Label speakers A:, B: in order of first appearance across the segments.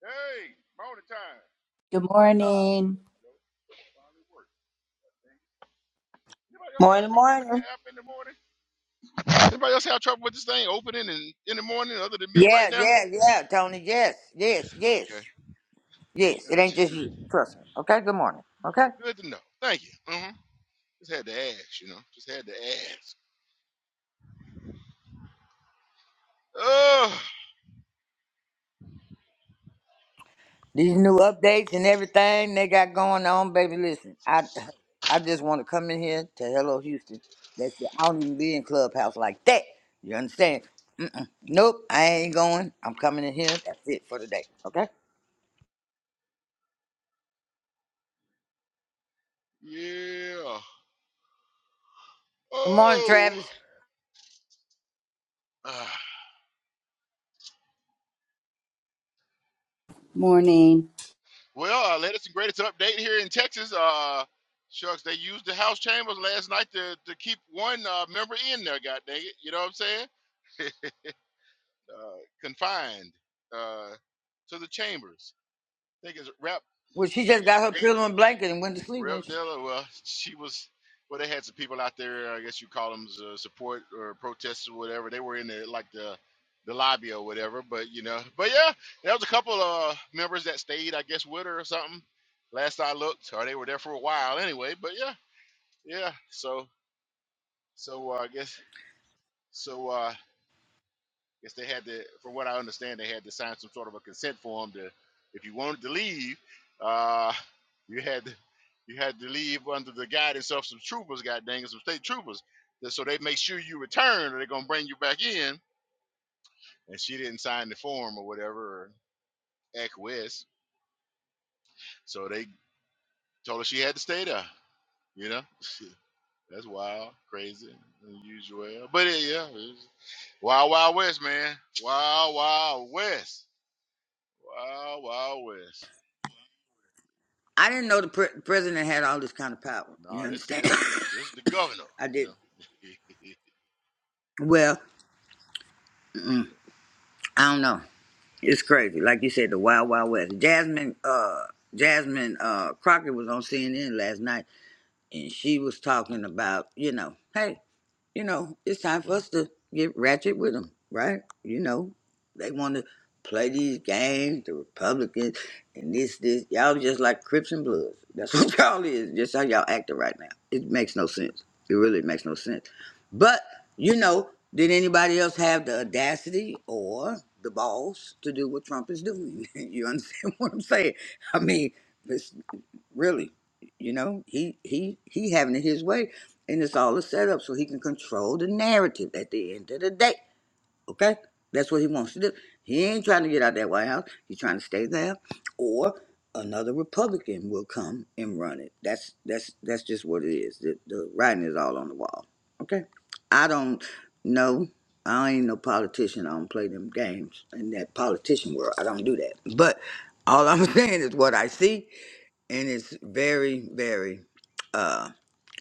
A: Hey, morning time.
B: Good
A: What's up?
B: morning.
A: Yo, Finally worked. Dang. Anybody else have
C: Morning,
A: trouble with the
C: morning.
A: app in the morning? Anybody else have trouble with this thing opening in, in the morning other than me right
D: Yeah,
A: now?
D: yeah, yeah, Tony. Yes, yes,
A: Okay.
D: yes, yes. It ain't
A: Gotcha.
D: just you. Trust me. Okay. Good morning. Okay.
A: Good to know. Thank you. hmm Just had to ask, you know. Just had to ask. Oh,
D: These new updates and everything they got going on, baby. Listen, I, I just want to come in here to Hello Houston. That's it. I don't even be in clubhouse like that. You understand? Mm-mm. Nope. I ain't going. I'm coming in here. That's it for today. Okay.
A: yeah.
D: Good morning,
A: Oh.
D: Travis.
A: Ah.
B: Morning.
A: well, uh, latest and greatest update here in Texas. Uh, shucks, they used the House chambers last night to, to keep one uh, member in there, God dang it. You know what I'm saying? uh, confined uh, to the chambers. I think it's Rep.
D: Well, she just got her pillow and blanket and went to sleep. And
A: Rev
D: she,
A: Dilla. Well, she was. Well, they had some people out there. I guess you call them uh, support or protesters or whatever. They were in the like the the lobby or whatever. But you know, but yeah, there was a couple of members that stayed, I guess, with her or something. Last I looked, or they were there for a while anyway. But yeah, yeah. So so uh, I guess so. Uh, guess they had to, from what I understand, they had to sign some sort of a consent form to, if you wanted to leave, uh, you had to, you had to leave under the guidance of some troopers, god dang it, some state troopers. That- So they make sure you return or they're gonna bring you back in. And she didn't sign the form or whatever, or acquiesce. So they told her she had to stay there. You know, that's wild, crazy, unusual. But it, yeah, it's wild, wild west, man. Wild, wild west. Wild, wild west.
D: I didn't know the pre- president had all this kind of power. You
A: Nah, this
D: understand?
A: this is this is the governor.
D: I
A: You know,
D: didn't. Well. mm-mm. I don't know. It's crazy. Like you said, the Wild Wild West. Jasmine, uh, Jasmine uh, Crockett was on CNN last night, and she was talking about, you know, hey you know, it's time for us to get ratchet with them, right? You know, they want to play these games, the Republicans, and this, this. Y'all just like Crips and Bloods. That's what y'all is. Just how y'all acting right now. It makes no sense. It really makes no sense. But, you know, did anybody else have the audacity or the balls to do what Trump is doing? you understand what I'm saying? I mean, it's Really, you know, he he he having it his way, and it's all a setup so he can control the narrative at the end of the day. Okay, that's what he wants to do. He ain't trying to get out that White House. He's trying to stay there, or another Republican will come and run it. That's that's that's just what it is. The, the writing is all on the wall. Okay, I don't know. I ain't no politician. I don't play them games in that politician world. I don't do that. But all I'm saying is what I see and it's very very uh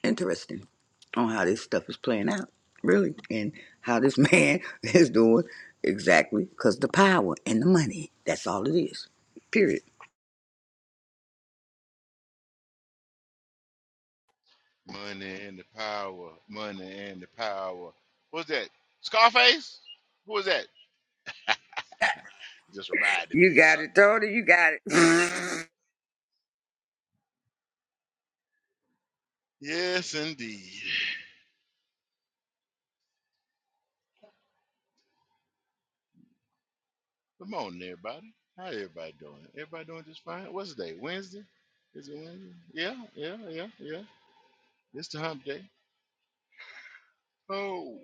D: interesting on how this stuff is playing out really and how this man is doing exactly because the power and the money that's all it is period
A: money and the power, money and the power. What's that? Scarface? Who is that? Just reminded
D: you
A: me of
D: got it
A: something, y'all.
D: tony you got it
A: Yes, indeed. Good morning, everybody. How everybody doing? Everybody doing just fine. What's the day? Wednesday? Is it Wednesday? Yeah, yeah, yeah, yeah. It's the hump day. Oh,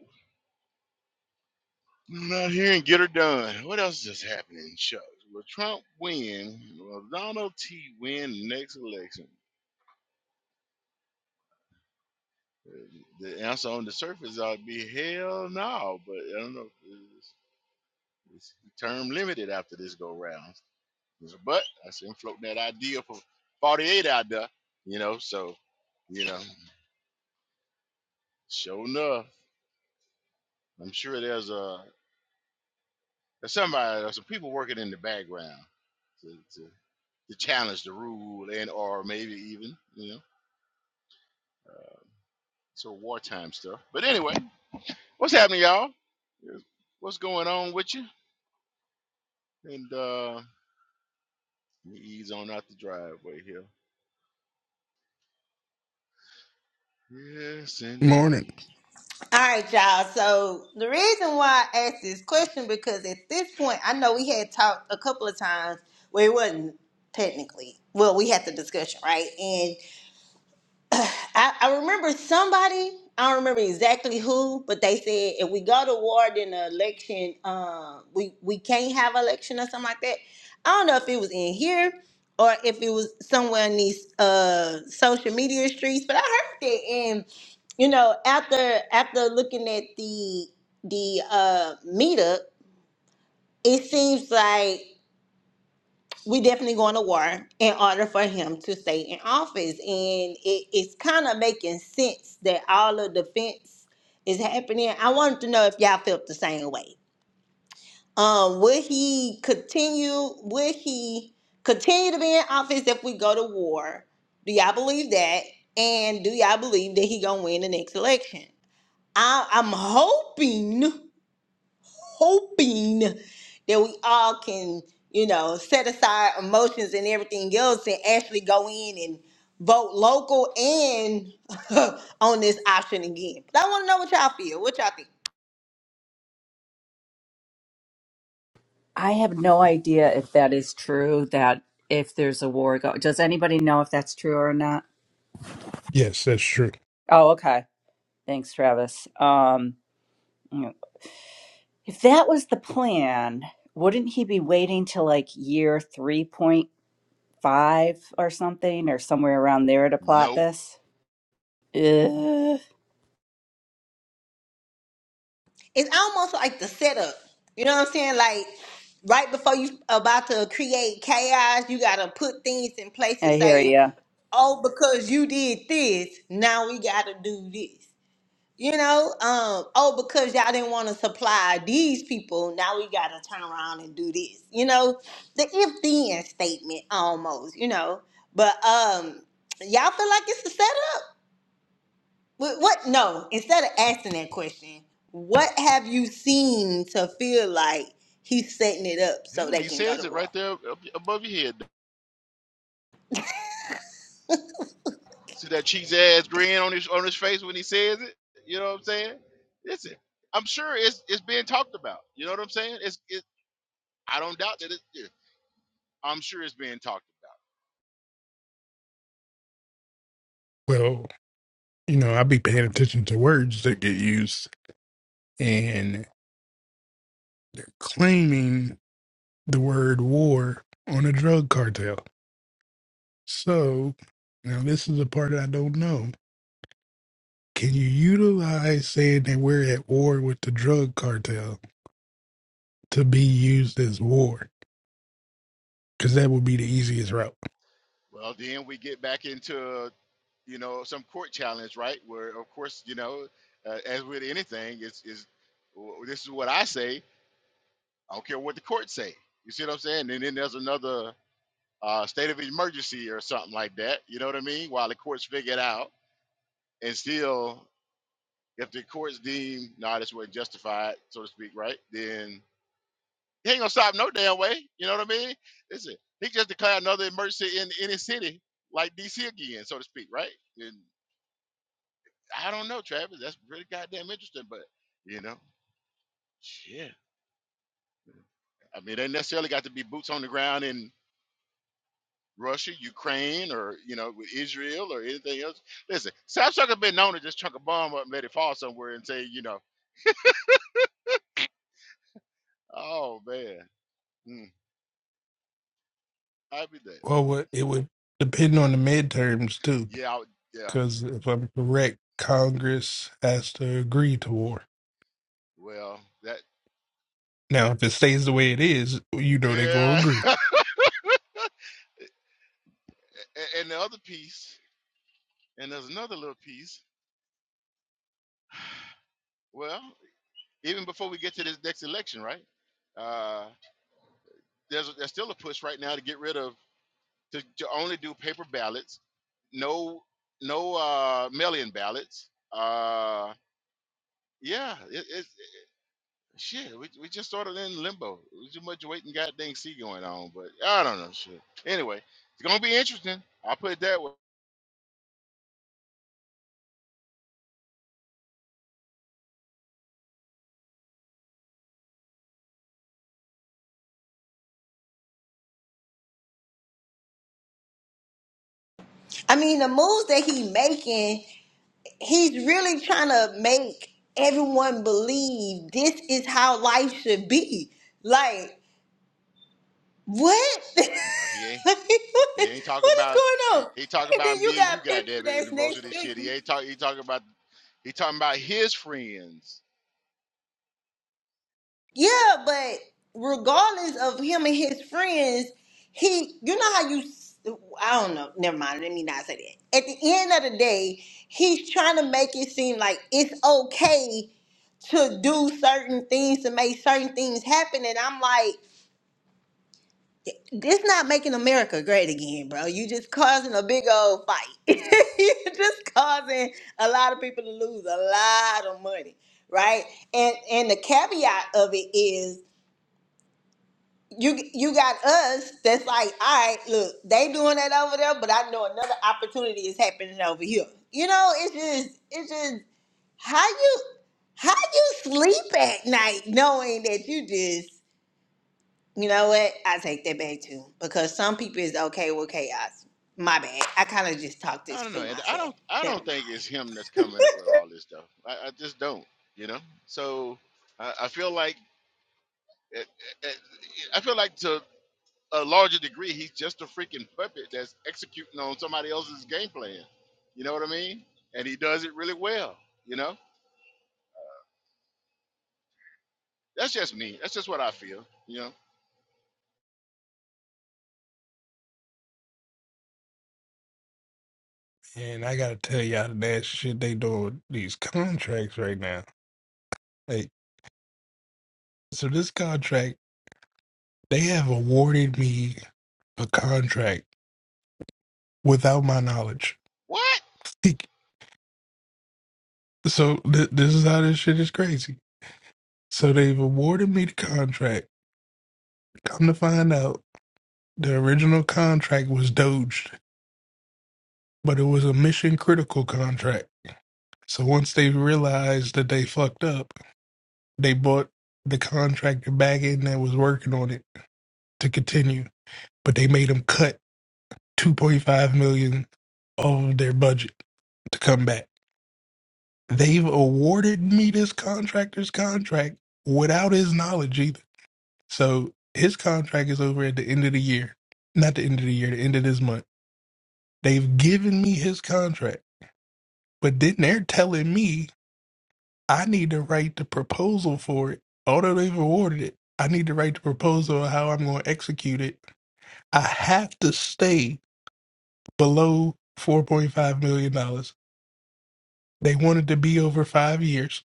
A: I'm out here and get her done. What else is happening, Chuck? Will Trump win? Will Donald T win the next election? The answer on the surface ought to be hell no, but I don't know. It's, it's term limited after this go round. But I see him floating that idea for 48 out there, you know. So, you know, sure enough, I'm sure there's a there's somebody, there's some people working in the background to, to, to challenge the rule and or maybe even, you know, sort of wartime stuff. But anyway, what's happening, y'all? What's going on with you? And uh Let me ease on out the driveway here. Yes,
E: Morning.
A: indeed.
C: All right, y'all. So the reason why I asked this question because at this point, I know we had talked a couple of times where it wasn't technically well, we had the discussion, right? I, I remember somebody, I don't remember exactly who, but they said if we go to war then the election, um, we, we can't have election or something like that. I don't know if it was in here or if it was somewhere in these uh social media streets, but I heard that and you know, after after looking at the the uh meetup, it seems like we definitely going to war in order for him to stay in office. And it, it's kind of making sense that all of the fence is happening. I wanted to know if y'all felt the same way. Um, would he continue? Would he continue to be in office if we go to war? Do y'all believe that? And do y'all believe that he gonna win the next election? I, I'm hoping hoping that we all can, you know, set aside emotions and everything else and actually go in and vote local and on this option again. But I want to know what y'all feel. What y'all think?
B: I have no idea if that is true that if there's a war go does anybody know if that's true or not?
E: Yes, that's true.
B: Oh, okay. Thanks, Travis. Um if that was the plan, wouldn't he be waiting till like year 3.5 or something or somewhere around there to plot
A: Nope.
B: this? Ugh.
C: It's almost like the setup. You know what I'm saying? Like right before you about to create chaos, you gotta put things in place to
B: I hear
C: say,
B: you.
C: oh, because you did this, now we gotta do this. You know, um, oh, because y'all didn't want to supply these people, now we got to turn around and do this. You know, the if then statement almost, you know. But um, y'all feel like it's a setup? What, what? No, instead of asking that question, what have you seen to feel like he's setting it up so
A: Yeah,
C: they
A: he
C: can go
A: says
C: to
A: it
C: war?
A: right there up above your head. See that cheesy ass grin on his on his face when he says it. You know what I'm saying? Listen, I'm sure it's it's being talked about. You know what I'm saying? It's it. I don't doubt that it. it- I'm sure it's being talked
E: Well, you know, I be paying attention to words that get used, and they're claiming the word war on a drug cartel. So, now this is the part I don't know. Can you utilize saying that we're at war with the drug cartel to be used as war? Because that would be the easiest route.
A: about. Well, then we get back into you know some court challenge, right? Where of course you know, uh, as with anything, it's is this is what I say. I don't care what the court say. You see what I'm saying? And then there's another uh, state of emergency or something like that. You know what I mean? While the courts figure it out, and still, if the courts deem nah, this wasn't justified, so to speak, right? Then he ain't gonna stop no damn way. You know what I mean? Listen, he just declared another emergency in in his city, like D.C. again, so to speak, right? And I don't know, Travis. That's really goddamn interesting, but you know, yeah. I mean, they necessarily got to be boots on the ground in Russia, Ukraine, or you know, with Israel or anything else. Listen, South Africa been known to just chuck a bomb up and let it fall somewhere and say, you know, oh man, mm, I'd be there.
E: Well, what it would depend on the midterms, too.
A: Yeah, I would, yeah.
E: Because if I'm correct, Congress has to agree to war.
A: Well, that
E: Now, if it stays the way it is, you know they gonna
A: yeah.
E: agree.
A: A- and the other piece, and there's another little piece. Well, even before we get to this next election, right? Uh, there's there's still a push right now to get rid of to, to only do paper ballots, no no uh, mail-in ballots. Uh, Yeah, it, it's it, shit. We, we just sort of in limbo. We too much waiting, goddamn see going on. But I don't know shit. Anyway, it's gonna be interesting. I'll put it that way.
C: I mean, the moves that he making, he's really trying to make everyone believe this is how life should be. Like, What? like,
A: Nah, he ain't
C: what,
A: he ain't talking
C: what is
A: about
C: going
A: he,
C: on?
A: he talking
C: And then
A: about
C: you
A: me and you,
C: got people
A: goddamn it, in the
C: that's
A: most
C: next
A: of this
C: to
A: shit. He
C: you.
A: ain't talking. He talking about he talking about his friends.
C: Yeah, but regardless of him and his friends, he, you know how you, s- I don't know, never mind, let me not say that. At the end of the day, he's trying to make it seem like it's okay to do certain things, to make certain things happen. And I'm like, it's not making America great again, bro. You just causing a big old fight. you just causing a lot of people to lose a lot of money, right? And and the caveat of it is you you got us that's like, all right, look, they doing that over there, but I know another opportunity is happening over here. You know, it's just it's just how you how you sleep at night knowing that you just you know what? I take that back too. Because some people is okay with chaos. My bad. I kind of just talked
A: I
C: this
A: don't know,
C: through
A: and I
C: myself.
A: don't I don't
C: Never
A: think it's
C: mind.
A: him that's coming up with all this stuff. I, I just don't, you know. So I, I feel like. I I- I feel like to a larger degree, he's just a freaking puppet that's executing on somebody else's game plan. You know what I mean? And he does it really well. You know, that's just me. That's just what I feel. You know
E: And I gotta tell y'all the that shit they doing with these contracts right now. Like, so this contract, they have awarded me a contract without my knowledge.
A: what?
E: so th- this is how this shit is crazy. So they've awarded me the contract. Come to find out, the original contract was doged, but it was a mission critical contract. So once they realized that they fucked up They brought the contractor back in that was working on it to continue, but they made them cut 2.5 million dollars of their budget to come back. They've awarded me this contractor's contract without his knowledge either. So his contract is over at the end of the year. Not the end of the year, the end of this month. They've given me his contract, but then they're telling me I need to write the proposal for it. Although they've awarded it, I need to write the proposal of how I'm going to execute it I have to stay below $4.5 million. dollars. They wanted to be over five years,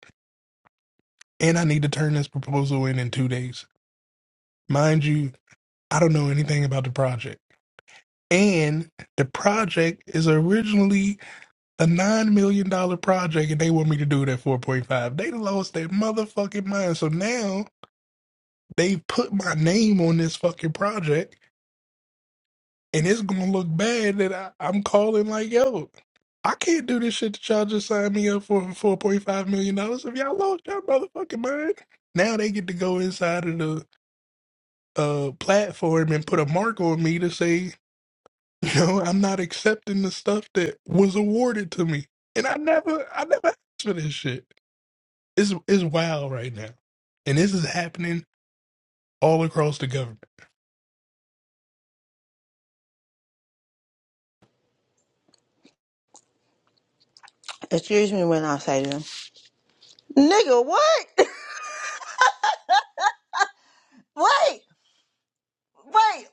E: and I need to turn this proposal in in two days. Mind you, I don't know anything about the project. And the project is originally a $9 million dollar project, and they want me to do it at 4.5. They lost their motherfucking mind. So now they've put my name on this fucking project and it's gonna look bad that I, I'm calling like, yo, I can't do this shit that y'all just signed me up for for four point five million dollars. If y'all lost y'all motherfucking mind, now they get to go inside of the uh platform and put a mark on me to say, you know, I'm not accepting the stuff that was awarded to me, and I never, I never asked for this shit. It's it's wild right now, and this is happening all across the government.
C: Excuse me when I say them. Nigga, what? wait, wait.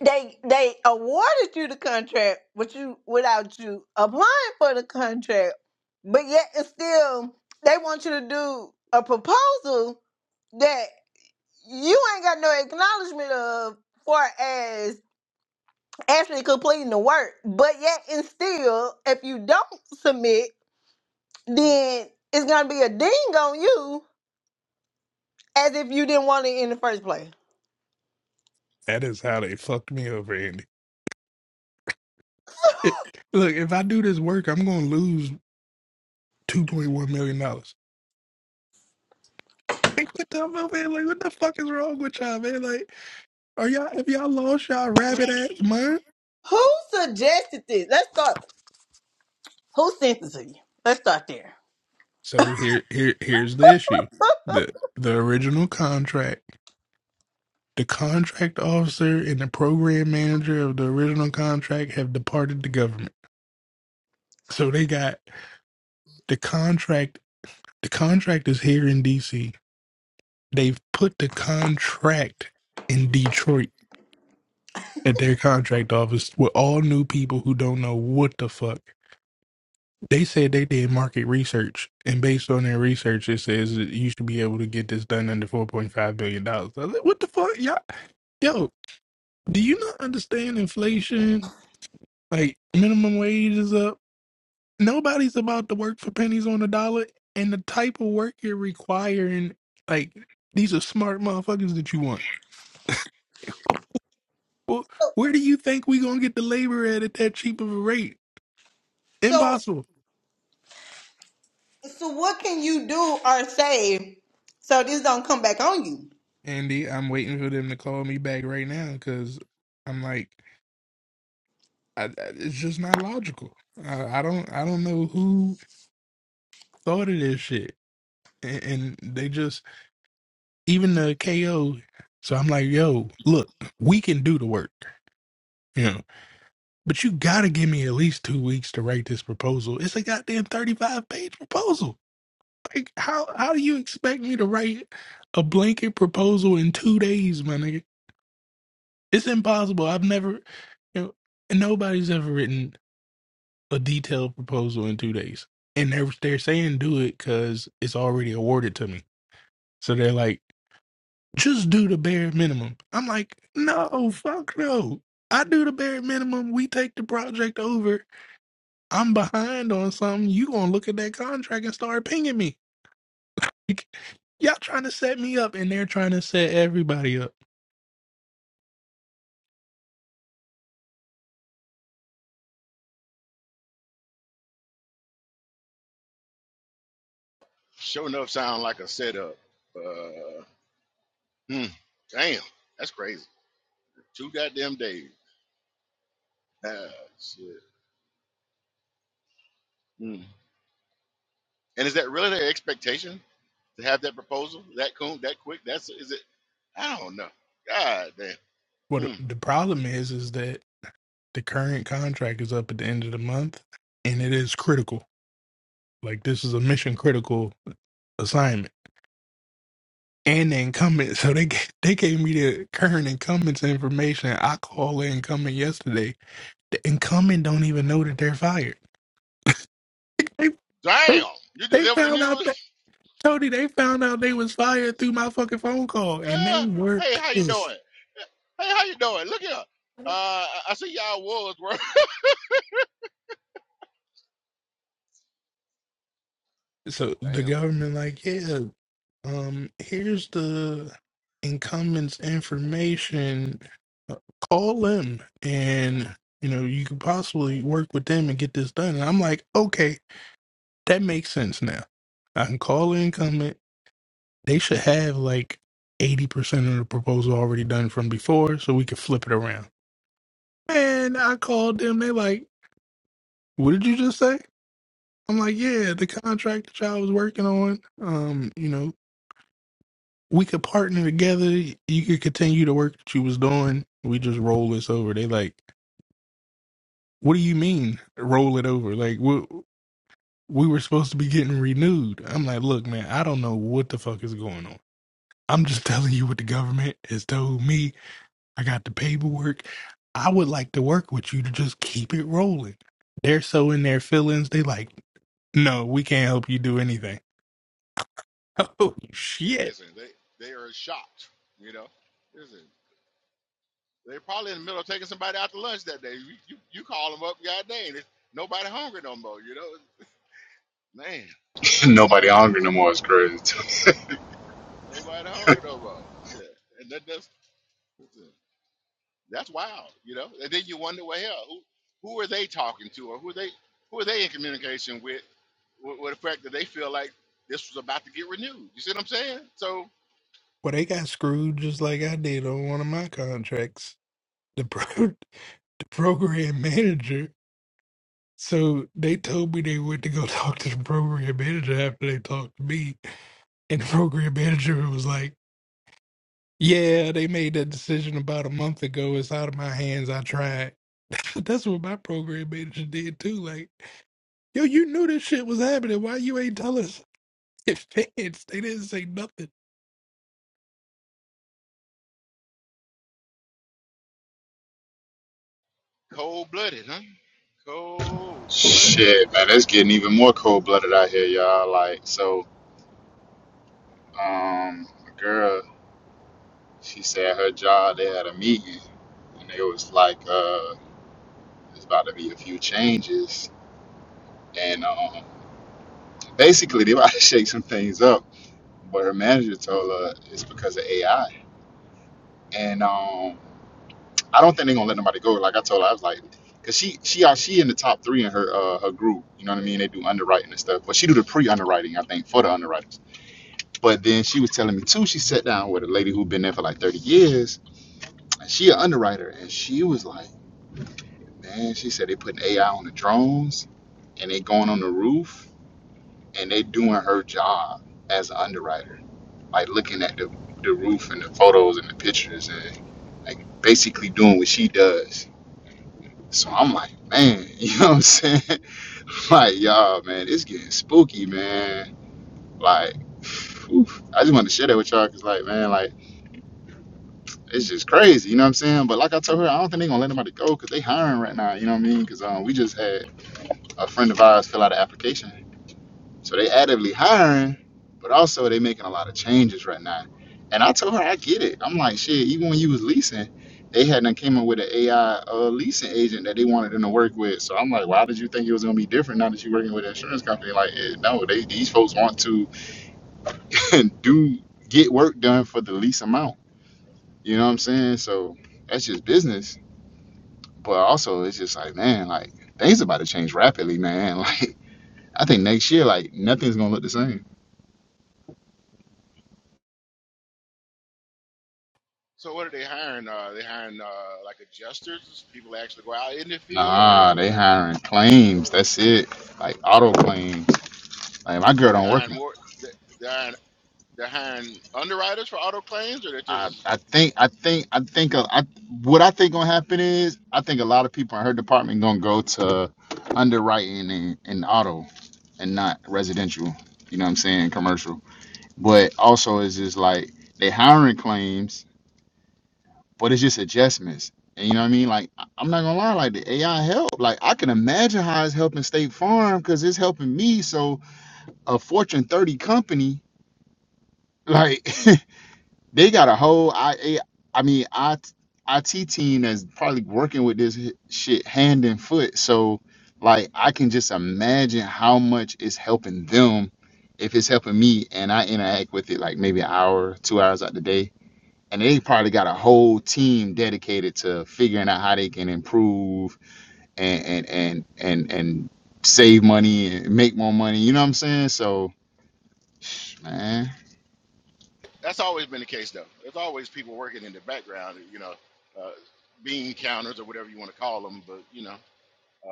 C: They they awarded you the contract but you without you applying for the contract. But yet it's still they want you to do a proposal that you ain't got no acknowledgement of for actually completing the work. But yet and still, if you don't submit, then it's gonna be a ding on you as if you didn't want it in the first place.
E: That is how they fucked me over, Andy. It, look, if I do this work, I'm gonna lose two point one million dollars. Like what the fuck, man? Like what the fuck is wrong with y'all, man? Like are y'all have y'all lost y'all rabbit ass mind?
C: Who suggested this? Let's start. Who sent this to you? Let's start there.
E: So here here here's the issue: the the original contract, the contract officer and the program manager of the original contract have departed the government. So they got the contract. The contract is here in D.C. They've put the contract in Detroit at their contract office with all new people who don't know what the fuck. They said they did market research, and based on their research, it says that you should be able to get this done under four point five billion dollars. I was like, What the fuck, y'all? Yo, do you not understand inflation? Like minimum wage is up. Nobody's about to work for pennies on the dollar, and the type of work you're requiring, like these are smart motherfuckers that you want. Well,
C: So,
E: where do you think we gonna get the labor at at that cheap of a rate?
C: so,
E: Impossible.
C: so what can you do or say so this don't come back on you?
E: Andy, I'm waiting for them to call me back right now because I'm like. I, I- it's just not logical. I, I don't I don't know who thought of this shit, and, and they just even the KO. So I'm like, yo, look, we can do the work, you know, but you gotta give me at least two weeks to write this proposal. It's a goddamn 35 page proposal. Like, how how do you expect me to write a blanket proposal in two days, my nigga? It's impossible. I've never, you know, nobody's ever written. a detailed proposal in two days. And they're they're saying do it because it's already awarded to me. So they're like, just do the bare minimum. I'm like, no, fuck no. I do the bare minimum. We take the project over. I'm behind on something. You gonna look at that contract and start pinging me. Like, Y'all trying to set me up, and they're trying to set everybody up.
A: Sure enough, sound like a setup. Uh, hmm, damn, that's crazy. Two goddamn days. Ah, shit. Hmm. And is that really their expectation to have that proposal that cool, that quick? That's is it? I don't know. God damn.
E: What
A: Hmm.
E: the problem is is that the current contract is up at the end of the month, and it is critical Like this is a mission critical assignment and the incumbent. So they ga- they gave me the current incumbent's information. I called the incumbent yesterday. The incumbent don't even know that they're fired.
A: Damn, you
E: They, they
A: delivered the
E: found out that
A: news?
E: Tony. They found out they was fired through my fucking phone call, and they
A: Uh,
E: were
A: hey, how you
E: pissed.
A: doing? Hey, how you doing? Look here. Uh, I I see y'all wolves, were.
E: So the
A: Damn.
E: government, like, yeah, um, here's the incumbent's information. Uh, Call them, and you know you could possibly work with them and get this done. And I'm like, okay, that makes sense now. I can call the incumbent. They should have like eighty percent of the proposal already done from before, so we could flip it around. Man, I called them. They like, what did you just say? I'm like, yeah, the contract that y'all was working on. Um, you know, we could partner together. You could continue the work that you was doing. We just roll this over. They like, what do you mean roll it over? Like we we were supposed to be getting renewed. I'm like, look, man, I don't know what the fuck is going on. I'm just telling you what the government has told me. I got the paperwork. I would like to work with you to just keep it rolling. They're so in their feelings. They like, no, we can't help you do anything. Oh
A: They,
E: shit.
A: listen, they, they are shocked, you know? Listen, they're probably in the middle of taking somebody out to lunch that day. You, you, you call them up, God dang, it's, nobody hungry no more, you know? Man,
F: Nobody hungry no more is crazy.
A: nobody hungry no more. Yeah. And that, that's, that's wild, you know? And then you wonder, well, hell, who, who are they talking to or who are they, who are they in communication with, with, with the fact that they feel like this was about to get renewed? You see what I'm saying? So,
E: Well, they got screwed just like I did on one of my contracts. the pro the program manager. So they told me they went to go talk to the program manager after they talked to me. And the program manager was like, Yeah, they made that decision about a month ago. It's out of my hands. I tried. That's what my program manager did too. Like, yo, you knew this shit was happening. Why you ain't tell us in advance? They didn't say nothing.
A: Cold blooded, huh? Cold blooded.
F: Shit, man, it's getting even more cold blooded out here, y'all. Like, so, um, a girl, she said her job, they had a meeting, and it was like, uh, there's about to be a few changes. And, um, basically, they about to shake some things up. But her manager told her it's because of AI. And, um. I don't think they're gonna let nobody go. Like I told her, I was like, cause she she uh, she in the top three in her uh, her group. You know what I mean? They do underwriting and stuff, but she do the pre underwriting, I think, for the underwriters. But then she was telling me too. She sat down with a lady who been there for like thirty years, and she an underwriter, and she was like, man, she said they putting AI on the drones and they going on the roof and they doing her job as an underwriter, like looking at the the roof and the photos and the pictures and like basically doing what she does So I'm like, man, you know what I'm saying? like, y'all, man, it's getting spooky, man. Like, oof, I just wanted to share that with y'all because, like, man, like, it's just crazy, you know what I'm saying? But like I told her, I don't think they're gonna let nobody go because they hiring right now, you know what I mean? Because um, we just had a friend of ours fill out an application So they actively hiring, but also they making a lot of changes right now. And I told her I get it. I'm like, shit, even when you was leasing, they hadn't came up with an AI uh, leasing agent that they wanted them to work with. So I'm like, why did you think it was gonna be different now that you're working with an insurance company? Like, eh, no, they these folks want to do get work done for the least amount. You know what I'm saying? So that's just business. But also, it's just like, man, like things about to change rapidly, man. Like I think next year, like nothing's gonna look the same.
A: So what are they hiring? Uh, they hiring uh, like adjusters, people that actually go out in the field, or they
F: Nah, they
A: are
F: hiring claims. That's it. Like auto claims. Like my girl
A: they're
F: don't work.
A: hiring
F: it.
A: more. They're they're hiring, they're hiring underwriters for auto claims, or they're
F: I,
A: just
F: I think I think I think uh, I what I think gonna happen is I think a lot of people in her department gonna go to underwriting and, and auto and not residential. You know what I'm saying? Commercial. But also it's just like they hiring claims, but it's just adjustments. And you know what I mean? Like I- I'm not gonna lie, like the AI help. Like I can imagine how it's helping State Farm because it's helping me. So a Fortune 30 company, like they got a whole I I mean I IT team that's probably working with this h- shit hand and foot. So like I can just imagine how much it's helping them if it's helping me and I interact with it like maybe an hour, two hours out the day. And they probably got a whole team dedicated to figuring out how they can improve and and and and, and save money and make more money. You know what I'm saying? So man.
A: that's always been the case though. There's always people working in the background, you know, uh, bean counters or whatever you want to call them. But you know,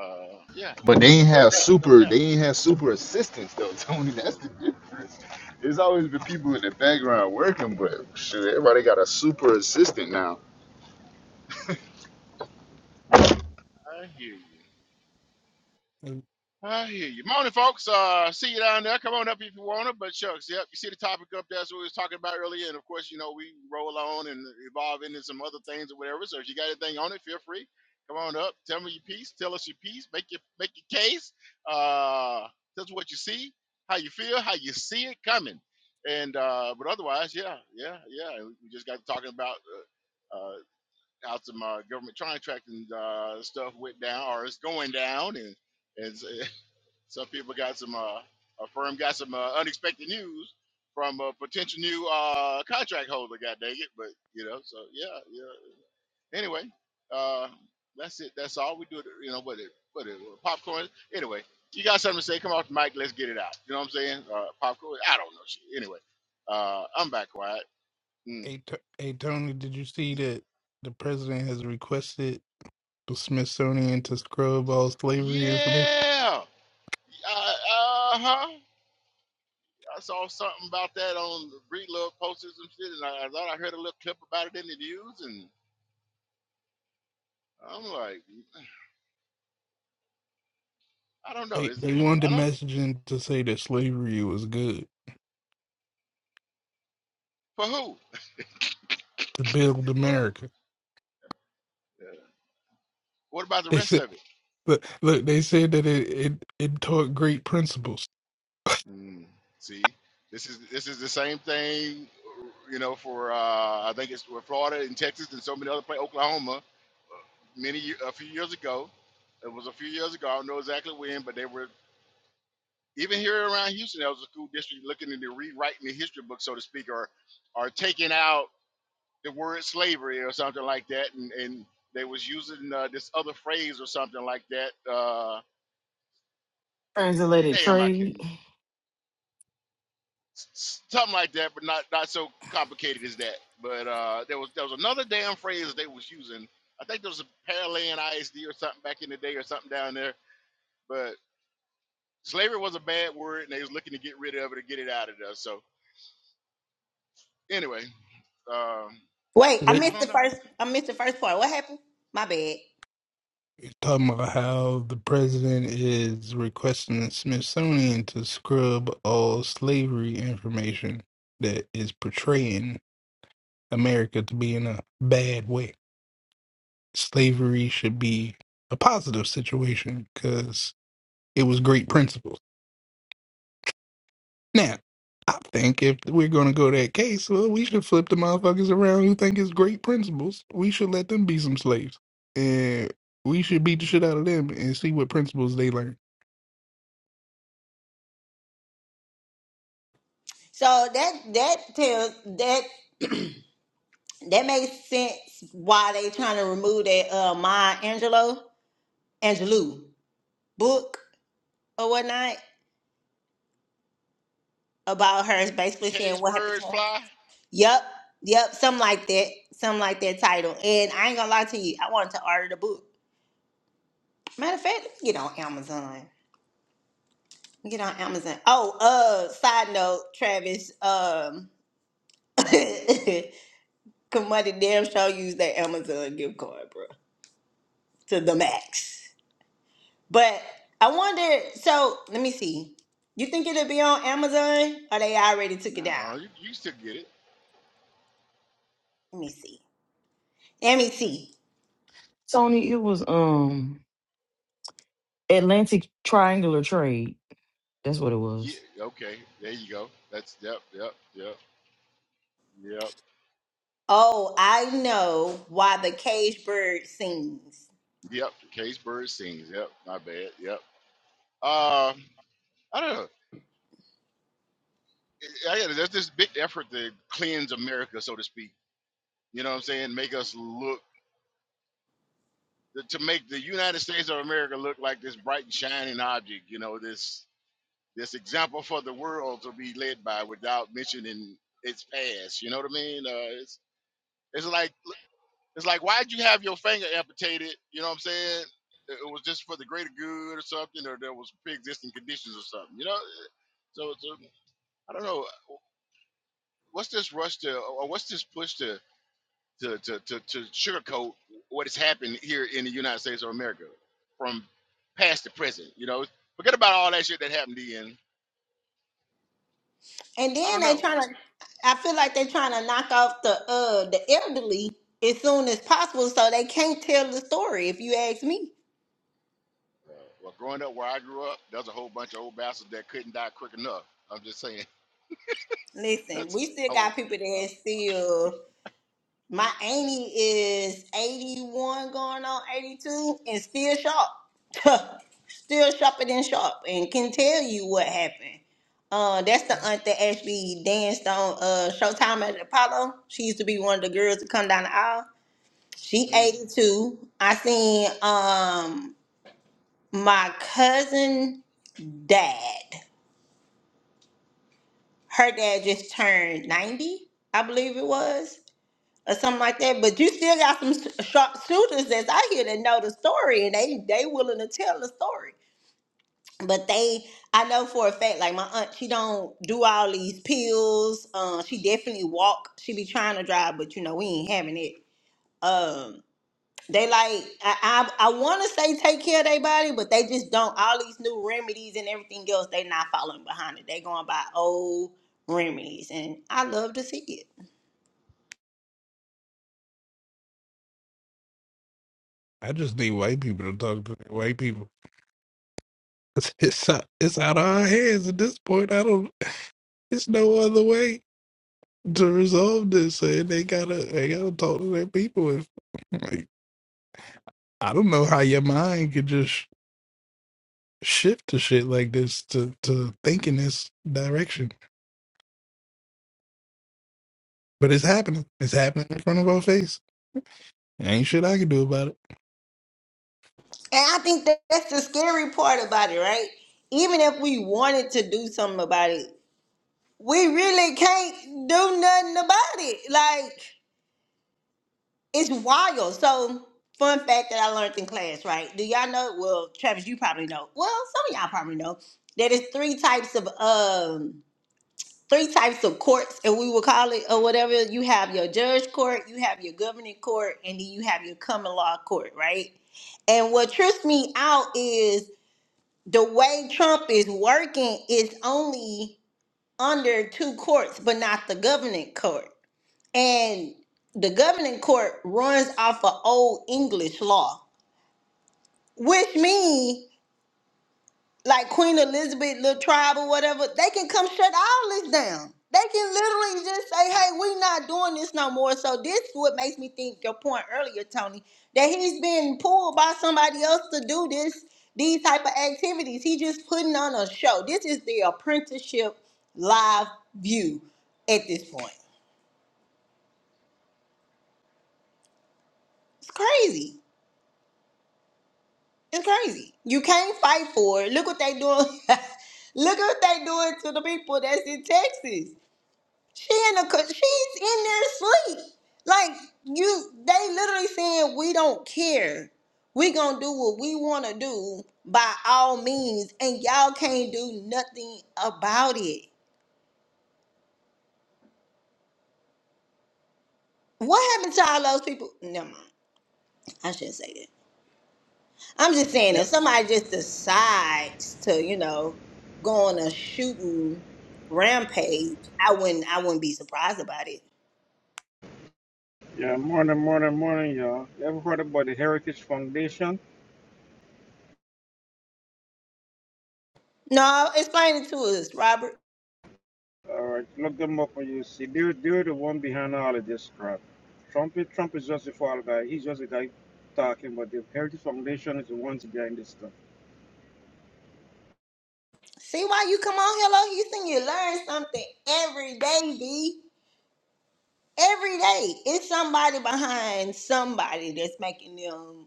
A: uh, yeah,
F: But they ain't have
A: no
F: super, they
A: doubt,
F: ain't have super assistants though, Tony. That's the difference. There's always been people in the background working, but shit, everybody got a super assistant now.
A: I hear you.
E: And,
A: I hear you. Morning, folks. Uh, see you down there. Come on up if you want to. But shucks, yep, you see the topic up there. That's what we was talking about earlier. And of course, you know, we roll on and evolve into some other things or whatever. So if you got anything on it, feel free. Come on up. Tell me your piece. Tell us your piece. Make your make your case. Uh, tell us what you see, how you feel, how you see it coming. And uh, but otherwise, yeah, yeah, yeah. We we just got to talking about uh, uh, how some uh, government contracting uh, stuff went down or is going down and. and so Some people got some, uh, a firm got some uh, unexpected news from a potential new uh, contract holder. God dang it! But you know, so yeah, yeah. Anyway, uh, that's it. That's all we do. You know, what it, what it, popcorn. Anyway, you got something to say? Come off the mic. Let's get it out. You know what I'm saying? Uh, popcorn. I don't know shit. Anyway, uh, I'm back quiet. Mm.
E: Hey, T- hey, Tony, did you see that the president has requested? the Smithsonian to scrub all slavery information.
A: Yeah. Uh huh. I saw something about that on the Breedlove posted some shit, and I, I thought I heard a little clip about it in the news, and. I'm like, I don't know.
E: They
A: Is
E: they
A: I
E: wanted the
A: don't
E: messaging to say that slavery was good
A: for who?
E: to build
A: Well,
E: America.
A: yeah. what about the
E: They
A: rest
E: said
A: of it?
E: look, look they said that it it, it taught great principles.
A: Mm, see, this is this is the same thing, you know. For uh, I think it's with Florida and Texas and so many other places, Oklahoma. Many ye- a few years ago, it was a few years ago. I don't know exactly when, but they were even here around Houston. There was a school district looking into rewriting the history book, so to speak, or or taking out. the word slavery or something like that, and, and they was using uh, this other phrase or something like that. Uh,
G: Translated
A: damn, I can't
G: trade.
A: remember. S- Something like that, but not not so complicated as that. But uh, there was there was another damn phrase that they was using. I think there was a paralleling ISD or something back in the day or something down there. But slavery was a bad word, and they was looking to get rid of it or get it out of there. So anyway, um,
C: Wait, I
E: They
A: I
C: missed the
A: don't know.
C: first. I missed the first part. What happened? My bad.
E: it's talking about how the president is requesting the Smithsonian to scrub all slavery information that is portraying America to be in a bad way. Slavery should be a positive situation because It was great principles. Now, I think if we're going to go that case, well, we should flip the motherfuckers around who think it's great principles. We should let them be some slaves. And we should beat the shit out of them and see what principles they learn.
C: So that that tells that. That makes sense why they trying to remove that uh Maya Angelou Angelou book or whatnot about
A: But
C: her
A: the, the
C: basically saying
A: caged
C: what happened to
A: birds
C: her.
A: fly.
C: Yep, yep, something like that. Something like that title. And I ain't gonna lie to you, I wanted to order the book. Matter of fact, let me get on Amazon. Let me Get on Amazon. Oh, uh, side note, Travis, um Kamadi damn show used that Amazon gift card, bro. To the max. But I wonder. So let me see. You think it'll be on Amazon, or they already took it down?
A: No, you, you still get it.
C: Let me see. Let me see.
G: Tony, it was um Atlantic Triangular Trade. That's what it
A: Yeah.
G: was.
A: Okay. There you go. That's yep. Yep. Yep. Yep.
C: Oh, I know why the cage bird sings.
A: Yep. Case Bird sings. Yep. My bad. Yep. Um. I don't know. I, I- there's this big effort to cleanse America, so to speak. You know what I'm saying? Make us look to make the United States of America look like this bright and shining object. You know this this example for the world to be led by without mentioning its past. You know what I mean? Uh, it's it's like It's like, why'd you have your finger amputated? You know what I'm saying? It it was just for the greater good or something, or there was pre-existing conditions or something. You know, so, so I don't know. What's this rush to, or what's this push to, to, to, to, to sugarcoat what has happened here in the United States of America from past to present? You know, forget about all that shit that happened to you. And
C: And
A: I
C: then
A: don't
C: they
A: know.
C: trying
A: What,
C: to. I feel like they're trying to knock off the uh the elderly as soon as possible, so they can't tell the story. If you ask me,
A: uh, well, growing up where I grew up, there's a whole bunch of old bastards that couldn't die quick enough. I'm just saying.
C: listen,
A: That's,
C: we still
A: oh,
C: got people
A: uh,
C: that still My auntie is 81 going on 82 and still sharp. still sharper than sharp and can tell you what happened. Uh, that's the aunt that actually danced on uh, Showtime at the Apollo. She used to be one of the girls to come down the aisle. She
A: mm,
C: 82. I seen um my cousin dad. Her dad just turned 90, I believe it was. or something like that. But you still got some sh- sharp shooters that's out here that know the story and they they willing to tell the story. But they, I know for a fact, like my aunt, she don't do all these pills. Um, she definitely walk. She be trying to drive, but you know we ain't having it. Um, they like I I, I want to say take care of their body, but they just don't. All these new remedies and everything else, they not following behind it. They going by old remedies, and I love to see it.
E: I just need white people to talk to white people. It's, it's, out, it's out of our hands at this point. I don't, it's no other way to resolve this. And they gotta, they gotta talk to their people. If, like, I don't know how your mind could just. shift to shit like this to to think in this direction. But it's happening. It's happening in front of our face. Ain't shit I can do about it.
C: And I think that that's the scary part about it, right? Even if we wanted to do something about it, we really can't do nothing about it. Like, it's wild. So, fun fact that I learned in class, right? Do y'all know? Well, Travis, you probably know. Well, some of y'all probably know that it's three types of um three types of courts, and we will call it or whatever. You have your judge court, you have your governing court, and then you have your common law court, right? And what trips me out is the way Trump is working is only under two courts, but not the governing court. And the governing court runs off of old English law, which means like Queen Elizabeth, little tribe or whatever, they can come shut all this down. They can literally just say, hey, we not doing this no more. So this is what makes me think your point earlier, Tony, that he's being pulled by somebody else to do this, these type of activities. He just putting on a show. This is the apprenticeship live view at this point. It's crazy. It's crazy. You can't fight for it. Look what they doing. Look what they doing to the people that's in Texas. She in a co- she's in there asleep. Like you, they literally saying we don't care. We gonna do what we wanna do by all means, and y'all can't do nothing about it. What happened to all those people? Never mind. I shouldn't say that. I'm just saying if somebody just decides to, you know, go on a shooting rampage, I wouldn't. I wouldn't be surprised about it.
H: Yeah, morning, morning, morning, y'all. You ever heard about the Heritage Foundation?
C: No, explain it to us, Robert.
H: All right, look them up when you see. They're, they're the one behind all of this crap. Trump, is- Trump is just a fall guy. He's just a guy talking, but the Heritage Foundation is the ones behind this stuff.
C: See why you come on Hello Houston? You learn something every day, B. Every day. It's somebody behind somebody that's making them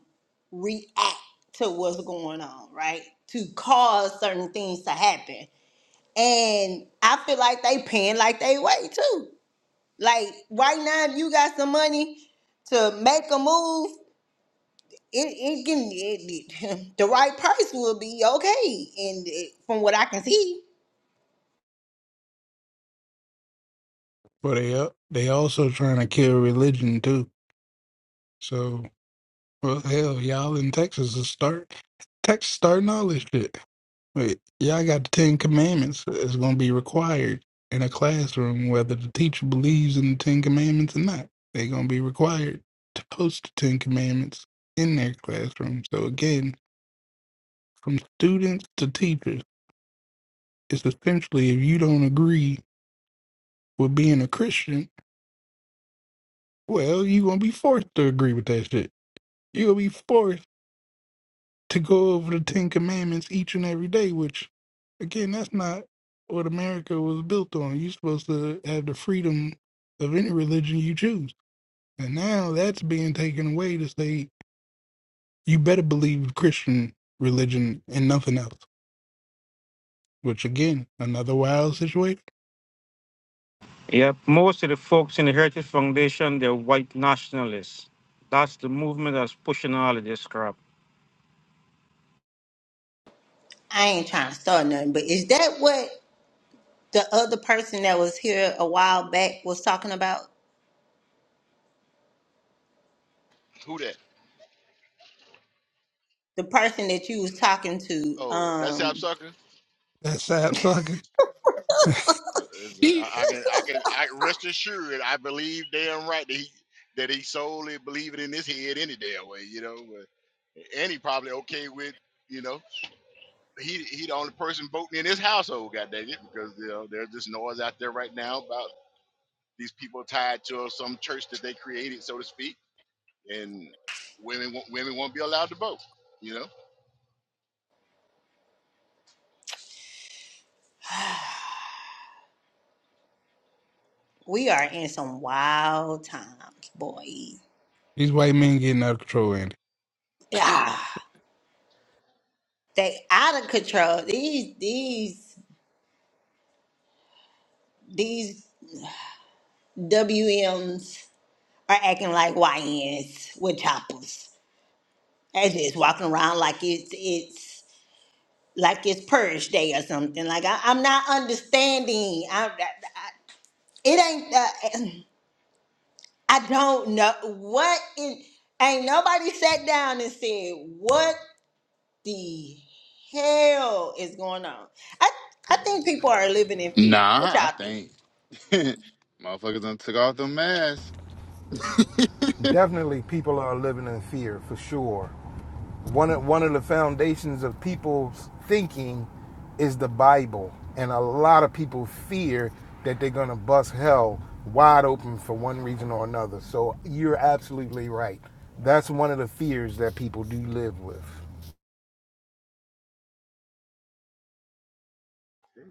C: react to what's going on, right? To cause certain things to happen. And I feel like they paying like they way too. Like right now, if you got some money to make a move, it, it can it, it- the right price will be okay. And it, from what I can see,
E: But they al- they also trying to kill religion too. So well hell, y'all in Texas is start Texas starting all this shit. Wait, y'all got the Ten Commandments that's gonna be required in a classroom whether the teacher believes in the Ten Commandments or not. They're gonna be required to post the Ten Commandments in their classroom. So again, from students to teachers. It's essentially if you don't agree with being a Christian, well, you're gonna be forced to agree with that shit. You're gonna be forced to go over the Ten Commandments each and every day, which again, that's not what America was built on. You're supposed to have the freedom of any religion you choose. And now that's being taken away to say you better believe Christian religion and nothing else. Which again, another wild situation.
H: Yep, most of the folks in the Heritage Foundation, they're white nationalists. That's the movement that's pushing all of this crap.
C: I ain't trying to start nothing, but is that what the other person that was here a while back was talking about?
A: who that?
C: The person that you was talking to,
A: Oh, that's how
C: um,
A: sucker.
E: That's Sab Sucker.
A: Uh, is it- I, I can, I can, I rest assured. I believe damn right that he that he solely believe it in his head any damn way, you know. but- And he probably okay with, you know, he he the only person voting in his household. God dang it, because you know there's this noise out there right now about these people tied to some church that they created, so to speak, and women won't- women won't be allowed to vote, you know.
C: we are in some wild times, boy.
E: These white men getting out of control, Andy.
C: Yeah, they out of control. These these these WMs are acting like YNs with choppers. They just walking around like it's it's like it's purge day or something. Like I, I'm not understanding. I, It ain't. Uh, I don't know what. In, ain't nobody sat down and said what the hell is going on. I I think people are living in fear. What
F: Nah, I
C: y'all think?
F: think motherfuckers done took off the masks.
I: definitely people are living in fear for sure. One of, one of the foundations of people's thinking is the Bible, and a lot of people fear that they're going to bust hell wide open for one reason or another. So you're absolutely right. That's one of the fears that people do live with.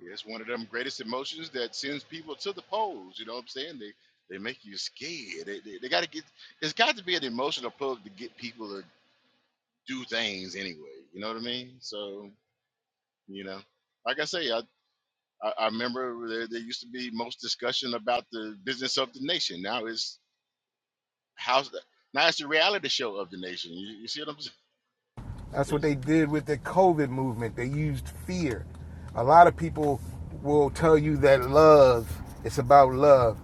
A: It's one of them greatest emotions that sends people to the polls. You know what I'm saying? They they make you scared. They, they, they got to get. It's got to be an emotional plug to get people to do things anyway. You know what I mean? So you know, like I say, I I, I remember there, there used to be most discussion about the business of the nation. Now it's how's the, now it's the reality show of the nation. You, you see what I'm saying?
I: That's what
A: It's-
I: they did with the COVID movement. They used fear. A lot of people will tell you that love, it's about love.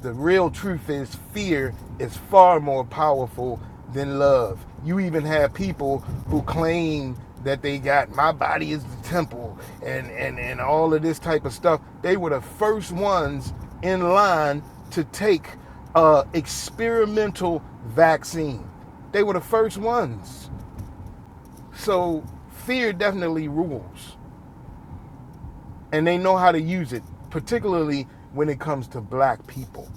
I: The real truth is fear is far more powerful than love. You even have people who claim that they got my body is the temple and, and, and all of this type of stuff. They were the first ones in line to take uh, experimental vaccine. They were the first ones. So fear definitely rules, and they know how to use it, particularly when it comes to black people.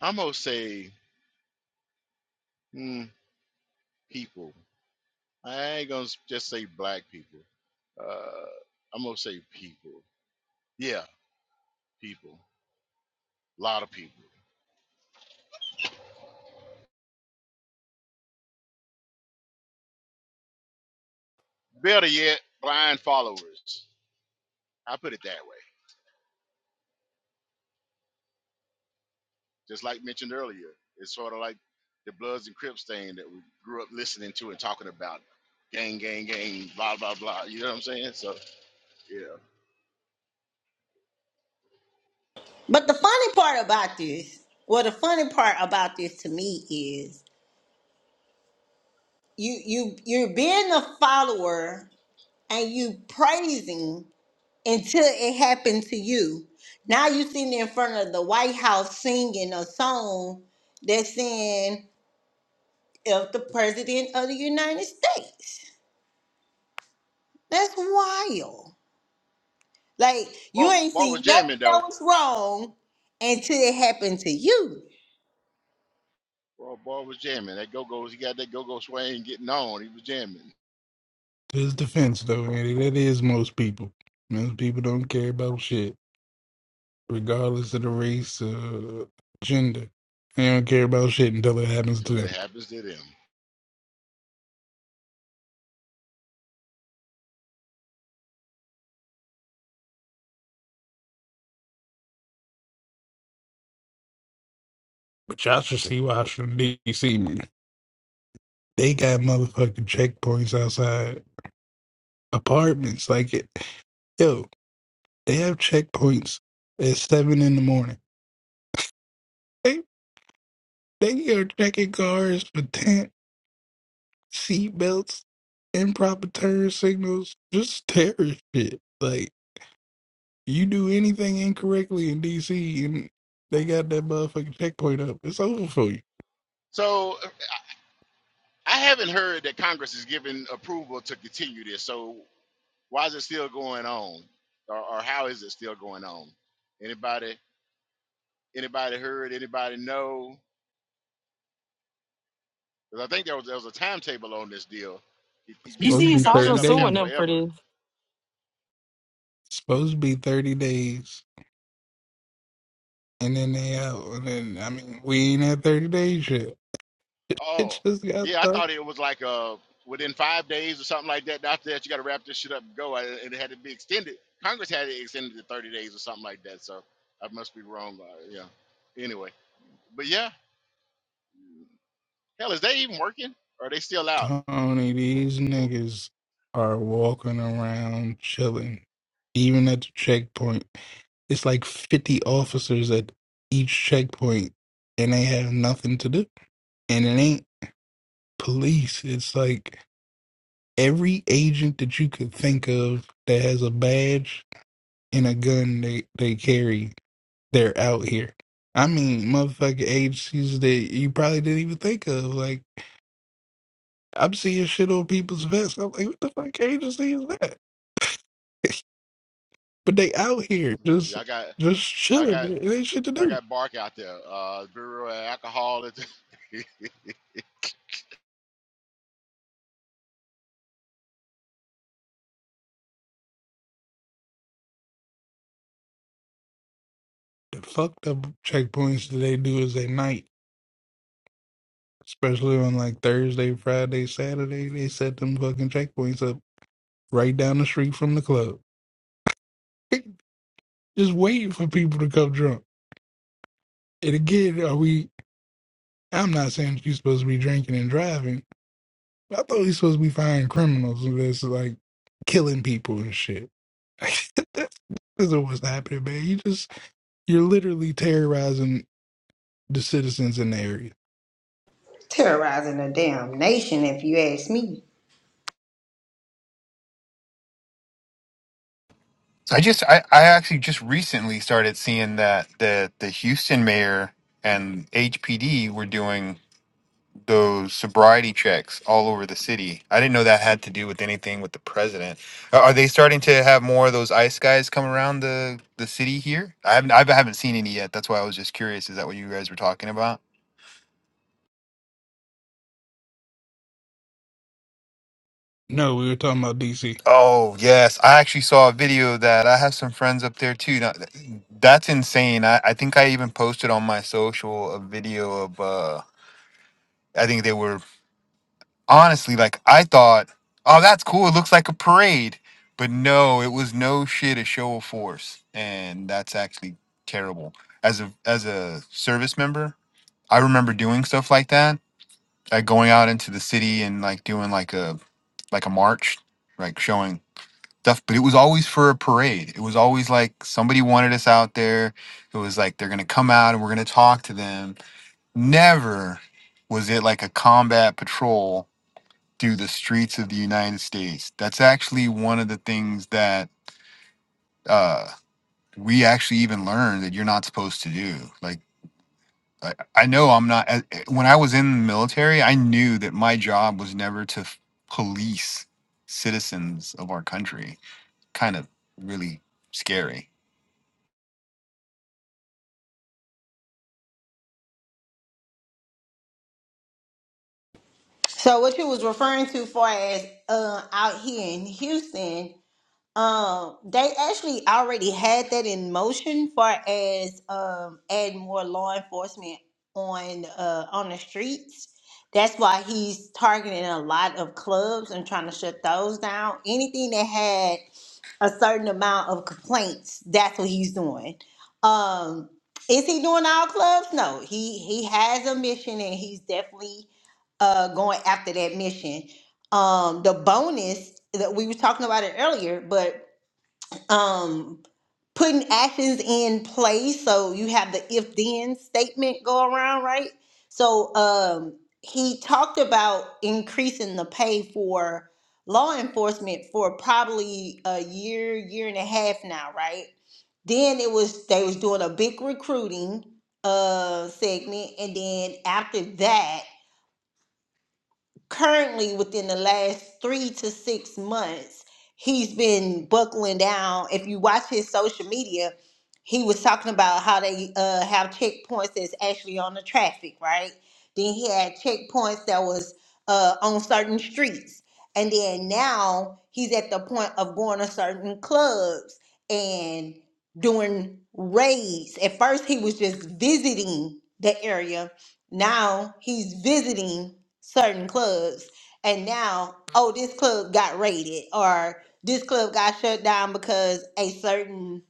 A: I almost say hmm, people. I ain't gonna s- just say black people. Uh, I'm gonna say people. Yeah, people. A lot of people. Better yet, blind followers. I put it that way. Just like mentioned earlier, it's sort of like the Bloods and Crips thing that we grew up listening to and talking about. Gang, gang, gang, blah, blah, blah. You know what I'm saying? So, yeah.
C: But the funny part about this, well, the funny part about this to me is you you you're being a follower and you praising until it happened to you. Now you sitting in front of the White House singing a song that's saying of the president of the United States. That's wild. Like
A: Boy,
C: you ain't
A: boy was
C: seen
A: jamming,
C: nothing that
A: though.
C: was wrong until it happened to you.
A: Boy, boy was jamming. That go-go, he got that go-go swing getting on. He was jamming.
E: To his defense, though, Andy, that is most people. Most people don't care about shit, regardless of the race or gender. They don't care about shit until it happens to
A: Till it
E: them.
A: happens to them.
E: But y'all should see Washington, D.C., man. They got motherfucking checkpoints outside apartments. Like, it, yo, they have checkpoints at 7 in the morning. They, they are checking cars for 10. Seat belts, improper turn signals, just terrorist shit. Like you do anything incorrectly in DC and they got that motherfucking checkpoint up. It's over for you.
A: So I haven't heard that Congress is giving approval to continue this. So why is it still going on, or, or how is it still going on? Anybody anybody heard? Anybody know? Because I think there was there was a timetable on this deal. It, it
E: It's
A: just
E: supposed to
G: DC
A: can't
G: is
E: be
A: come
G: also
A: set
E: thirty
A: up
E: days.
A: camp
G: suing them for
A: forever.
G: this.
E: It's supposed to be thirty days. And then they out and then I mean we ain't at thirty days yet. It
A: Oh
E: just got
A: yeah, I
E: started.
A: thought it was like uh within five days or something like that. After that, you got to wrap this shit up and go, and it had to be extended. Congress had it extended to 30 days or something like that. So I must be wrong. Uh, yeah. Anyway, but yeah. Hell, is they even working? Or are they still out?
E: Tony, these niggas are walking around chilling. Even at the checkpoint, it's like 50 officers at each checkpoint, and they have nothing to do. And it ain't police. It's like every agent that you could think of that has a badge and a gun they, they carry, they're out here. I mean, motherfucking agencies that you probably didn't even think of. like. I'm seeing shit on people's vests. I'm like, what the fuck agency is that? but they out here just
A: Y'all got
E: just
A: y'all
E: chilling.
A: got
E: It ain't shit to
A: y'all
E: do.
A: got bark out there. Uh Bureau of Alcohol. you
E: The fucked up checkpoints that they do is at night, especially on like Thursday, Friday, Saturday. They set them fucking checkpoints up right down the street from the club, just waiting for people to come drunk. And again, are we? I'm not saying that you're supposed to be drinking and driving, I thought he's supposed to be firing criminals that's like killing people and shit. that's, that's not what's happening, man. You just you're literally terrorizing the citizens in the area.
C: Terrorizing a damn nation, if you ask me.
J: I just I, I actually just recently started seeing that the the Houston mayor and HPD were doing those sobriety checks all over the city. I didn't know that had to do with anything with the president. Are are they starting to have more of those ice guys come around the the city here? I haven't I haven't seen any yet. That's why I was just curious. Is that what you guys were talking about?
E: No, we were talking about DC.
J: Oh yes, I actually saw a video of that. I have some friends up there too. Now, th- that's insane. I, I think I even posted on my social a video of. uh. I think they were honestly like I thought, oh, that's cool. It looks like a parade, but no, it was no shit a show of force, and that's actually terrible. As a as a service member, I remember doing stuff like that, like going out into the city and like doing like a like a march, like showing stuff. But it was always for a parade. It was always like somebody wanted us out there. It was like they're gonna come out and we're gonna talk to them. Never was it like a combat patrol through the streets of the United States. That's actually one of the things that uh, we actually even learned that you're not supposed to do. Like, I, I know I'm not, as- when I was in the military, I knew that my job was never to f- police citizens of our country. Kind of really scary.
C: So what you was referring to, far as uh, out here in Houston, Um, they actually already had that in motion, far as um adding more law enforcement on uh on the streets. That's why he's targeting a lot of clubs and trying to shut those down. Anything that had a certain amount of complaints, that's what he's doing. Um, is he doing all clubs? No, he he has a mission and he's definitely uh going after that mission. Um, the bonus that we were talking about it earlier, but um putting actions in place so you have the if then statement go around right so um he talked about increasing the pay for law enforcement for probably a year year and a half now right then it was they was doing a big recruiting uh segment and then after that currently within the last three to six months, he's been buckling down. If you watch his social media, he was talking about how they uh, have checkpoints that's actually on the traffic, right? Then he had checkpoints that was uh, on certain streets, and then now he's at the point of going to certain clubs and doing raids. At first, he was just visiting the area. Now he's visiting certain clubs and now oh this club got raided or this club got shut down because a certain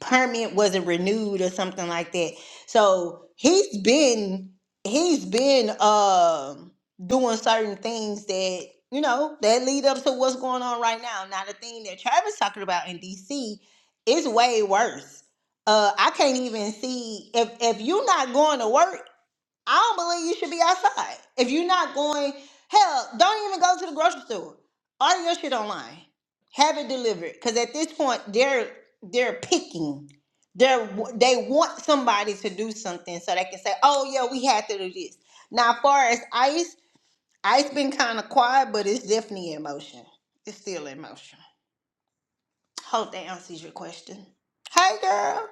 C: permit wasn't renewed or something like that so he's been he's been um doing certain things that you know that lead up to what's going on right now now the thing that travis talking about in dc is way worse uh i can't even see if if you're not going to work I don't believe you should be outside. If you're not going, hell, don't even go to the grocery store. Order your shit online. Have it delivered. Cause at this point, they're they're picking. They're they want somebody to do something so they can say, oh yeah, we had to do this. Now, as far as ice, ice been kind of quiet, but it's definitely in motion. It's still in motion. Hope that answers your question. Hey girl.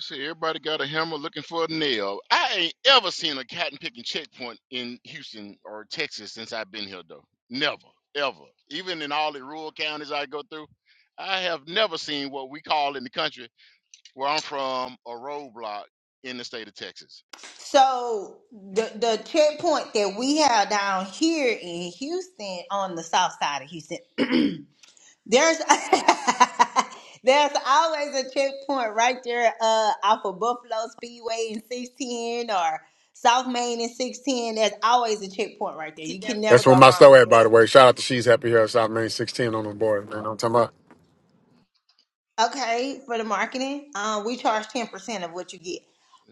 A: see everybody got a hammer looking for a nail. I ain't ever seen a cotton picking checkpoint in Houston or Texas since I've been here though. Never, ever. Even in all the rural counties I go through, I have never seen what we call in the country where I'm from a roadblock in the state of Texas.
C: So the the checkpoint that we have down here in Houston on the south side of Houston, there's there's always a checkpoint right there uh off of Buffalo Speedway and 610 or South Main and 610. There's always a checkpoint right there. You can never
K: That's where
C: go
K: my
C: wrong
K: store
C: with
K: at, by the
C: that.
K: way. Shout out to She's Happy Here, South Main 16 on the board. Man, I'm talking about
C: Okay, for the marketing, um, we charge 10% of what you get.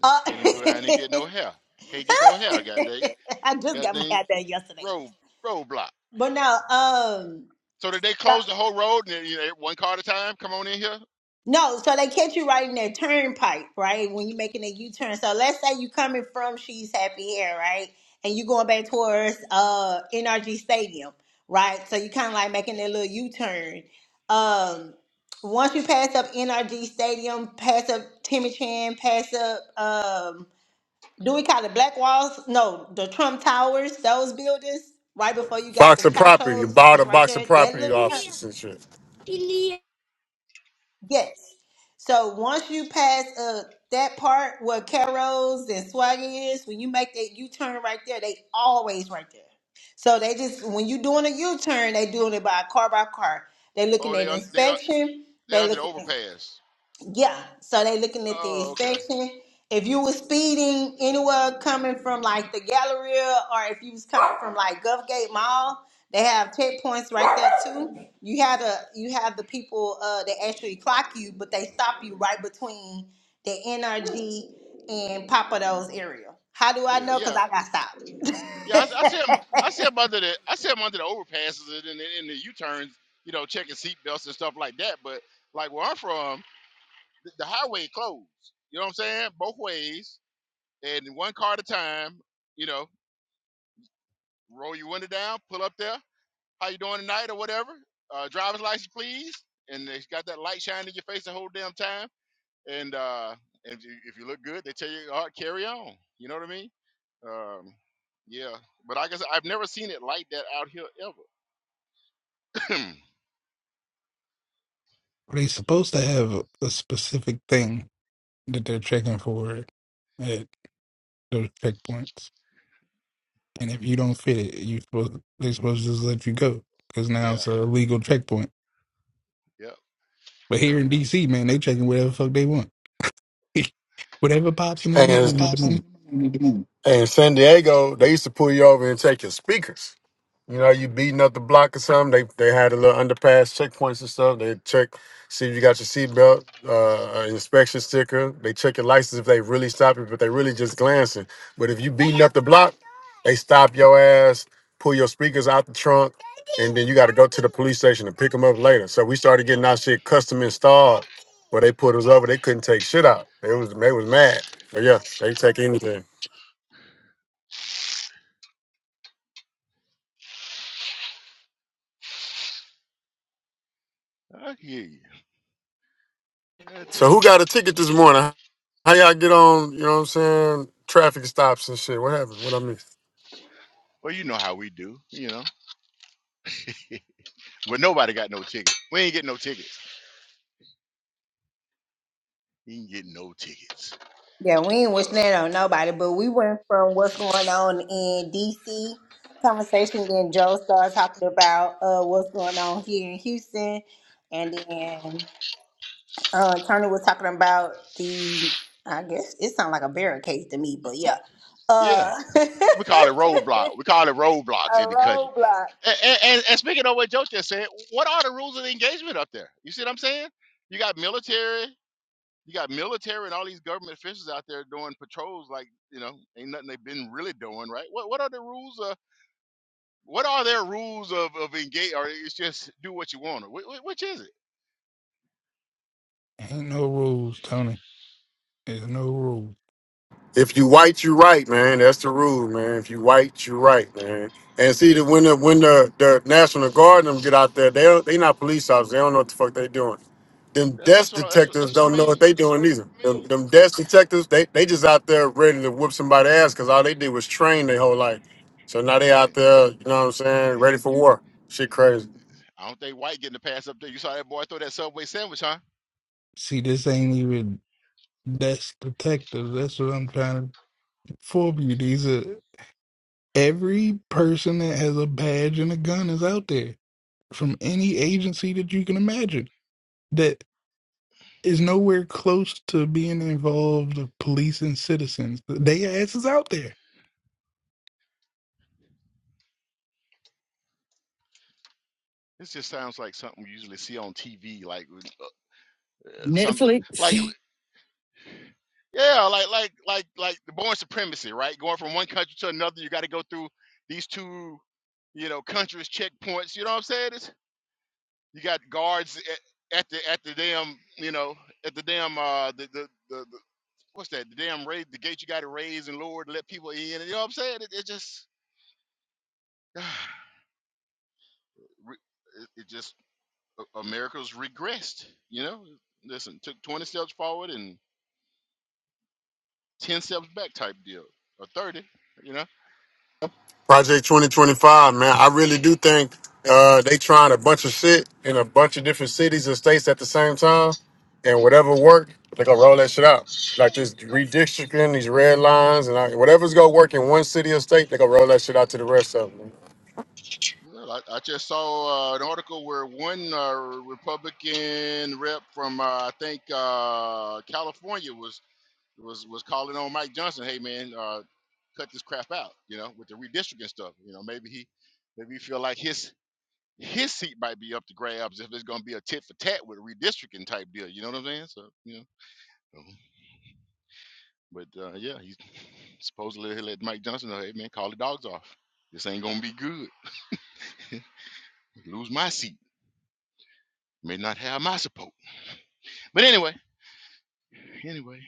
C: Uh,
A: Can't even go down there and get no hair. Can't get no hair, goddamn.
C: I just got my
A: Goddamn
C: hat done yesterday.
A: road roadblock.
C: But no, um
A: So did they close the whole road and they- you know, one car at a time? Come on in here.
C: No, so they catch you right in that turnpike, right? When you're making a U-turn. So let's say you coming from She's Happy Hair, right? And you going back towards uh NRG Stadium, right? So you kind of like making that little U-turn. Um, once you pass up NRG Stadium, pass up Timmy Chan, pass up um, do we call it Black Walls? No, the Trump Towers, those buildings, right before you got the
K: box of property. You
C: Chachos.
K: bought a
C: It's right
K: box of
C: there. That
K: property
C: look.
K: off and shit.
C: Yes. So once you pass uh that part where Carol's and Swaggy is, when you make that U turn right there, they always right there. So they just when you doing a U turn, they doing it by car by car. They looking
A: Oh, they
C: at
A: un, they un,
C: inspection.
A: they
C: They
A: under the
C: looking.
A: overpass.
C: Yeah, so they looking at the
A: Oh, okay.
C: inspection. If you was speeding anywhere coming from like the Galleria, or if you was coming from like Gulfgate Mall, they have checkpoints right there too. You had a you have the people uh, that actually clock you, but they stop you right between the NRG and Papado's area. How do I
A: Yeah,
C: know? Cause
A: yeah,
C: I got stopped.
A: yeah. I, s- I see 'em- I see 'em under the I see 'em under the overpasses and in the, in the U turns. You know, checking seatbelts and stuff like that. But like where I'm from, the, the highway closed. You know what I'm saying? Both ways and one car at a time. You know, roll your window down, pull up there. How you doing tonight or whatever? Uh, driver's license, please. And they got that light shining in your face the whole damn time. And uh, if you if you look good, they tell you, all right, carry on. You know what I mean? Um, yeah. But like I said, I've never seen it like that out here ever.
E: Are they supposed to have a, a specific thing that they're checking for at those checkpoints? And if you don't fit it, you supposed they're supposed to just let you go because now
A: yeah.
E: it's a legal checkpoint.
A: Yep.
E: But here
A: Yep.
E: in DC, man, they checking whatever the fuck they want, whatever pops into their
K: And
E: mind at the moment.
K: Hey, in San Diego, they used to pull you over and take your speakers. You know, you beating up the block or something. They they had a little underpass checkpoints and stuff. They check, see if you got your seatbelt, uh, an inspection sticker. They check your license if they really stop you, but they really just glancing. But if you beating up the block, they stop your ass, pull your speakers out the trunk, and then you got to go to the police station to pick them up later. So we started getting our shit custom installed. Where they put us over, they couldn't take shit out. They was they was mad. But yeah, they take anything.
A: I hear you. God
K: So
A: dang.
K: who got a ticket this morning? How y'all get on, you know what I'm saying? Traffic stops and shit. What happened? What I miss?
A: Well, you know how we do, you know. But nobody got no ticket. We ain't getting no tickets. You ain't getting no tickets.
C: Yeah, we ain't
A: But,
C: wishing
A: uh,
C: that on nobody, but we went from what's going on in DC conversation, then Joe started talking about uh what's going on here in Houston, and then uh Tony was talking about the I guess it sounds like a barricade to me, but yeah. Uh
A: yeah, we call it
C: a
A: roadblock. We call it roadblocks in the country
C: roadblock.
A: And, and, and speaking of what Joe just said, what are the rules of engagement up there? You see what I'm saying? You got military, you got military and all these government officials out there doing patrols like, you know, ain't nothing they've been really doing, right? What what are the rules of what are their rules of of engage or it's just do what you want? Which, which is it?
E: Ain't no rules, Tony. There's no rules.
K: If you white, you right, man. That's the rule, man. If you white, you right, man. And see that when the when the, the National Guard and them get out there, they don't- they not police officers. They don't know what the fuck they doing. Them
A: That's that's
K: desk
A: what I, that's what,
K: detectives
A: that's what I
K: don't know what
A: mean.
K: they doing either. Them, them desk detectives, they, they just out there ready to whoop somebody ass because all they did was train their whole
A: Oh,
K: life. So now they out
A: listen, you
K: there, you know what I'm saying, ready for war. Shit crazy.
A: I don't think white getting a pass up there. You saw that boy throw that subway sandwich, huh?
E: See, this ain't even that's protective. That's what I'm trying to inform you. These are every person that has a badge and a gun is out there from any agency that you can imagine that is nowhere close to being involved of police and citizens. They asses out there.
A: This just sounds like something we usually see on TV, like with, uh, uh, some like
G: Netflix.
A: Yeah, like like like like the born supremacy, right? Going from one country to another, you got to go through these two, you know, countries checkpoints. You know what I'm saying? It's, you got guards at, at the at the damn, you know, at the damn uh the the, the, the what's that? The damn raid, the gate you got to raise and lower to let people in. you know what I'm saying? It, it just re- it, it just A- America's regressed. You know, listen, took 20 steps forward and 10 steps back type deal, or 30. You know.
K: Project 2025, man. I really do think uh, they trying a bunch of shit in a bunch of different cities and states at the same time, and whatever work, they gonna roll that shit out. Like this redistricting, these red lines, and I, whatever's gonna work in one city or state, they gonna roll that shit out to the rest of them.
A: Well, I, I just saw uh, an article where one uh, Republican rep from uh, I think uh, California was was was calling on Mike Johnson, "Hey man, uh, cut this crap out." You know, with the redistricting stuff. You know, maybe he maybe he feel like his his seat might be up to grabs if it's going to be a tit for tat with a redistricting type deal. You know what I'm saying? So you know, Mhm. but uh, yeah, he's supposedly he let Mike Johnson know, "Hey man, call the dogs off. This ain't going to be good. Lose my seat. May not have my support." But anyway, anyway,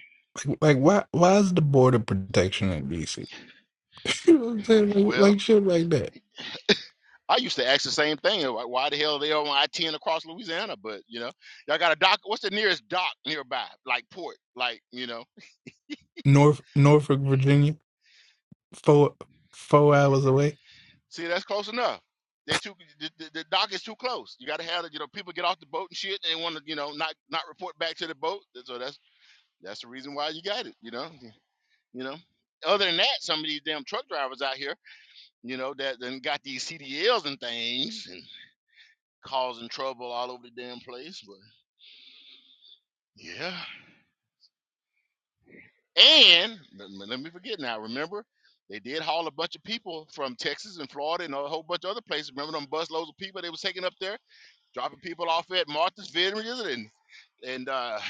E: Like, like why? Why is the border protection in DC? You know what I'm saying? Like,
A: well,
E: like shit like that.
A: I used to ask the same thing. Like, why the hell are they on I ten across Louisiana? But you know, y'all got a dock. What's the nearest dock nearby? Like port? Like you know?
E: North Norfolk, Virginia, four four hours away
A: See, that's close enough. They too the, the, the dock is too close. You got to have the- you know people get off the boat and shit. And They want to you know not not report back to the boat. So that's that's the reason why you got it. You know, you know. Other than that, some of these damn truck drivers out here, you know, that then got these CDLs and things and causing trouble all over the damn place. but. Yeah. And let me let me forget now. Remember, they did haul a bunch of people from Texas and Florida and a whole bunch of other places. Remember them busloads of people they was taking up there, dropping people off at Martha's Vineyard and and uh,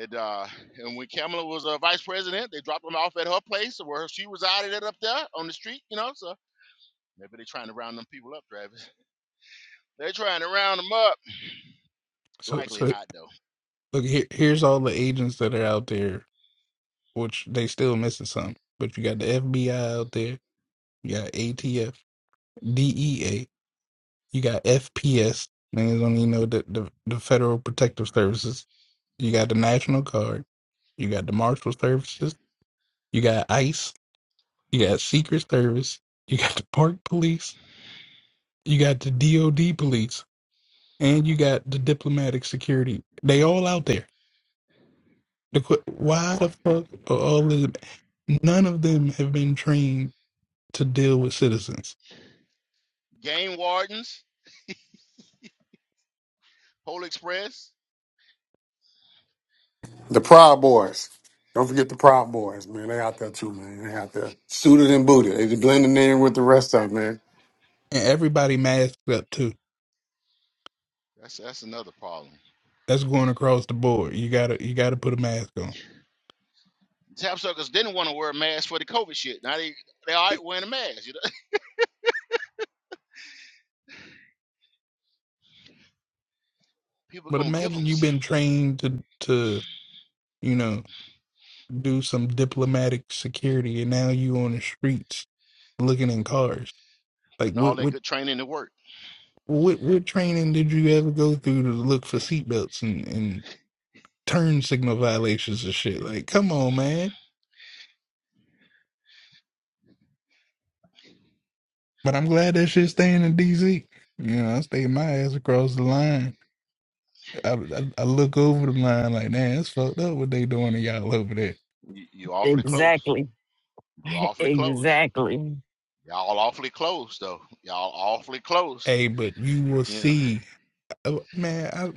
A: and uh, and when Kamala was uh, vice president, they dropped them off at her place where she resided at up there on the street. You know, so maybe they're trying to round them people up, Travis. They're trying to round them up.
E: So,
A: Likely
E: so
A: not though.
E: look here. Here's all the agents that are out there, which they still missing some. But you got the FBI out there. You got ATF, DEA. You got FPS. Niggas don't even know the, the the Federal Protective Services. You got the National Guard. You got the Marshal Services. You got ICE. You got Secret Service. You got the Park Police. You got the DOD Police, and you got the Diplomatic Security. They all out there. The que-
A: Par-
E: why the fuck are all these? None of them have been trained to deal with citizens,
A: Game wardens, Polar Express.
K: The Proud Boys. Don't forget the Proud Boys, man. They out there too, man. They out there suited and booted. They just blending in with the rest of them, man.
E: and everybody masked up too.
A: That's that's another problem.
E: That's going across the board. You gotta you gotta put a mask on.
A: Tap suckers didn't want to wear a mask for the COVID shit. Now they they all right wearing a mask. You know? People
E: But
A: gonna give
E: imagine
A: them
E: you've
A: some.
E: been trained to to you know do some diplomatic security, and now you on the streets looking in cars. Like
A: Putting all
E: what
A: that
E: what
A: good training to work.
E: what what training did you ever go through to look for seatbelts and and turn signal violations and shit? Like come on, man. But I'm glad that shit's staying in DC. You know, I stayed my ass across the line. I, I, I look over the line like, man, it's fucked up what they doing to y'all over there.
A: You, you awfully close.
G: exactly.
A: You awfully close.
G: exactly.
A: Y'all awfully close though. Y'all awfully close.
E: Hey, but you will
A: You know.
E: see, Uh, man. I,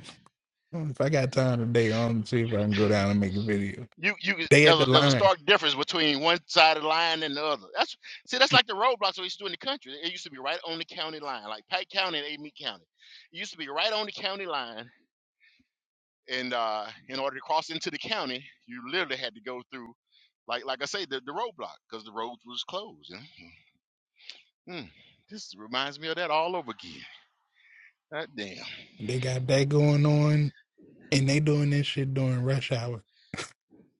E: if I got time today, I'm going to see if I can go down and make a video.
A: You you
E: They at
A: there's a,
E: the
A: there's a
E: line.
A: stark difference between one side of the line and the other. That's see that's like the roadblocks we used to do in the country. It used to be right on the county line, like Pike County and Amite County. It used to be right on the county line, and uh, in order to cross into the county, you literally had to go through Like like I say, the, the roadblock because the roads was closed. And, hmm, this reminds me of that all over again. God damn.
E: They got that going on, and they doing this shit during rush hour.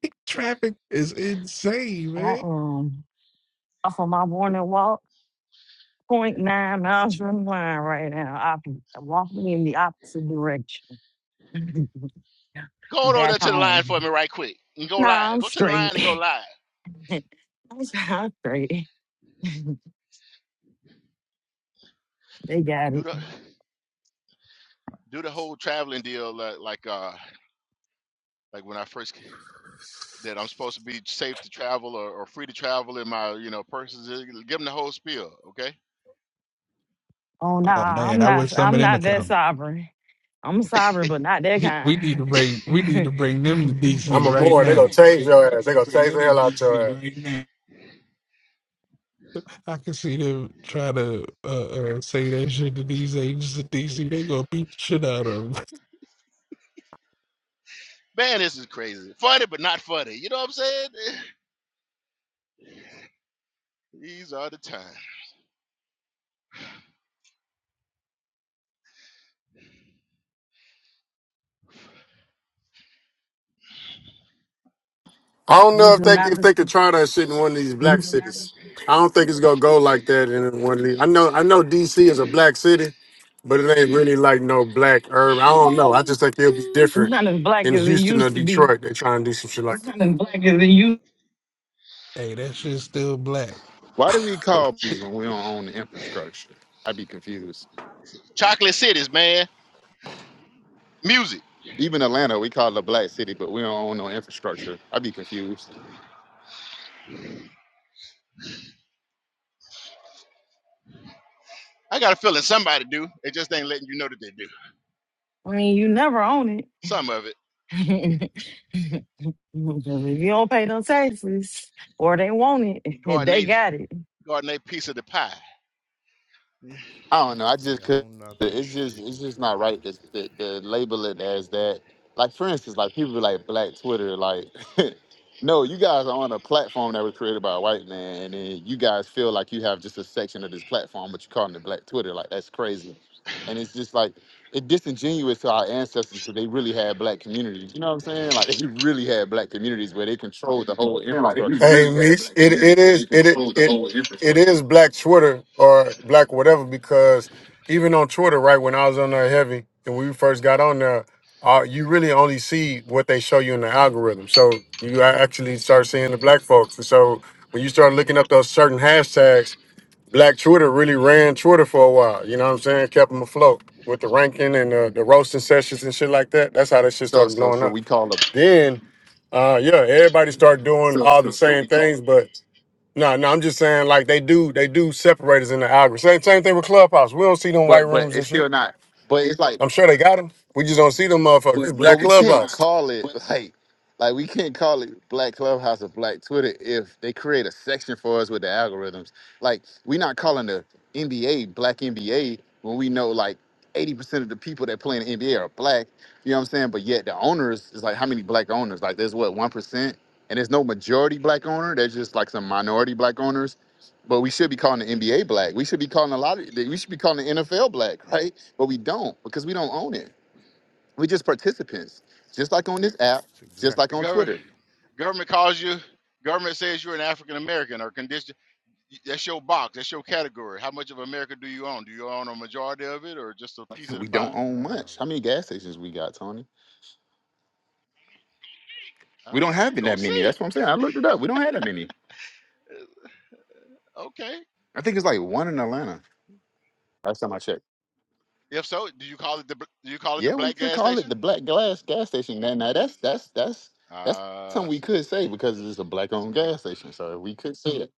E: Traffic is insane,
G: I
E: man.
G: um off of my morning walk, Point nine miles from the line right now. I'm walking in the opposite direction.
A: Go over
G: Back
A: there to the line for
G: home.
A: me right quick and go
G: Nah,
A: live.
G: I'm
A: Go to the line
G: straight.
A: and go live.
G: I'm s- I'm straight. they got it.
A: Do the do the whole traveling deal like like uh like when I first ca- that I'm supposed to be safe to travel or, or free to travel in my you know persons. uh, Give them the whole spiel, okay?
G: Oh
E: Oh
G: nah, I'm
E: man, I
G: not
E: wish some
G: I'm
E: of them
G: not
E: would
G: that
E: come.
G: sovereign. I'm sovereign, but not that
E: We, we need
G: kind.
E: to bring we need to bring them to
K: I'm
E: DC
K: a
E: right
K: more. They gonna
E: now.
K: tase your ass. They gonna tase the hell out your ass.
E: I can see them try to uh, uh, say that shit to these agents at DC. They gonna beat the shit out of them.
A: Man, this is crazy. Funny but not funny. You know what I'm saying? These are the times.
K: I don't know
G: These
K: if
G: are
K: they
G: not
K: if
G: the
K: they could try that shit in one of these black cities. I don't think it's gonna go like that in one of these. I know I know DC is a black city, but it ain't really like no black urban. I don't know. I just think it'll be
G: it's
K: different
G: not as black
K: in
G: as it
K: Houston or
G: used to be.
K: Detroit. They're trying to do some shit like
E: Hey, that shit's still black.
F: Why do we call these when we don't own the infrastructure? I'd be confused.
A: Chocolate cities, man. Music.
F: Even Atlanta, we call it a black city, but we don't own no infrastructure. I'd be confused.
A: I got a feeling somebody do. They just ain't letting you know that they do.
G: I mean, you never own it.
A: Some of it.
G: if you don't pay no taxes or they want
A: He
G: it,
A: guarding
G: they
A: they
G: got it.
A: guarding they piece of the pie. The
F: I don't know. I just could. It's just it's just not right to, to, to label it as that. Like for instance, like people be like Black Twitter. Like, no, you guys are on a platform that was created by a white man, and then you guys feel like you have just a section of this platform, but you're calling it Black Twitter. Like that's crazy, and it's just like it disingenuous to our ancestors because they really had Black communities. You know what I'm saying? Like they really had Black communities where they controlled the whole
K: Like, you
F: infrastructure.
K: Hey, really got Meech, black it Twitter. it is You it just the it, whole it infrastructure. is black Twitter or black whatever because even on Twitter, right when I was on there heavy and we first got on there, uh, you really only see what they show you in the algorithm. So you a- actually start seeing the black folks. And so when you start looking up those certain hashtags, black Twitter really ran Twitter for a while. You know what I'm saying? Kept them afloat with the ranking and uh, the roasting sessions and shit like that. That's how that shit
F: So
K: started
F: so
K: blowing
F: so
K: up
F: we call them,
K: then uh yeah everybody start doing all the same things but no no i'm just saying like they do they do separate us in the algorithm same, same thing with clubhouse we don't see them white
F: but but
K: rooms and
F: it's
K: shit
F: still not. But it's like
K: i'm sure they got them we just don't see them motherfuckers it's
F: But
K: black
F: we can't
K: clubhouse
F: call it like like we can't call it Black Clubhouse or Black Twitter if they create a section for us with the algorithms. Like we're not calling the NBA Black NBA when we know like 80% of the people that play in the NBA are black. You know what I'm saying? But yet the owners is like how many black owners? Like there's what one percent, and there's no majority black owner. There's just like some minority black owners. But we should be calling the NBA black. We should be calling a lot of. We should be calling the NFL black, right? But we don't because we don't own it we just participants, just like on this app, just like on
A: government
F: Twitter.
A: government calls you. Government says you're an African American or condition. That's your box. That's your category. How much of America do you own? Do you own a majority of it or just a piece of the
F: We don't
A: pie?
F: own much. How many gas stations we got, Tony?
A: I
F: We
A: don't
F: don't
A: know.
F: have
A: Go
F: that many.
A: see.
F: That's what I'm saying. I looked it up. We don't have that many.
A: Okay.
F: I think it's like one in Atlanta. Last time I checked.
A: If so, do you call it the do you call it the
F: Yeah, we
A: black
F: could
A: gas
F: call it the
A: station?
F: Black Glass gas station. Now, now that's that's that's that's
A: Ah,
F: something
A: uh,
F: we
A: see,
F: could say because it's a
A: see,
F: black-owned
A: we.
F: gas station. So we could say it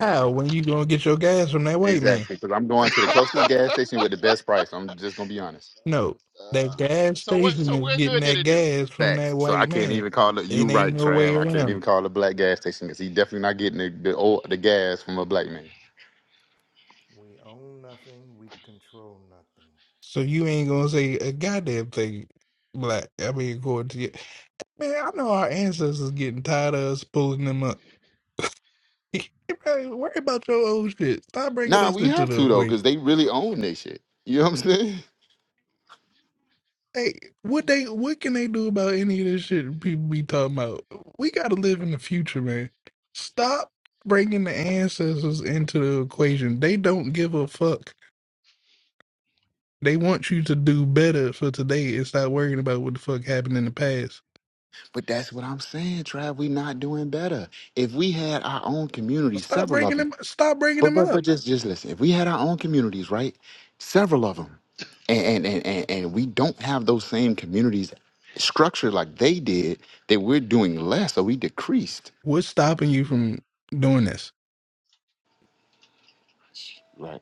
E: How? When you gonna get your gas from that white man?
F: exactly. Because I'm going to the closest
A: uh,
F: gas station with the best price. I'm just gonna be honest.
E: No, that gas
A: so what?
E: station
A: So
E: is
A: where
E: getting
A: good did
E: that
A: it do?
E: gas from
F: Facts.
E: that
F: So I
E: white
F: can't
E: man.
F: even call it. You
E: It ain't
F: right,
E: no way
F: Trav. I can't
E: around.
F: even
E: it.
F: call it a black gas station because he definitely not getting the the, old, the gas from a black man.
E: So you ain't gonna say a goddamn thing black. I mean, according to you, man, I know our ancestors getting tired of us pulling them up. Hey, man, Worry about your old shit. Stop bringing
F: Nah,
E: us
F: we
E: into
F: have
E: the
F: to though
E: equation.
F: because they really own this shit. You know what I'm saying?
E: Hey, what they what can they do about any of this shit people be talking about? We gotta live in the future, man. Stop bringing the ancestors into the equation. They don't give a fuck. They want you to do better for today and stop worrying about what the fuck happened in the past.
F: But that's what I'm saying, Trav. We not doing better. If we had our own communities,
E: Stop
F: several of
E: bringing
F: them.
E: them. Stop bringing
F: But
E: them
F: but but
E: up.
F: just just listen. If we had our own communities, right? Several of them, and and and, and and we don't have those same communities structured like they did. That we're doing less, so we decreased.
E: What's stopping you from doing this?
F: Right.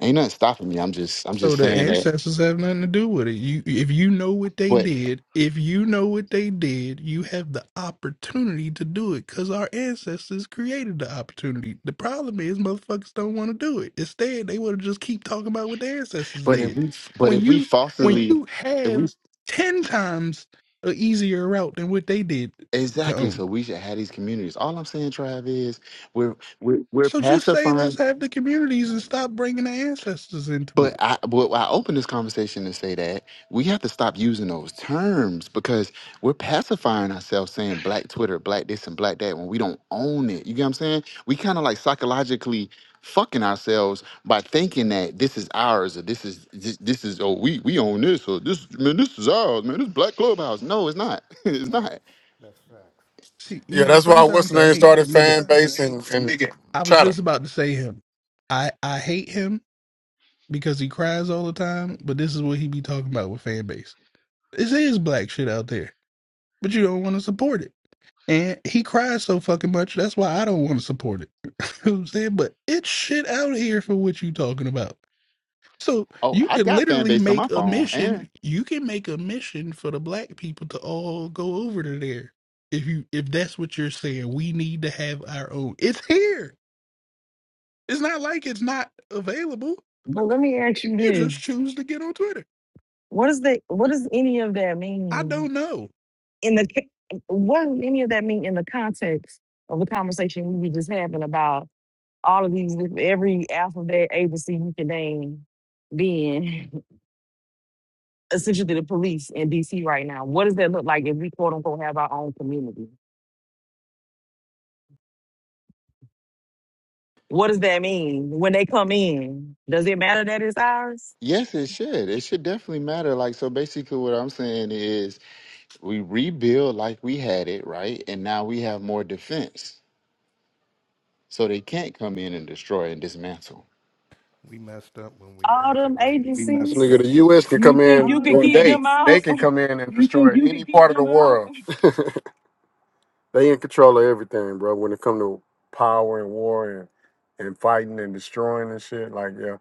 F: Ain't nothing stopping me. I'm just I'm
E: So
F: just
E: the
F: saying that.
E: ancestors have nothing to do with it. You, if you know what they
F: But
E: did, if you know what they did, you have the opportunity to do it because our ancestors created the opportunity. The problem is motherfuckers don't want to do it. Instead, they want to just keep talking about what their ancestors
F: but if
E: did.
F: we but
E: When
F: if we
E: you, when
F: falsely
E: you
F: if we
E: have ten times a easier route than what they did to
F: exactly
E: own,
F: so we should have these communities. All I'm saying, Trav, is we're we're we're
E: so just say let's
F: pacifying
E: have the communities and stop bringing the ancestors into
F: But
E: it.
F: I, but I open this conversation to say that we have to stop using those terms because we're pacifying ourselves saying black Twitter, black this and black that when we don't own it. You get what I'm saying? We kind of like psychologically fucking ourselves by thinking that this is ours or this is this, this is oh we we own this or this man this is ours man this black clubhouse. No, it's not. it's not.
E: See, you
K: yeah
E: know,
K: that's why what's the
E: sometimes I
K: name
E: hate
K: started
E: that nigga
K: fan base and and
E: I was
K: chatter
E: just about to say him. I I hate him because he cries all the time, but this is what he be talking about with fan base. This is black shit out there, but you don't want to support it. And he cries so fucking much, that's why I don't want to support it. you know what I'm saying? But it's shit out here for what you talking about. So
F: Oh,
E: you
F: I
E: could
F: got fan
E: literally
F: base on
E: make
F: my
E: a
F: phone and
E: mission. You can make a mission for the black people to all go over to there. If you if that's what you're saying, we need to have our own. It's here. It's not like it's not available.
G: But let me ask you
E: You
G: this.
E: just choose to get on Twitter.
G: What is the what does any of that
E: I
G: mean
E: don't know.
G: in the ca- what does any of that mean in the context of the conversation we were just having about all of these, every alphabet agency you can name being essentially the police in DC right now. What does that look like if we quote unquote have our own community? What does that mean when they come in? Does it matter that it's ours?
F: yes, it should. It should definitely matter. Like so, basically, what I'm saying is We rebuild like we had it, right? And now we have more defense. So they can't come in and destroy and dismantle.
G: All them
K: That's
G: agencies,
K: nigga the u.s can
G: you
K: come
G: think you
K: in
G: can
K: or
G: keep
K: they
G: them
K: they
G: out?
K: can come in and destroy any part of the world They in control of everything, bro. When it come to power and war and and fighting and destroying and shit, like yeah,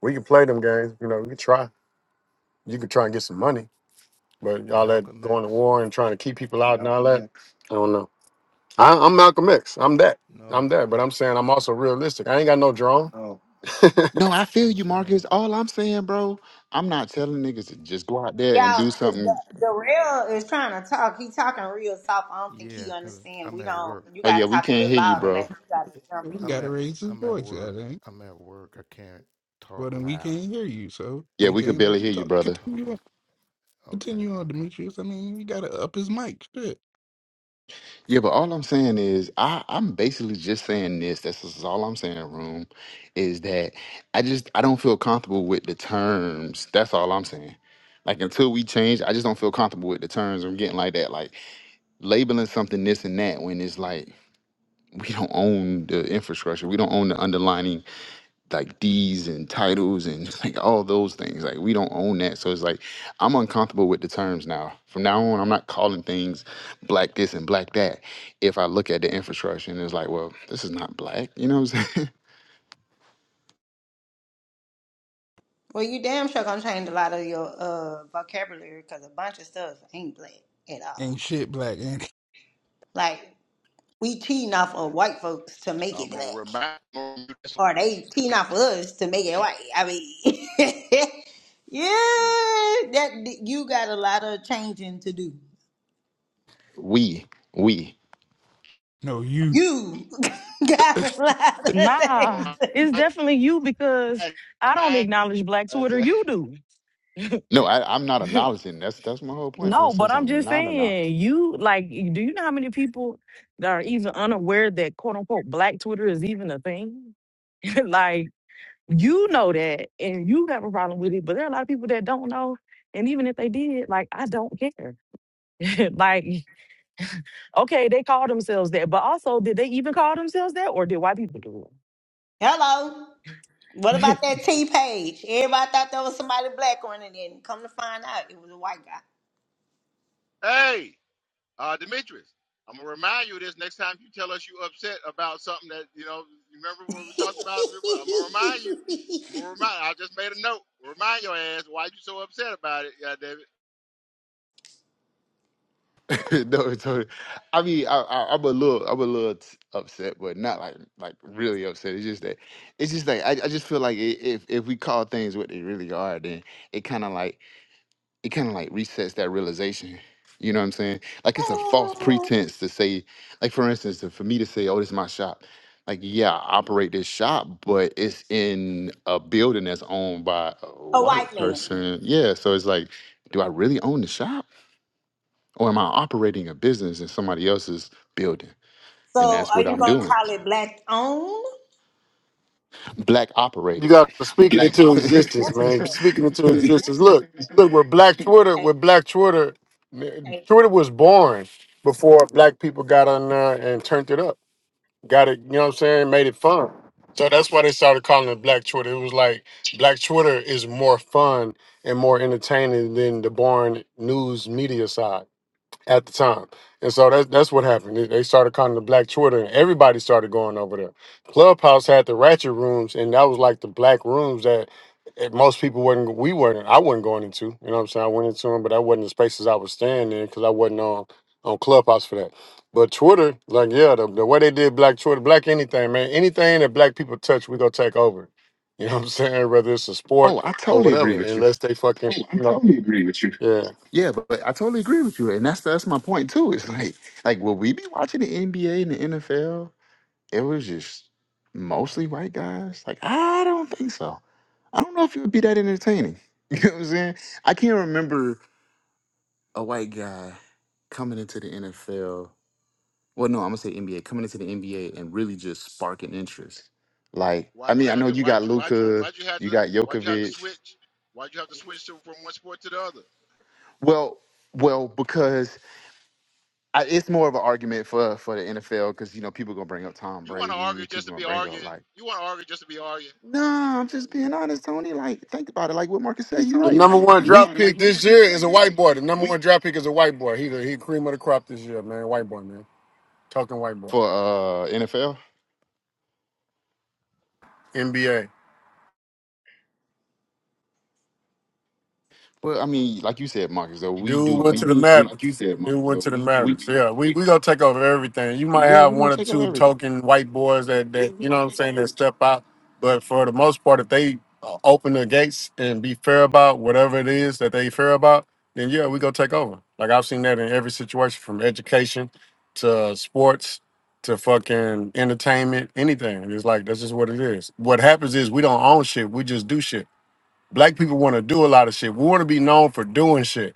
K: we can play them games. You know, we can try. You can try and get some money, but you all that going to war and trying to keep people out and all that. I don't know. I, I'm Malcolm X. I'm that. I'm that. But I'm saying I'm also realistic. I ain't got no drone.
F: No, I feel you, Marcus. All I'm saying, bro, I'm not telling niggas to just go out there and
C: Y'all,
F: do
C: D-
F: something.
C: Darrell is trying to talk. He talking real soft. I don't think he understand. We don't. You
F: Oh, yeah,
C: gotta
F: we
C: talk a
F: can't
C: little
F: hear you,
C: louder,
F: bro.
C: baby. You gotta jump
E: We
C: in.
E: gotta raise his voice, goddamn. Well, then we can't hear you, so
F: Yeah,
E: we
F: we could
E: can't
F: barely
E: let you
F: hear you,
E: talk.
F: brother.
E: Continue on, continue on, Demetrius. I mean, we gotta up his mic. Shit,
F: Yeah, but all I'm saying is I, I'm basically just saying this. That's just all I'm saying, Room, is that I just I don't feel comfortable with the terms. That's all I'm saying. Like until we change, I just don't feel comfortable with the terms. I'm getting like that. Like labeling something this and that when it's like we don't own the infrastructure we don't own the underlining like deeds and titles and like all those things like we don't own that so it's like i'm uncomfortable with the terms now from now on i'm not calling things black this and black that if i look at the infrastructure and it's like well this is not black you know what i'm saying
C: Well, you damn sure gonna change a lot of your uh vocabulary because a bunch of stuff ain't black at all.
E: ain't shit, black. Ain't it?
C: Like we cheating off
A: Yeah.
C: of white folks to make it
A: I'm
C: black,
A: gonna remind. you this
C: or they cheating off of us to make it white. I mean, yeah,
A: Yeah.
C: that you got a lot of changing to do.
F: we we
E: no you.
C: You got
A: I'm-
C: a lot of
G: Nah,
C: things.
A: I'm-
C: To do.
G: it's definitely you because I don't acknowledge Black
A: I
G: Twitter.
A: said,
G: You do.
F: no I, i'm not acknowledging that's that's my whole point
G: No, but
F: princess
G: I'm
F: i'm
G: just
F: not acknowledging
G: saying, you like, do you know how many people that are even unaware that quote unquote black Twitter is even a thing? like, you know that and you have a problem with it, but there are a lot of people that don't know. And even if they did, like, I don't care. like, okay, they call themselves that, but also, did they even call themselves that or did white people do
C: Hello. What
G: it?
C: about that T page? Everybody thought there was somebody black on it, and come to find out, it was a white guy.
A: hey, uh, Demetrius, I'm gonna remind you of this next time you tell us you upset about something that you know. you Remember what we talked about? I'm gonna remind you. I'm gonna remind. I just made a note. Remind your ass why'd you so upset about it, yeah, David?
F: no, totally. I mean, I, I, I'm a little, I'm a little t- upset, but not like, like really upset. It's just that, it's just like I, I just feel like i if if we call things what they really are, then it kind of like it kind of like resets that realization. You know what I'm saying? Like it's a false pretense to say, like for instance, to, for me to say, "Oh, this is my shop." Like, yeah, I operate this shop, but it's in a building that's owned by a
C: A
F: white
C: white man.
F: person. Yeah, so it's like, do I really own the shop? Or am I operating a business in somebody else's building? And
C: So
F: that's
C: are
F: what
C: you
F: I'm
C: gonna
F: doing.
C: call it black owned?
F: Black
K: You
F: operated.
K: got to speak it into existence,
C: That's too
K: man.
C: bad.
K: Speaking into existence. Look, look. With Black Twitter,
C: Okay.
K: with Black Twitter, man, Twitter was born before Black people got on there and turned it up. got it, you know what I'm saying, made it fun. So that's why they started calling it Black Twitter. It was like Black Twitter is more fun and more entertaining than the boring news media side at the time. And so that, that's what happened. They they started calling the Black Twitter, and everybody started going over there. Clubhouse had the ratchet rooms, and that was like the black rooms that eh, most people weren't. We weren't. I wasn't going into. You know what I'm saying? I went into them, but that wasn't the spaces I was staying in because I wasn't on on Clubhouse for that. But Twitter, like yeah, the, the way they did Black Twitter, Black anything, man, anything that Black people touch, we gonna take over. You know what I'm saying? Whether it's a
F: oh,
K: sport
F: I
K: or
F: totally agree
K: whatever,
F: with you.
K: unless they fucking. Oh, I you know, totally agree with you. yeah.
F: Yeah, but, but I totally agree with you. And that's that's my point too. It's like like will we be watching the NBA and the NFL? It was just mostly white guys. Like, I don't think so. I don't know if it would be that entertaining. You know what I'm saying? I can't remember a white guy coming into the NFL well, no, I'm gonna say NBA coming into the NBA and really just sparking interest. Like, I
A: Why'd you
F: mean, I
A: have
F: know
A: to?
F: you got
A: Why'd you? Why'd you?
F: Luca,
A: Why'd you have
F: you
A: to?
F: got
A: Why'd you have to
F: Jokovic.
A: switch? Why'd you have to switch to, from one sport to the other?
F: Well, well, because I, it's more of an argument for for the NFL because you know people gonna bring up Tom
A: You want to
F: Brady,
A: argue just
F: people
A: to
F: gonna
A: be
F: bring up
A: arguing.
F: like,
A: You want to argue just to be arguing.
F: nah, I'm just being honest, Tony. Like, think about it. Like what Marcus said, you
K: The
F: right.
K: number one
F: We
K: drop pick this year is a white boy. The number one drop pick is a white boy. He the he cream of the crop this year, man. White boy, man. Talking white boy.
F: for uh NFL.
K: NBA.
F: Well, I mean, like you said, Marcus, though we
K: Dude
F: do
K: went to
F: we
K: the
F: we
K: Mavericks. Like you said, Dude went to the
F: we
K: Mavericks. Yeah, we we gonna take over everything. You might
F: yeah,
K: have
F: we're gonna
K: one or
F: take over
K: two
F: everything.
K: token white boys that that you know what I'm saying that step out, but for the most part, if they uh, open the gates and be fair about whatever it is that they fair about, then yeah, we gonna take over. Like I've seen that in every situation, from education to sports to fucking entertainment, anything. It's like that's just what it is. What happens is we don't own shit. We just do shit. Black people want to do a lot of shit. We want to be known for doing shit,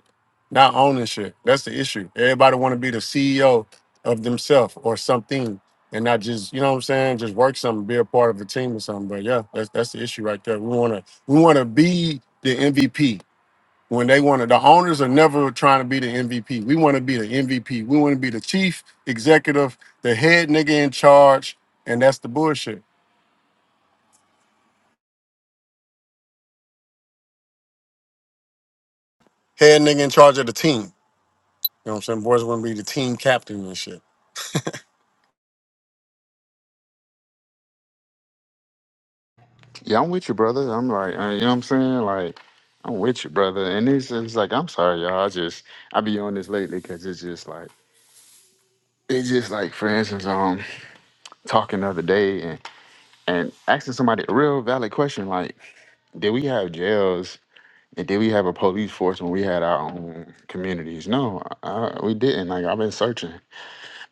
K: not owning shit. That's the issue. Everybody want to be the CEO of themselves or something, and not just you know what I'm saying. Just work something, be a part of a team or something. But yeah, that's that's the issue right there. We want to we want to be the MVP. When they want to, the owners are never trying to be the MVP. We want to be the MVP. We want to be the chief executive, the head nigga in charge, and that's the bullshit. Head nigga in charge of the team. You know what I'm saying? Boys want to be the team captain and shit.
F: Yeah, I'm with you, brother. I'm like, uh, you know what I'm saying? Like, I'm with you, brother. And it's, it's like, I'm sorry, y'all. I just, I be on this lately because it's just like, it's just like, for instance, um, talking the other day and, and asking somebody a real valid question like, did we have jails and did we have a police force when we had our own communities? No, I, we didn't. Like, I've been searching.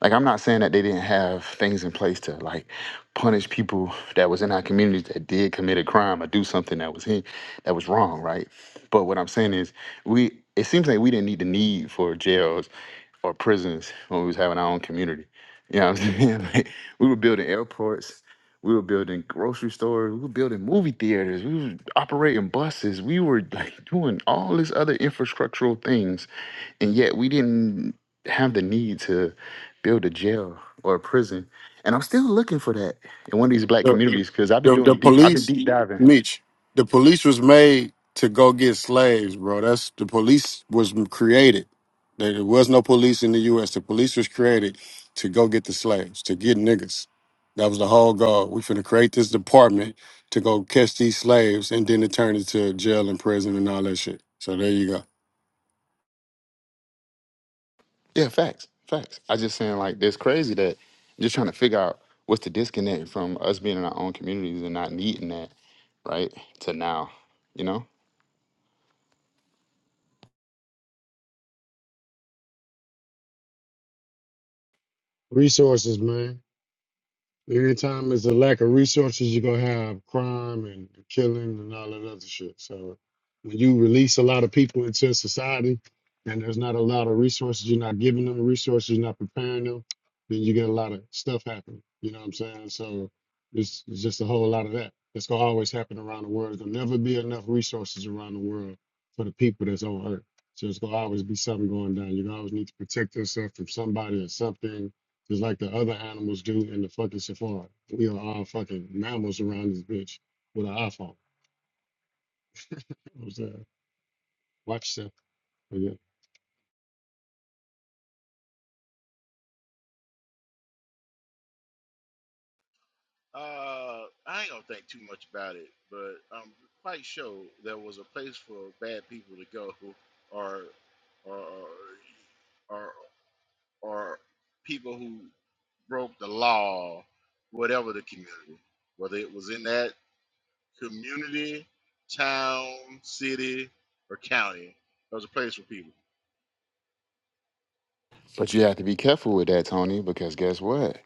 F: Like I'm not saying that they didn't have things in place to like punish people that was in our communities that did commit a crime or do something that was in, that was wrong, right? But what I'm saying is we it seems like we didn't need the need for jails or prisons when we was having our own community. You know what I'm saying? Like, we were building airports, we were building grocery stores, we were building movie theaters, we were operating buses, we were like doing all these other infrastructural things and yet we didn't have the need to build a jail or a prison. And I'm still looking for that in one of these black
K: The,
F: communities because I've been
K: the the
F: doing deep, I've been
K: police,
F: deep diving.
K: Mitch. The police was made to go get slaves, bro. That's the police was created. There there was no police in the U.S. The police was created to go get the slaves, to get niggas. That was the whole goal. We finna create this department to go catch these slaves, and then it turned into jail and prison and all that shit. So there you go.
F: Yeah, facts, facts. I just saying like it's crazy that I'm just trying to figure out what's the disconnect from us being in our own communities and not needing that, right? To now, you know.
K: Resources, man. Anytime there's a lack of resources, you're gonna have crime and killing and all that other shit. So when you release a lot of people into society and there's not a lot of resources, you're not giving them the resources, you're not preparing them, then you get a lot of stuff happening. You know what I'm saying? So it's, it's just a whole lot of that. It's gonna always happen around the world. There'll never be enough resources around the world for the people that's on earth. So it's gonna always be something going down. You always need to protect yourself from somebody or something just like the other animals do in the fucking safari. We are all fucking mammals around this bitch with an iPhone. You know what I'm saying? Watch yourself. But yeah.
A: Uh, I ain't gonna think too much about it, but I'm quite sure there was a place for bad people to go, or, or, or, or people who broke the law, whatever the community, whether it was in that community, town, city, or county, there was a place for people.
F: But you have to be careful with that, Tony, because guess what?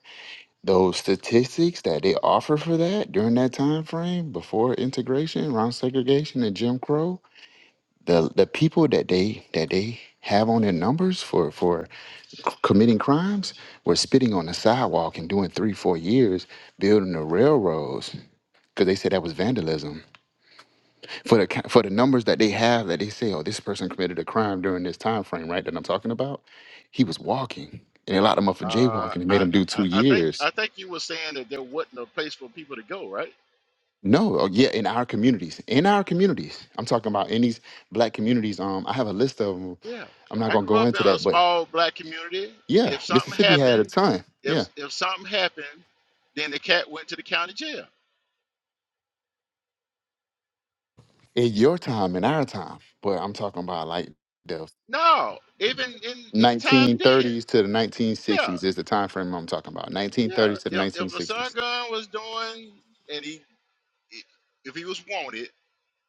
F: Those statistics that they offer for that during that time frame before integration, around segregation and Jim Crow, the the people that they that they have on their numbers for for committing crimes were spitting on the sidewalk and doing three four years building the railroads because they said that was vandalism for the ki- for the numbers that they have that they say oh this person committed a crime during this time frame right that I'm talking about he was walking and they locked him up for
A: Uh,
F: jaywalking and made
A: I,
F: him do
A: I,
F: two
A: I think,
F: years
A: I think you were saying that there wasn't a place for people to go, right?
F: no oh, yeah in our communities in our communities I'm talking about in these black communities um I have a list of them
A: Yeah,
F: I'm not
A: I
F: gonna
A: grew
F: go
A: up in
F: into
A: a
F: that but
A: small black community.
F: Yeah,
A: If something
F: Mississippi had a
A: happened,
F: ton. Yeah,
A: if if something happened, then the cat went to the county jail.
F: in your time, in our time, but I'm talking about like the
A: No, even in in time then.
F: 1930s to the
A: Yeah,
F: 1960s is the time frame I'm talking about.
A: yeah.
F: 1930s to the
A: If if a son
F: 1960s.
A: gun was doing and he if he was wanted,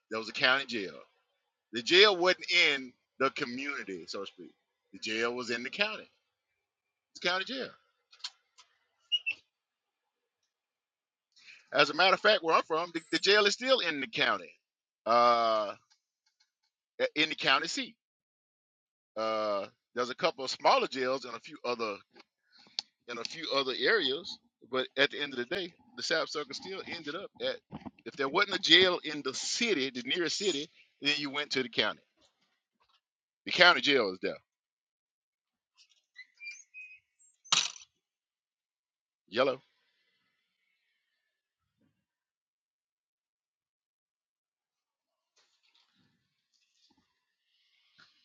A: there was a county jail. The jail wasn't in the community, so to speak. The jail was in the county. It's county jail. As a matter of fact, where I'm from, the, the jail is still in the county, uh, in the county seat. Uh, there's a couple of smaller jails in a few other in a few other areas, but at the end of the day, the South Circle still ended up at. If there wasn't a jail in the city, the nearest city, then you went to the county. The county jail is there, yellow,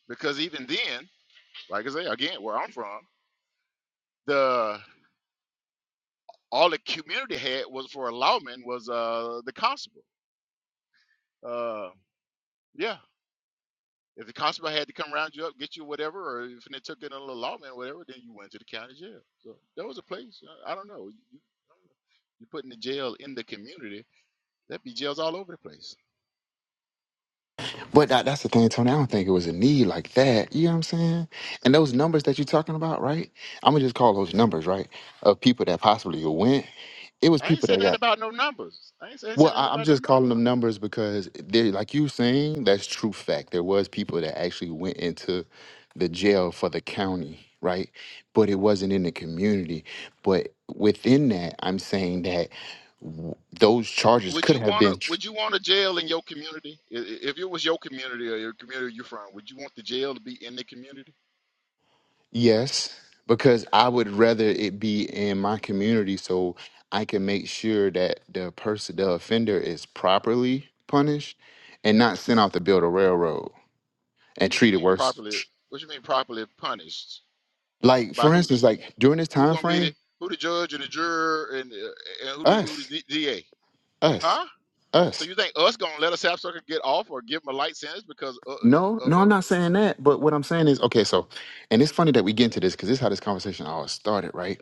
A: because even then, like I say again, where I'm from, the all the community had was for a lawman was uh the constable. Uh, yeah. If the constable had to come round you up, get you whatever, or if they took it in a little lawman or whatever, then you went to the county jail. So there was a place. I, I don't know. You, you, you're putting the jail in the community. That'd be jails all over the place.
F: But that, that's the thing, Tony. I don't think it was a need like that. You know what I'm saying? And those numbers that you're talking about, right? I'm gonna just call those numbers, right? Of people that possibly went. It was
A: I ain't
F: people that
A: said that
F: got
A: about no numbers. I ain't, say- I ain't said
F: Well,
A: nothing
F: I, I'm
A: about no
F: just calling
A: numbers.
F: them numbers because they, like you saying, that's true fact. There was people that actually went into the jail for the county, right? But it wasn't in the community. But within that, I'm saying that w- those
A: W-
F: charges
A: Would
F: could
A: you
F: have
A: wanna?
F: been tr-
A: Would you want a jail in your community? I- i- If it was your community or your community you're from, would you want the jail to be in the community?
F: yes, because I would rather it be in my community so I can make sure that the person, the offender, is properly punished and not sent off to build a railroad and
A: What you
F: treated
A: mean
F: worse.
A: properly? What you mean properly punished
F: Like
A: by
F: for
A: who?
F: instance, like during this
A: Who
F: time
A: gonna be
F: frame,
A: the who the judge and the juror and, uh, and who the who the
F: us,
A: D- DA?
F: us,
A: Huh? So
F: us.
A: you think us gonna let a sapsucker get off or give him a light sentence because uh,
F: No,
A: uh, uh,
F: no, I'm
A: uh,
F: not saying that. But what I'm saying is, okay, so, and it's funny that we get into this because this is how this conversation always started, right?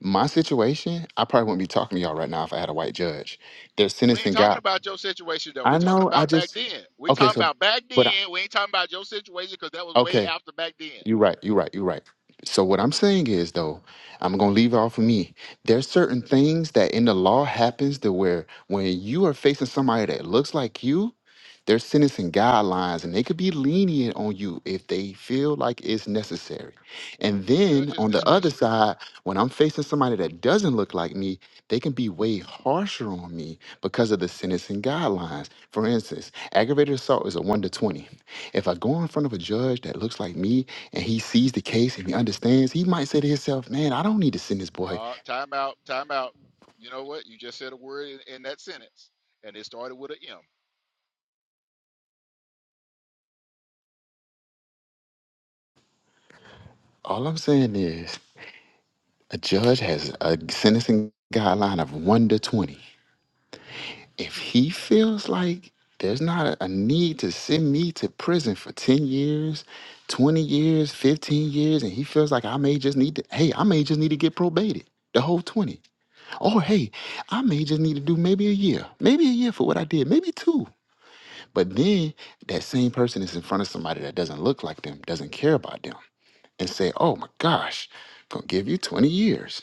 F: My situation, I probably wouldn't be talking to y'all right now if I had a white judge. They're
A: we ain't
F: sentencing
A: talking
F: God.
A: about your situation though.
F: I
A: We're talking
F: know. I
A: about back
F: just
A: then. we
F: okay.
A: talking
F: So,
A: about back
F: but I,
A: then. We ain't talking about your situation because that was way
F: okay.
A: after back then.
F: You're right. You're right. You're right. So what I'm saying is though, I'm gonna leave it off of me. There's certain things that in the law happens to where when you are facing somebody that looks like you, there's sentencing guidelines and they could be lenient on you if they feel like it's necessary.
A: Yeah,
F: And
A: the
F: then
A: judge's
F: on the other
A: discretion.
F: side, when I'm facing somebody that doesn't look like me, they can be way harsher on me because of the sentencing guidelines. For instance, aggravated assault is a one to twenty. If I go in front of a judge that looks like me and he sees the case and he understands, he might say to himself, man, I don't need to send this boy.
A: Uh, time out, time out. You know what? You just said a word in, in that sentence, and it started with a M.
F: All I'm saying is a judge has a sentencing guideline of 1 to 20. If he feels like there's not a a need to send me to prison for 10 years, 20 years, 15 years, and he feels like I may just need to, hey, I may just need to get probated. The whole 20. Or hey, I may just need to do maybe a year, maybe a year for what I did, maybe two. But then that same person is in front of somebody that doesn't look like them, doesn't care about them, and say, "Oh my gosh, gonna give you twenty years."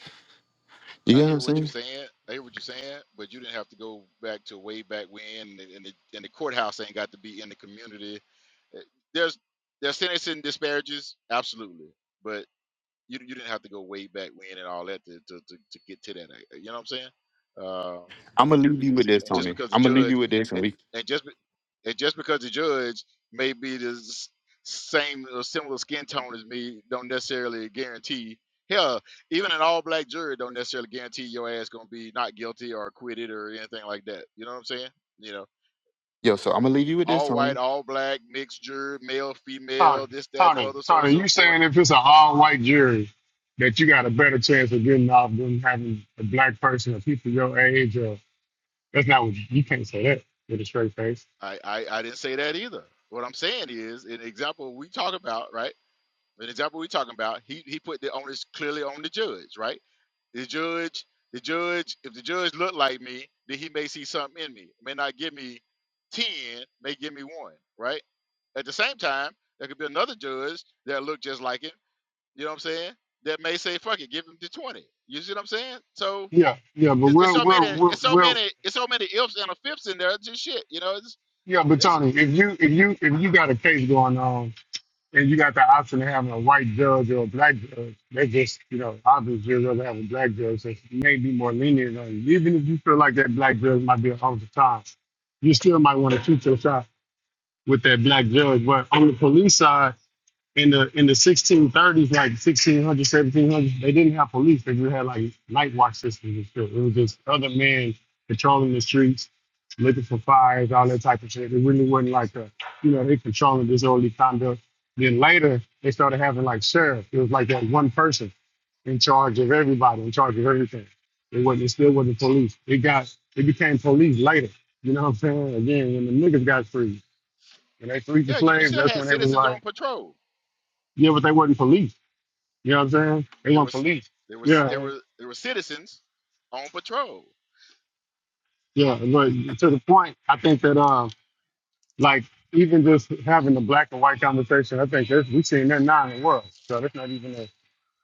F: You get
A: I
F: what I'm
A: hear what you're
F: saying?
A: saying. I hear what you're saying, but you didn't have to go back to way back when, and, and, the, and the courthouse ain't got to be in the community. Uh, There's there's sentencing disparages, absolutely, but you you didn't have to go way back when and all that to to, to, to get to that. uh, You know what I'm saying? Uh,
F: I'm gonna leave you with this,
A: and just
F: Tony.
A: because the
F: I'm gonna leave
A: judge
F: you with this, and
A: and,
F: we
A: and just be- and just because the judge may be the s- same or similar skin tone as me don't necessarily guarantee hell even an all black jury don't necessarily guarantee your ass gonna be not guilty or acquitted or anything like that you know what i'm saying you know
F: yo. So I'm gonna leave you with this,
A: all
F: Tony.
A: white all black mixed jury male
K: Tony,
A: female this that and the
K: Tony,
A: other so on and
K: Tony, you
A: so forth
K: saying if it's an all white jury that you got a better chance of getting off than having a black person or people your age or that's not what you, you can't say that with a straight face.
A: i i, I didn't say that either what i'm saying is an example we talk about right The example we're talking about, he he put the onus clearly on the judge, right? The judge, the judge, if the judge looked like me, then he may see something in me. May not give me ten, may give me one, right? At the same time, there could be another judge that look just like him. You know what I'm saying? That may say, "Fuck it, give him the 20. You see what I'm saying? So
K: Yeah, yeah, but
A: it's, it's
K: we'll
A: so many,
K: we'll we'll,
A: it's so
K: we'll
A: many, it's so many ifs and a fifths in there. It's just shit. You know, it's,
K: yeah, but
A: listen,
K: Tony, if you if you if you got a case going on and you got the option of having a white judge or a black judge. They just, you know, obviously you'd rather have a black judge that may be more lenient on you. Even if you feel like that black judge might be off the time, you still might want to shoot your shot with that black judge. But on the police side, in the in the 1630s, like 1600s, 1700s, they didn't have police. They just had like night watch systems and shit. It was just other men patrolling the streets, looking for fires, all that type of shit. It really wasn't like a, you know, they controlling disorderly conduct. Then later, they started having like sheriff. It was like that one person in charge of everybody, in charge of everything. It wasn't. It still wasn't police. It got. It became police later. You know what I'm saying? Again, when the niggas got free, when they freed the
A: yeah, you, you
K: slaves,
A: still
K: that's
A: had
K: when they was
A: citizens
K: like,
A: on patrol
K: yeah, but they wasn't police. You know what I'm saying? They
A: There
K: want
A: was
K: police.
A: there was there
K: Yeah,
A: were there were citizens on patrol.
K: yeah. But to the point, I think that um, like even just having the black and white conversation, I think that we've seen that now in the world. So that's not even a,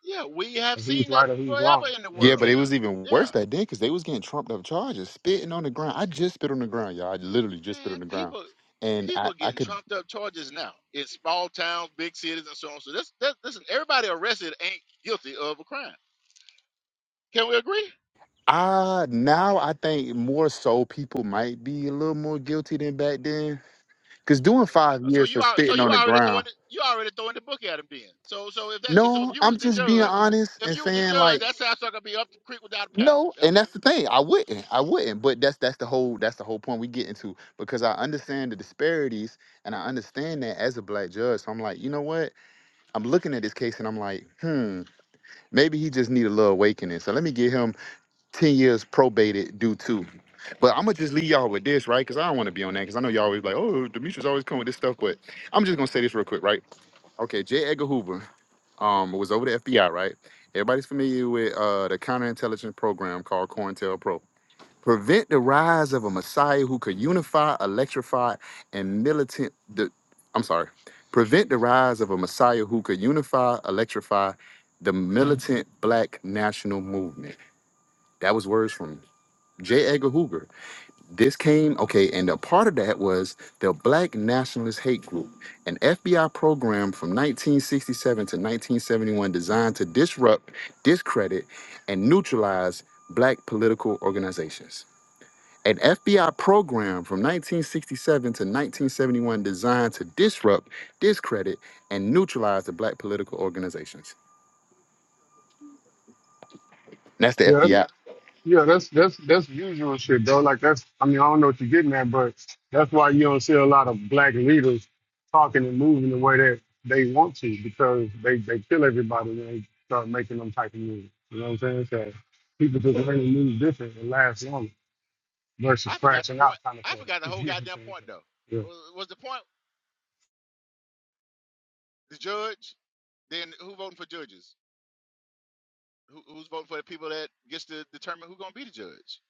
A: Yeah, we have
K: a who's
A: seen that
K: right or who's wrong.
A: forever in the
K: You know what
F: Yeah,
K: I'm
F: but
A: world.
F: it
K: saying?
F: was even worse
A: Yeah.
F: back then because they was getting trumped up charges, spitting on the ground. I just spit on the ground, y'all. I literally just spit on
A: Man,
F: the ground,
A: people
F: and I
A: people are
F: I
A: getting
F: could
A: trumped up charges now in small towns, big cities, and so on. So this, this listen, everybody arrested ain't guilty of a crime. Can we agree?
F: ah now I think more so people might be a little more guilty than back then because doing five
A: So
F: years
A: you
F: for
A: are so
F: spitting
A: you
F: on the
A: already
F: ground
A: throwing the, you already throwing the book at him then. So so if that so
F: No,
A: if you
F: I'm
A: was the
F: just being
A: judge,
F: honest
A: if
F: and
A: you was the
F: saying
A: judge,
F: like
A: that sounds like gonna be up the creek without a paddle.
F: no,
A: That
F: and
A: would you
F: that's the thing. I wouldn't. I wouldn't. But that's that's the whole that's the whole point we get into because I understand the disparities and I understand that as a black judge. So I'm like, you know what? I'm looking at this case and I'm like, hmm, maybe he just need a little awakening. So let me give him 10 years probated due to. But I'm gonna just leave y'all with this, right? Because I don't want to be on that. Because I know y'all always like, oh, Demetrius always come with this stuff. But I'm just gonna say this real quick, right? Okay, J. Edgar Hoover. um it was over the FBI, right? Everybody's familiar with uh the counterintelligence program called COINTELPRO. Prevent the rise of a messiah who could unify, electrify, and militant the I'm sorry. Prevent the rise of a messiah who could unify, electrify the militant black national movement. That was words from J. Edgar Hoover. This came, okay, and a part of that was the Black Nationalist Hate Group, an FBI program from 1967 to 1971 designed to disrupt, discredit, and neutralize Black political organizations. An FBI program from 1967 to 1971 designed to disrupt, discredit, and neutralize the Black political organizations. And that's the
K: Yeah, that's,
F: FBI.
K: Yeah, that's that's that's usual shit, though. Like that's, I mean, I don't know what you're getting at, but that's why you don't see a lot of black leaders talking and moving the way that they want to because they they kill everybody when they start making them type of moves. You know what I'm saying? So people just learn to move different and last longer versus
A: I forgot the
K: crashing
A: point.
K: out kind of
A: I
K: thing.
A: forgot the whole
K: You know what I'm
A: goddamn
K: saying?
A: point
K: So,
A: though.
K: yeah.
A: Was, was the point? The judge. Then who voting for judges? Who, who's voting for the people that gets to determine who's gonna be the judge?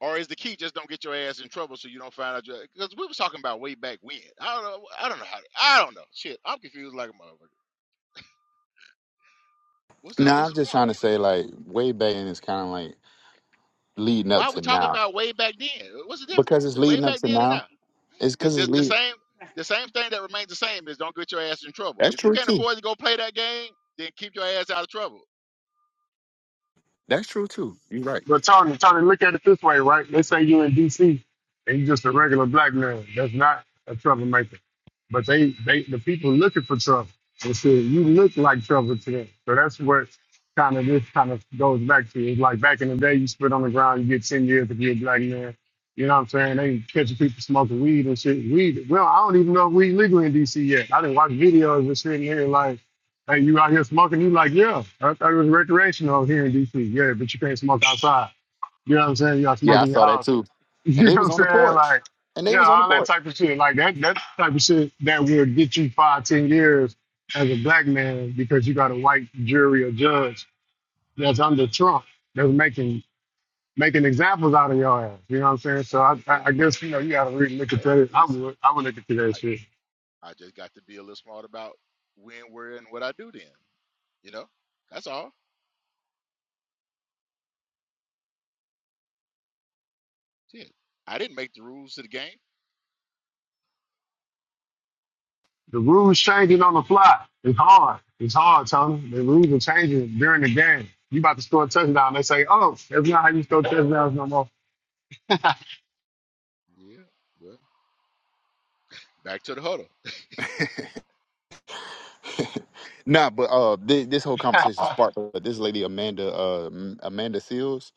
A: Or is the key just don't get your ass in trouble so you don't find out? Because we was talking about way back when. I don't know. I don't know how. I don't know. Shit, I'm confused like a motherfucker. What's the
F: Now,
A: What's
F: I'm
A: the
F: just
A: point?
F: trying to say, like, way back, and it's kind of like leading
A: Why
F: up
A: are we
F: to
A: talking
F: now
A: about way back then? What's the
F: because
A: difference?
F: it's
A: The way
F: leading up
A: back
F: to
A: then and
F: now
A: now.
F: It's
A: The,
F: because
A: the,
F: it's
A: the
F: legal.
A: same. The same thing that remains the same is don't get your ass in trouble.
F: That's
A: If you
F: true
A: can't
F: too.
A: afford to go play that game, then keep your ass out of trouble.
F: That's true too. You're right.
K: But Tony, Tony, look at it this way, right? Let's say you in DC and you just a regular black man. That's not a troublemaker. But they, they the people looking for trouble. They say you look like trouble to them. So that's what kind of this kind of goes back to. It's like back in the day you spit on the ground, you get ten years if you're a black man. You know what I'm saying? They catching people smoking weed and shit. Weed well, I don't even know if weed legal in DC yet. I didn't watch videos and shit in here like Hey, you out here smoking? You like, yeah. I thought it was recreational here in DC. Yeah, but you can't smoke outside. You know what I'm saying? Y'all
F: Yeah, I
K: smoking your
F: saw that
K: house.
F: too. And
K: You
F: they
K: know what
F: was
K: I'm
F: on the
K: saying?
F: porch.
K: Like,
F: And they
K: yeah,
F: was on the
K: all that
F: porch.
K: type of shit. Like that that type of shit that will get you five, ten years as a black man because you got a white jury or judge that's under Trump that's making making examples out of your ass. You know what I'm saying? So I
A: Okay.
K: I
A: Then
K: I
A: then
K: guess you know
A: then.
K: you gotta really look at
A: Hey,
K: that. I
A: listen.
K: would I would look at that shit.
A: I just got to be a little smart about when, where, and what I do then. You know, that's all. Shit. I didn't make the rules of the game.
K: The rules changing on the fly. It's hard. It's hard, Tony. The rules are changing during the game. You about to score a touchdown. They say, oh, that's not how you score touchdowns no more.
A: Yeah. Well, back to the huddle.
F: Nah, but uh, thi- this whole conversation sparked. But this lady Amanda, uh, M- Amanda Seals,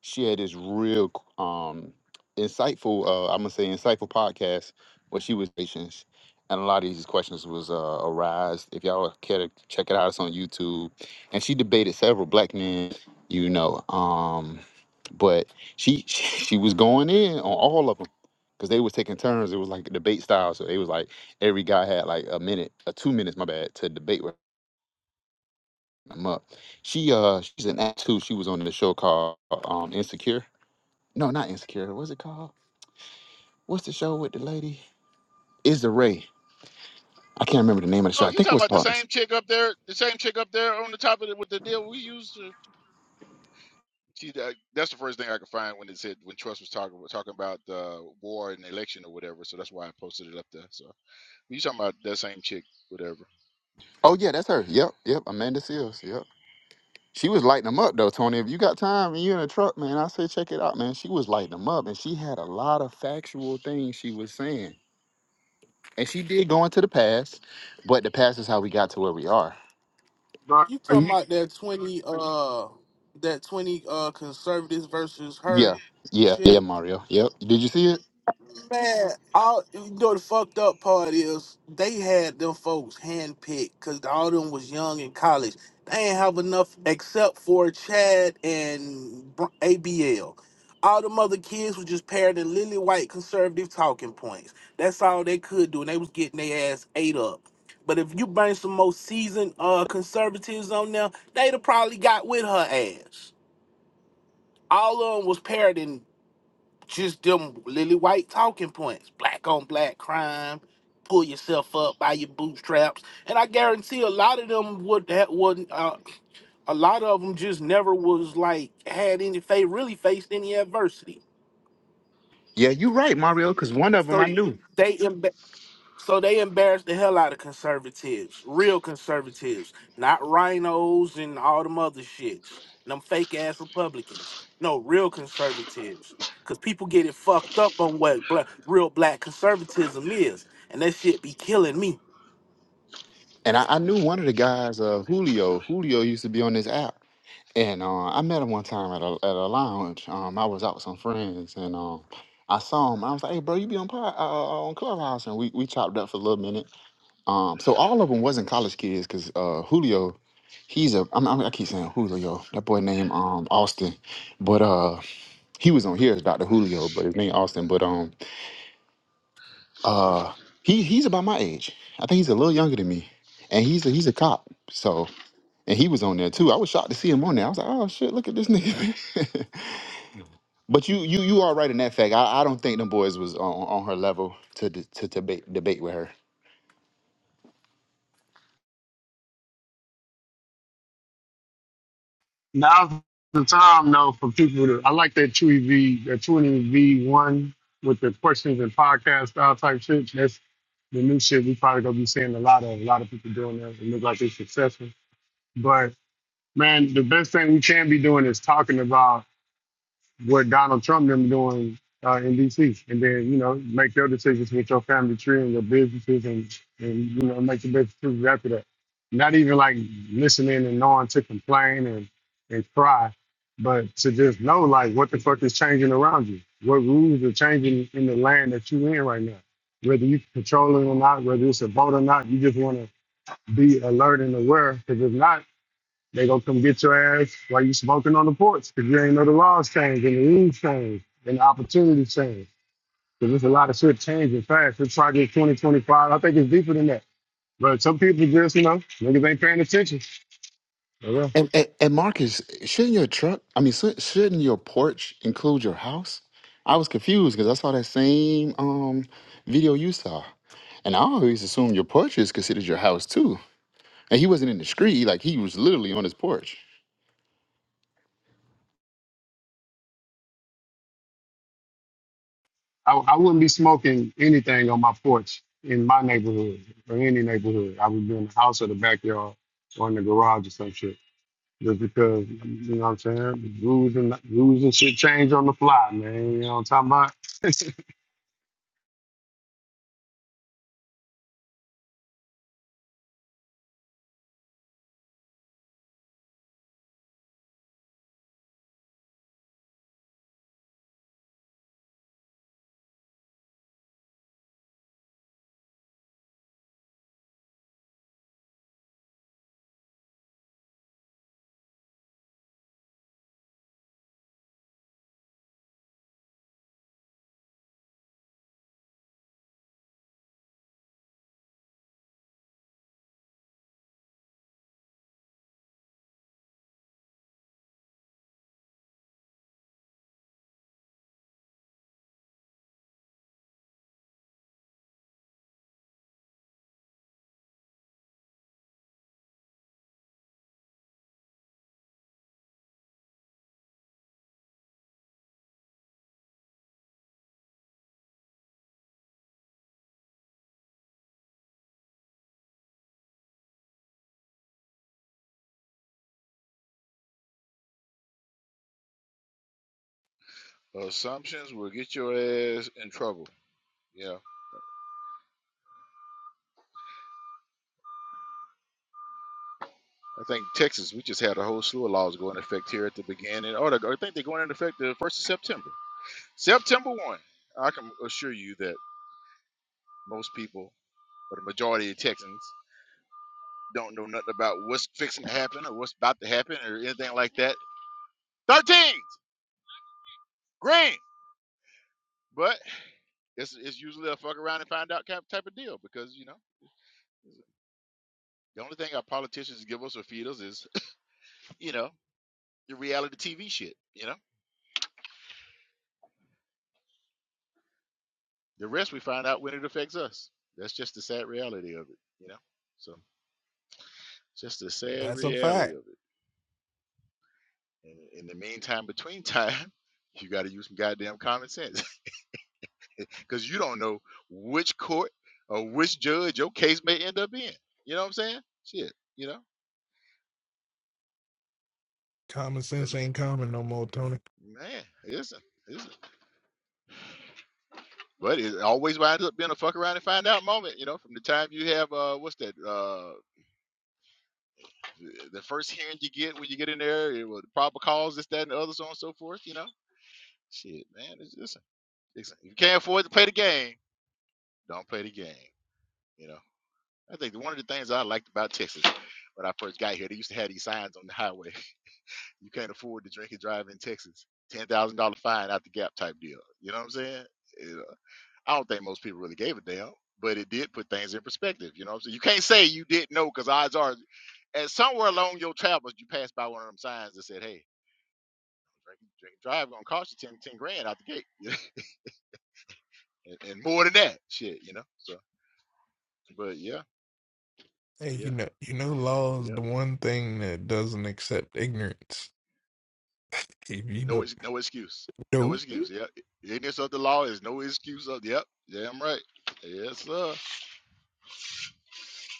F: she had this real um insightful uh i'm gonna say insightful podcast where she was patients and a lot of these questions was uh arise if y'all care to check it out it's on youtube and she debated several black men you know um but she she, was going in on all of them because they was taking turns it was like a debate style so it was like every guy had like a minute or two minutes my bad to debate with them up she uh she's an act too she was on the show called um insecure no, not Insecure. What's it called? What's the show with the lady? Is the Ray? I can't remember the name of the show.
A: Oh,
F: I
A: you
F: think it
A: talking
F: was
A: about the
F: called. Ins-
A: same chick up there? The same chick up there on the top of it with the deal we used to. She, that- that's the first thing I could find when it said when Trust was talking talking about uh, war and election or whatever. So that's why I posted it up there. So you talking about that same chick, whatever.
F: Oh yeah, that's her. Yep, yep. Amanda Seals. Yep. She was lighting them up though, Tony. If you got time and you're in a truck, man, I say check it out, man. She was lighting them up, and she had a lot of factual things she was saying, and she did go into the past, but the past is how we got to where we are.
K: Bro,
L: You talking
K: you,
L: about that twenty uh that twenty uh conservatives versus her
F: Yeah, yeah,
L: shit?
F: yeah, Mario. Yep. Did you see it?
L: Man, all you know the fucked up part is they had them folks handpicked because all of them was young in college. They ain't have enough except for Chad and Br- ABL. All them other kids was just paired in lily white conservative talking points. That's all they could do, and they was getting their ass ate up. But if you bring some more seasoned uh conservatives on there, they'd have probably got with her ass. All of them was paired in just them lily white talking points. Black on black crime. Pull yourself up by your bootstraps. And I guarantee a lot of them would that wouldn't. Uh, a lot of them just never was like had any face really faced any adversity.
F: Yeah, you're right, Mario. Because one of them
L: So
F: I knew,
L: they emba- So they embarrassed the hell out of conservatives, real conservatives, not rhinos and all them other shits, them fake ass Republicans. No, real conservatives. Cause people get it fucked up on what black, real black conservatism is, and that shit be killing me.
F: and I, I knew one of the guys, uh, Julio. Julio used to be on this app, and uh, I met him one time at a at a lounge. Um, I was out with some friends, and um, I saw him. I was like, "Hey, bro, you be on pod, uh, uh, on Clubhouse?" And we we chopped up for a little minute. Um, so all of them wasn't college kids, because uh, Julio, he's a I'm, I'm, I keep saying Julio. That boy named um Austin, but uh, he was on here as Dr. Julio, but his name Austin, but um. Uh, he he's about my age. I think he's a little younger than me, and he's a, he's a cop. So and he was on there too. I was shocked to see him on there. I was like, oh shit, look at this nigga. but you you you are right in that fact. I, I don't think them boys was on, on her level to d- to debate debate with her.
K: now's the time though for people to. I like that Chewy V, that Chewy V one with the questions and podcast style type shit. That's the new shit. We probably gonna be seeing a lot of a lot of people doing that. It looks like they're successful. But man, the best thing we can be doing is talking about. what Donald Trump them doing uh, in D.C. and then you know make your decisions with your family tree and your businesses and and you know make the best decisions after that. Not even like listening and knowing to complain and and cry, but to just know like what the fuck is changing around you, what rules are changing in the land that you in right now. Whether you control it or not, whether it's a vote or not, you just want to be alert and aware because if not they gonna come get your ass while you smoking on the porch because you ain't know the laws change and the rules change and the opportunities change. Because there's a lot of shit changing fast. It's probably 2025. I think it's deeper than that. But some people just, you know, niggas ain't paying attention. For real.
F: And, and and Marcus, shouldn't your truck? I mean, shou- shouldn't your porch include your house? I was confused because I saw that same um video you saw, and I always assumed your porch is considered your house too. And he wasn't in the street, like he was literally on his porch.
K: I, I wouldn't be smoking anything on my porch in my neighborhood or any neighborhood. I would be in the house or the backyard or in the garage or some shit. Just because, you know what I'm saying? Rules and rules and shit change on the fly, man. You know what I'm talking about?
A: Assumptions will get your ass in trouble. Yeah. I think Texas, we just had a whole slew of laws go into effect here at the beginning. Or the- I think they're going into effect the 1st of September. September 1. I can assure you that most people, or the majority of Texans, don't know nothing about what's fixing to happen or what's about to happen or anything like that. 13s! Green! But it's, it's usually a fuck around and find out type, type of deal because, you know, the only thing our politicians give us or feed us is, you know, the reality TV shit, you know? The rest we find out when it affects us. That's just the sad reality of it, you know. So it's just the sad
E: That's a
A: reality
E: fact.
A: of it. And in the meantime, between time, you got to use some goddamn common sense because you don't know which court or which judge your case may end up in. You know what I'm saying? Shit, you know.
E: Common
A: That's
E: sense ain't common no more, Tony.
A: man. Listen, listen. But it always winds up being a fuck around and find out moment. You know, from the time you have uh, what's that? uh. The first hearing you get when you get in there, it was the proper cause, this, that, and the other, so on and so forth. You know, shit, man. It's, listen, listen, if you can't afford to play the game, don't play the game. You know, I think one of the things I liked about Texas when I first got here, they used to have these signs on the highway. You can't afford to drink and drive in Texas. Ten thousand dollar fine out the gap type deal. You know what I'm saying? You know, I don't think most people really gave a damn, but it did put things in perspective. You know what I'm saying? You can't say you didn't know because odds are, and somewhere along your travels, you passed by one of them signs that said, "Hey." Drink, drink and drive gonna cost you 10 10 grand out the gate, and, and more than that, shit, you know. So, but yeah,
E: Hey, you
A: yeah,
E: know, you know, law is
A: yeah.
E: the one thing that doesn't accept ignorance. If you
A: No,
E: don't,
A: ex- no excuse, no
E: know.
A: excuse. Yeah, ignorance of the law is no excuse of. Yep, damn right. Yes, sir.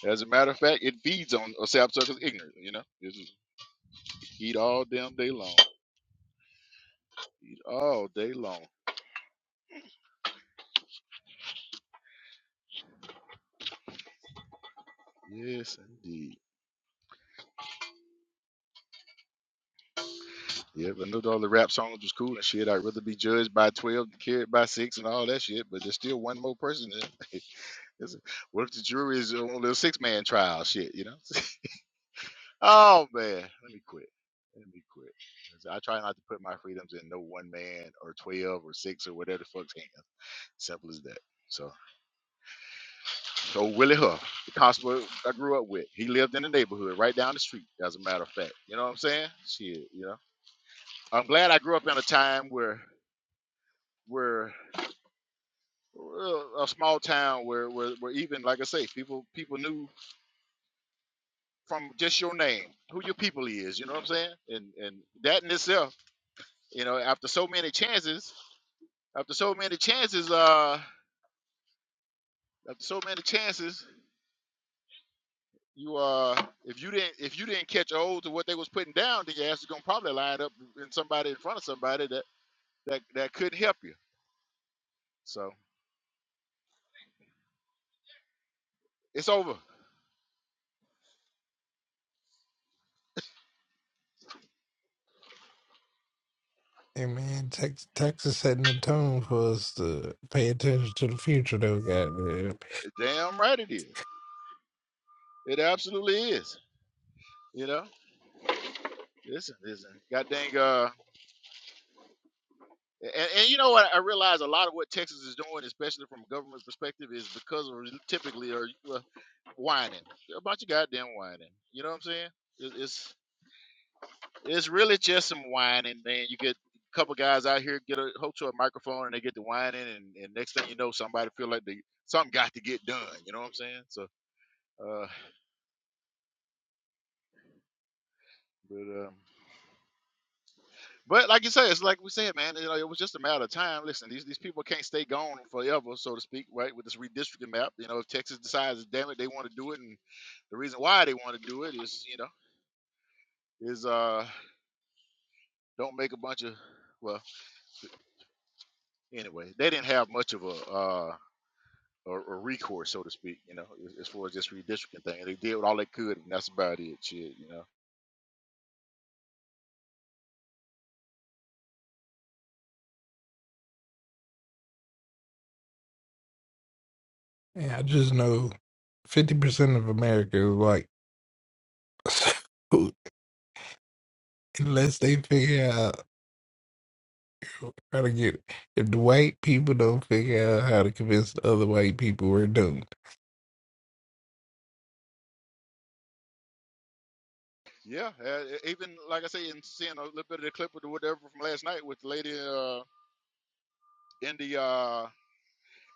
A: As a matter of fact, it feeds on a sapsucker's ignorance. You know, it's just eat all damn day long, eat all day long. Yes, indeed. Yeah, but no, all the rap songs was cool and shit. I'd rather be judged by twelve than carried by six and all that shit. But there's still one more person. there. It's- What if the jury is on the six man trial shit, you know? oh man, let me quit. Let me quit. 'Cause I try not to put my freedoms in no one man or twelve or six or whatever the fuck's hands. Simple as that. So, so Willie Huff, the constable I grew up with, he lived in the neighborhood right down the street. As a matter of fact, you know what I'm saying? Shit, you know. I'm glad I grew up in a time where where a a small town where, where where even like I say, people people knew from just your name, who your people is. You know what I'm saying? And and that in itself, you know, after so many chances, after so many chances, uh, after so many chances, you uh, if you didn't if you didn't catch a hold to what they was putting down, then your ass is gonna probably line up in somebody in front of somebody that that that couldn't help you. So it's over.
E: Hey man, Tex- Texas setting the tone for us to pay attention to the future, though. Goddamn,
A: Damn right it is. It absolutely is. You know, listen, listen. God dang. uh, And, and you know what? I realize a lot of what Texas is doing, especially from a government perspective, is because of typically are uh, whining about your goddamn whining. You know what I'm saying? It, it's it's really just some whining. Then you get a couple guys out here get a hook to a microphone and they get to whining, and, and next thing you know, somebody feel like they something got to get done. You know what I'm saying? So, uh, but um, But like you said, it's like we said, man. You know, it was just a matter of time. Listen, these these people can't stay gone forever, so to speak, right? With this redistricting map, you know, if Texas decides, damn it, they want to do it, and the reason why they want to do it is, you know, is uh, don't make a bunch of, well, anyway, they didn't have much of a uh, a, a recourse, so to speak, you know, as, as far as this redistricting thing, they did all they could, and that's about it, shit, you know.
E: and I just know fifty percent of America is white, so unless they figure out how to get. If the white people don't figure out how to convince the other white people, we're doomed.
A: Yeah, uh, e- even like I say, in seeing a little bit of the clip of the whatever from last night with the lady uh in the uh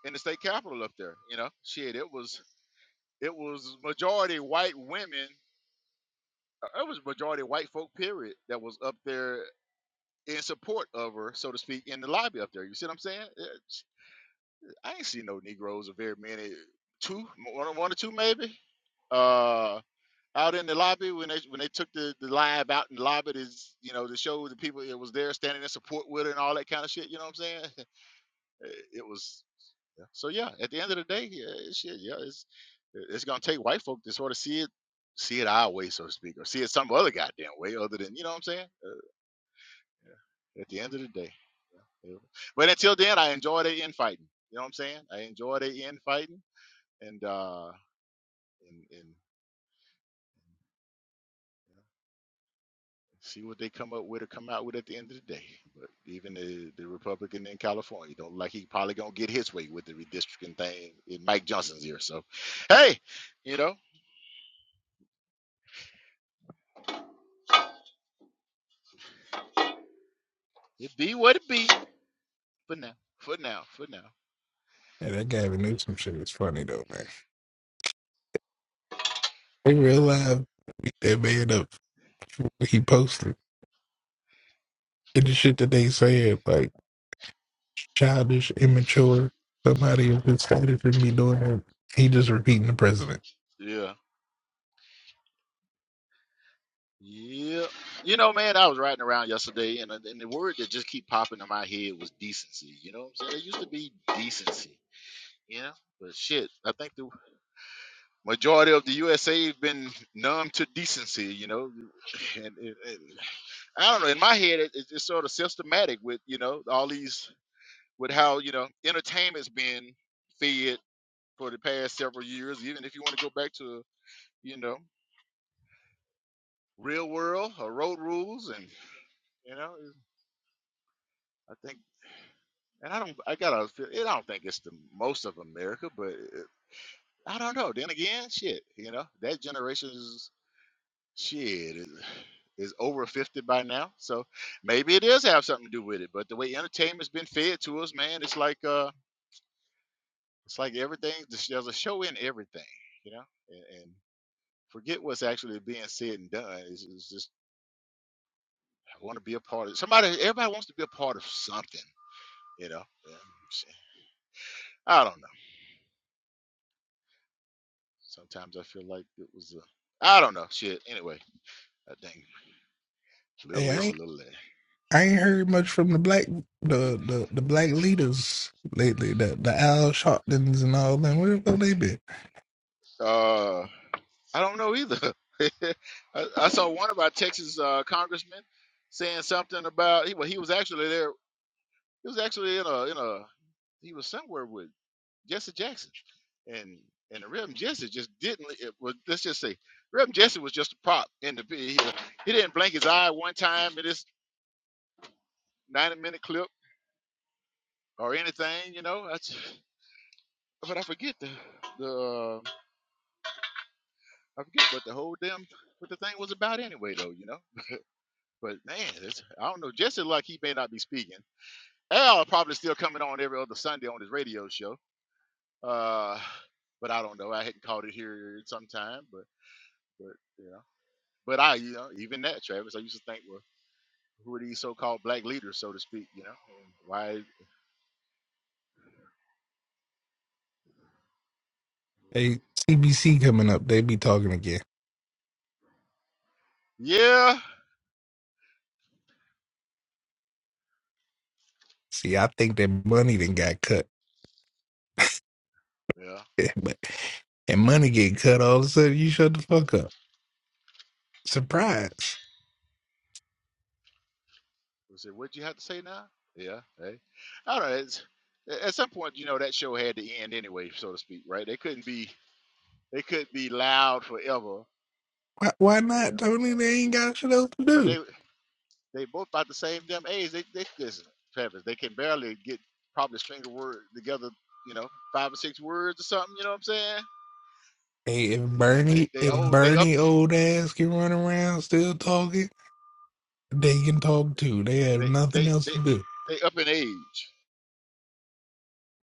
A: in the state capitol up there. You know, shit, it was it was majority white women. uh, It was majority white folk. Period. That was up there in support of her, so to speak, in the lobby up there. You see what I'm saying? It's- I ain't seen no Negroes or very many. Two, one, one or two maybe. Uh, out in the lobby when they when they took the, the live out in the lobby to you know to show the people it was there standing in support with her and all that kind of shit. You know what I'm saying? It was Yeah. So yeah, at the end of the day, yeah, it's, shit, yeah, it's it's gonna take white folk to sort of see it, see it our way, so to speak, or see it some other goddamn way other than you know what I'm saying. Uh, yeah. At the end of the day. Yeah. Yeah. But until then, I enjoy the infighting. You know what I'm saying? I enjoy the infighting and uh and, and see what they come up with or come out with at the end of the day. But even the, the Republican in California don't look like he probably gonna get his way with the redistricting thing in Mike Johnson's ear. So hey, you know, it be what it be. For now. For now. For now.
E: And that Gavin Newsom shit is funny though, man. In real life, beat that man up, he posted and the shit that they said, like. childish, immature. Somebody of his status shouldn't be doing that. He just repeating the president.
A: Yeah. Yeah. You know, man, I was riding around yesterday, and, and the word that just keep popping in my head was decency. You know what I'm saying? It used to be decency. You know, but shit, I think the majority of the USA have been numb to decency. You know, and, and- and I don't know. In my head, it, it's just sort of systematic with you know all these with how you know entertainment's been fed for the past several years. Even if you want to go back to you know. real world or road rules and you know i think and i don't i gotta feel i don't think it's the most of america but it, i don't know then again shit you know that generation's shit is, is over 50 by now so maybe it does have something to do with it but the way entertainment's been fed to us man it's like uh it's like everything there's there's a show in everything you know and, and forget what's actually being said and done it's, it's just i want to be a part of somebody everybody wants to be a part of something You know, yeah, shit. I don't know. Sometimes I feel like it was a, I don't know, shit. Anyway, I think little
E: Hey, I
A: this,
E: ain't,
A: little that.
E: I ain't heard much from the black the the, the black leaders lately. The the Al Sharptons and all them. Where the fuck they been?
A: Uh, I don't know either. I, I saw one of our Texas uh, congressmen saying something about he. Well, he was actually there. He was actually in a in a. He was somewhere with Jesse Jackson, and and the Reverend Jesse just didn't. It was, let's just say Reverend Jesse was just a prop in the. He, he didn't blink his eye one time in this ninety minute clip or anything, you know. That's, but I forget the the uh, I forget what the whole damn what the thing was about anyway, though, you know. But man, it's, I don't know. Just as luck he may not be speaking. Al probably still coming on every other Sunday on his radio show. Uh, but I don't know. I hadn't caught it here in some time, but but you know. But I, you know, even that, Travis, I used to think, well, who are these so-called black leaders, so to speak, you know? and Why?
E: Hey, CBC coming up. They be talking again.
A: Yeah,
E: See, I think that money then got cut,
A: yeah.
E: but and money get cut all of a sudden. You shut the fuck up. Surprise.
A: We said, "What'd you have to say now?" Yeah, hey, I don't know. It's, at some point, you know that show had to end anyway, so to speak, right? They couldn't be they could be loud forever.
E: Why, why not,
A: Yeah,
E: Tony? They ain't got shit else to
A: but
E: do.
A: they they both about the same damn age. They they listen, Travis. They can barely get probably string a word together. You know, five or six words or something. You know what I'm saying?
E: Hey, if
A: They
E: Bernie,
A: they
E: if
A: old they up
E: Bernie old ass can run around still talking, they can talk too. They have
A: they they
E: nothing else
A: they,
E: to do.
A: they up in age.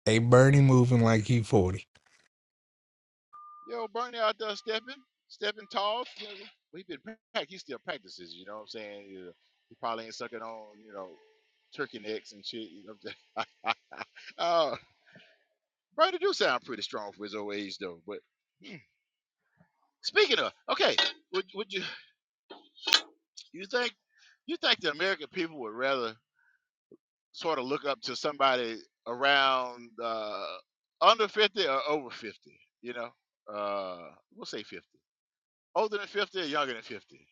E: Hey, Bernie moving like he forty.
A: Yo, Bernie out there stepping, stepping tall. You know, he been prac- he still practices. You know what I'm saying? You know, he probably ain't sucking on you know turkey necks and shit. You know what I'm saying? uh, Bernie do sound pretty strong for his old age though. But hmm. speaking of, okay, would would you you think you think the American people would rather sort of look up to somebody around uh, under 50 or over 50? You know, uh, we'll say 50. Older than 50 or younger than 50?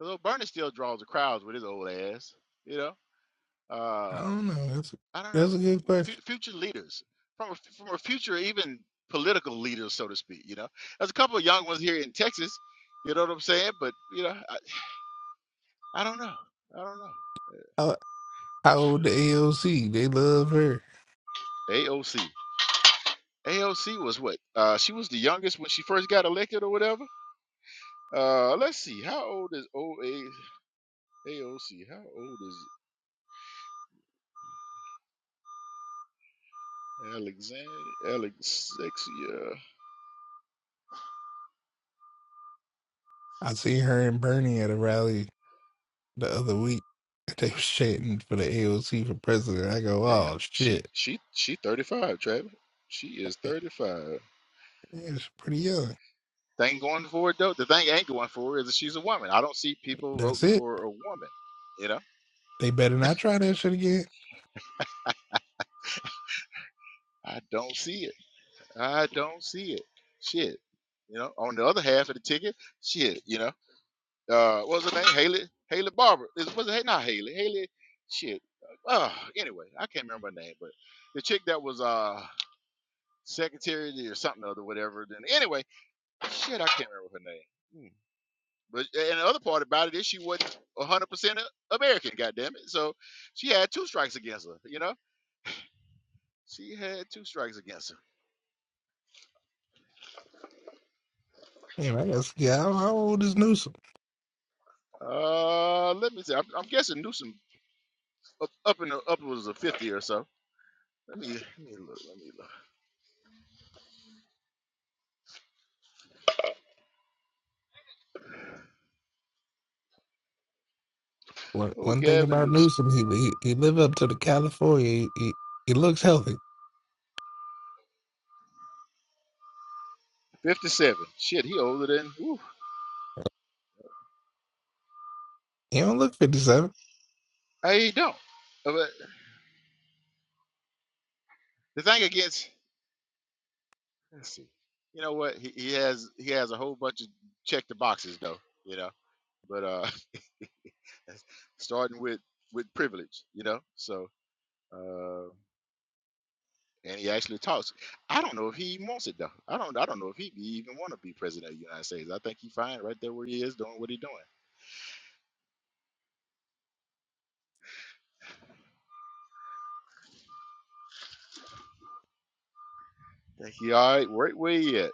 A: Although Bernie still draws the crowds with his old ass, you know.
E: I
A: Uh,
E: don't know. That's
A: I don't
E: that's
A: know
E: a good
A: Fu
E: question.
A: future leaders from a, from a future even political leaders, so to speak. You know, there's a couple of young ones here in Texas. You know what I'm saying? But you know, I, I don't know. I don't know.
E: How, how old the AOC? They love her.
A: AOC. AOC was what? Uh, she was the youngest when she first got elected or whatever. Uh, let's see. How old is OA AOC? How old is Alexandria? Alexia?
E: I seen her and Bernie at a rally the other week. They was chanting for the AOC for president. I go,
A: Damn,
E: oh
A: she
E: shit,
A: she she 35, Travis. She is 35.
E: yeah, she's pretty young.
A: Thing going for it though. The thing ain't going for it is that she's a woman. I don't see people
E: That's
A: voting
E: it.
A: for a woman. You know,
E: They better not try that shit again.
A: I don't see it. I don't see it. Shit. You know, on the other half of the ticket, shit. You know, uh, what was her name? Haley Haley Barber. Is was it not Haley? Haley. Shit. Uh, anyway, I can't remember her name, but the chick that was uh secretary or something or other, whatever. Then anyway, shit, I can't remember her name. Hmm. But and the other part about it is she wasn't hundred percent American. Goddamn it! So she had two strikes against her. You know, she had two strikes against her.
E: Damn, I guess. Yeah, how how old is Newsom?
A: Uh, let me see. I'm, I'm guessing Newsom up, up in the upwards of fifty or so. Let me let me look. Let me look.
E: One,
A: Oh,
E: one thing
A: Gavin
E: about
A: Newsom,
E: Newsom, he he, he live up to the California. He, he he looks healthy.
A: fifty-seven. Shit, he older than. Whew,
E: He don't look fifty seven.
A: I don't. Uh, But the thing against. Let's see. You know what? He, he has he has a whole bunch of check the boxes though. You know, but uh, starting with with privilege. You know, so Uh, and he actually talks. I don't know if he even wants it though. I don't. I don't know if he even want to be president of the United States. I think he fine right there where he is, doing what he doing. I think he all right, right where he at.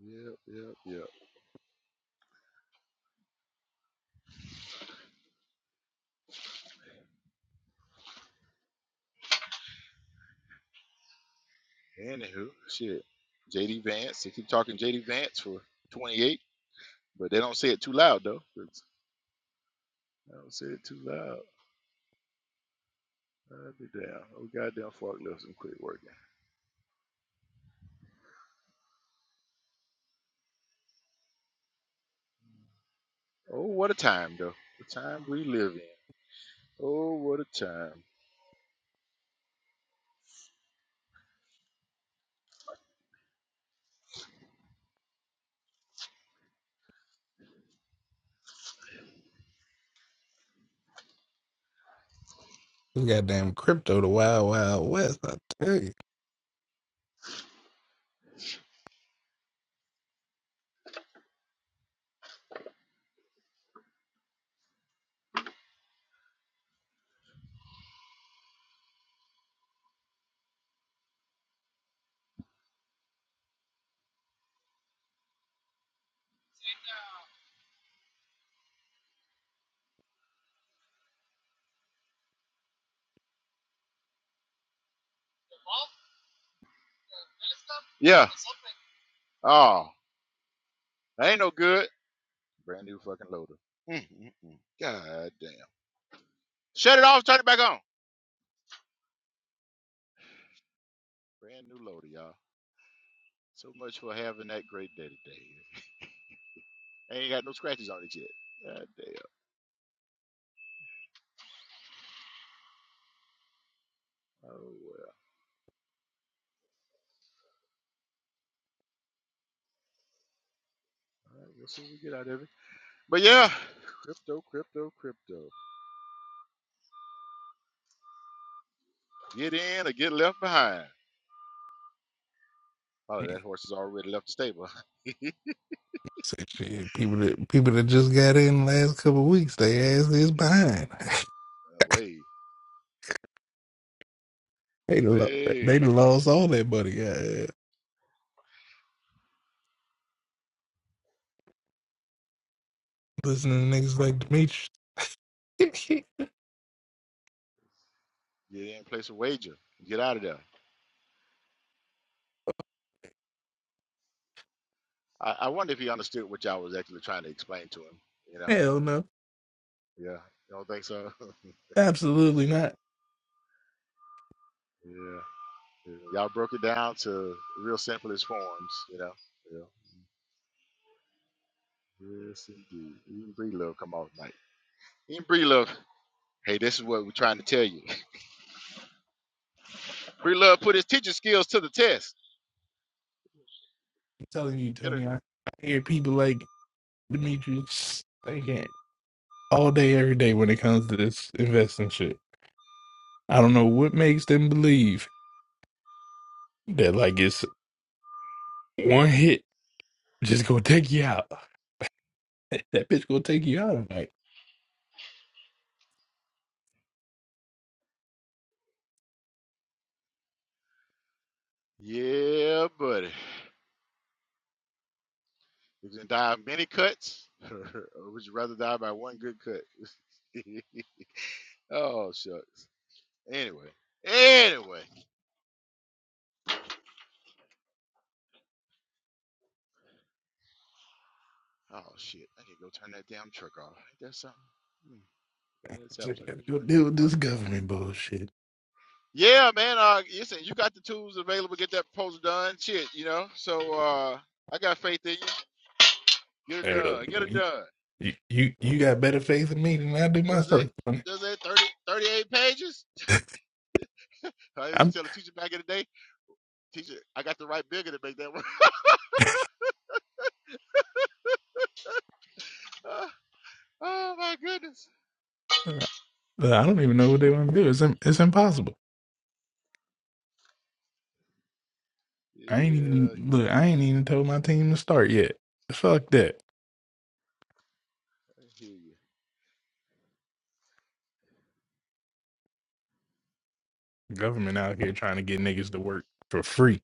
A: Yep, yep, yep. Anywho, shit. JD Vance. They keep talking JD Vance for 28, but they don't say it too loud though. 'cause I don't say it too loud. I'll be damn. Oh goddamn, forklifts and quit working. Oh, what a time though. The time we live in. Oh, what a time.
E: He goddamn crypto, the wild wild west. I tell you,
A: Yeah. Oh, that ain't no good. Brand new fucking loader. Mm, mm, mm. God damn. Shut it off, turn it back on. Brand new loader, y'all. So much for having that great day today. Ain't got no scratches on it yet. God damn. Oh well. All right, we'll see what we get out of it. But yeah, crypto, crypto, crypto. Get in or get left behind. Probably that horse has already left the stable.
E: Say, shit, people that people that just got in the last couple of weeks, they ass is behind.
A: way,
E: they done lo- they
A: way.
E: done lost all that money. Yeah, yeah. listening to niggas like Demetrius.
A: Get in, place a wager. Get out of there. I, I wonder if he understood what y'all was actually trying to explain to him. You know?
E: Hell no,
A: Yeah. You don't think so?
E: absolutely not.
A: yeah. You know, y'all broke it down to real simplest forms, you know. Yeah. Yes, indeed. Even Bree Love come off night. Even Bree Love, hey, this is what we're trying to tell you. Bree Love put his teaching skills to the test.
E: I'm telling you,
A: Get her.
E: Tony. I, I hear people like Demetrius. They can't all day, every day when it comes to this investing shit. I don't know what makes them believe that like it's one hit just gonna take you out. That bitch gonna take you out tonight.
A: Yeah, buddy. You can die of many cuts, or would you rather die by one good cut? oh, shucks. Anyway. Anyway. Oh, shit. I can go turn that damn truck off. Ain't that something? Hmm. That that
E: It's
A: sap
E: like, gotta
A: sucker's
E: Go
A: running.
E: deal with this government bullshit.
A: Yeah, man. Uh, listen, you got the tools available. Get that proposal done. Shit, you know. So uh, I got faith in you. Get it
E: Hey, look,
A: done. Get it done.
E: You, you you got better faith in me than I do
A: Was
E: myself.
A: it? Does it 30 38 pages? I used
E: I'm
A: to tell the teacher back in the day, teacher, I got to write bigger to make that work. oh my goodness.
E: look, I don't even know what they want to do. It's im- it's impossible.
A: Yeah, I
E: I ain't even
A: hear you.
E: look. I ain't even told my team to start yet. Fuck that.
A: I hear you.
E: Government out here trying to get niggas to work for free.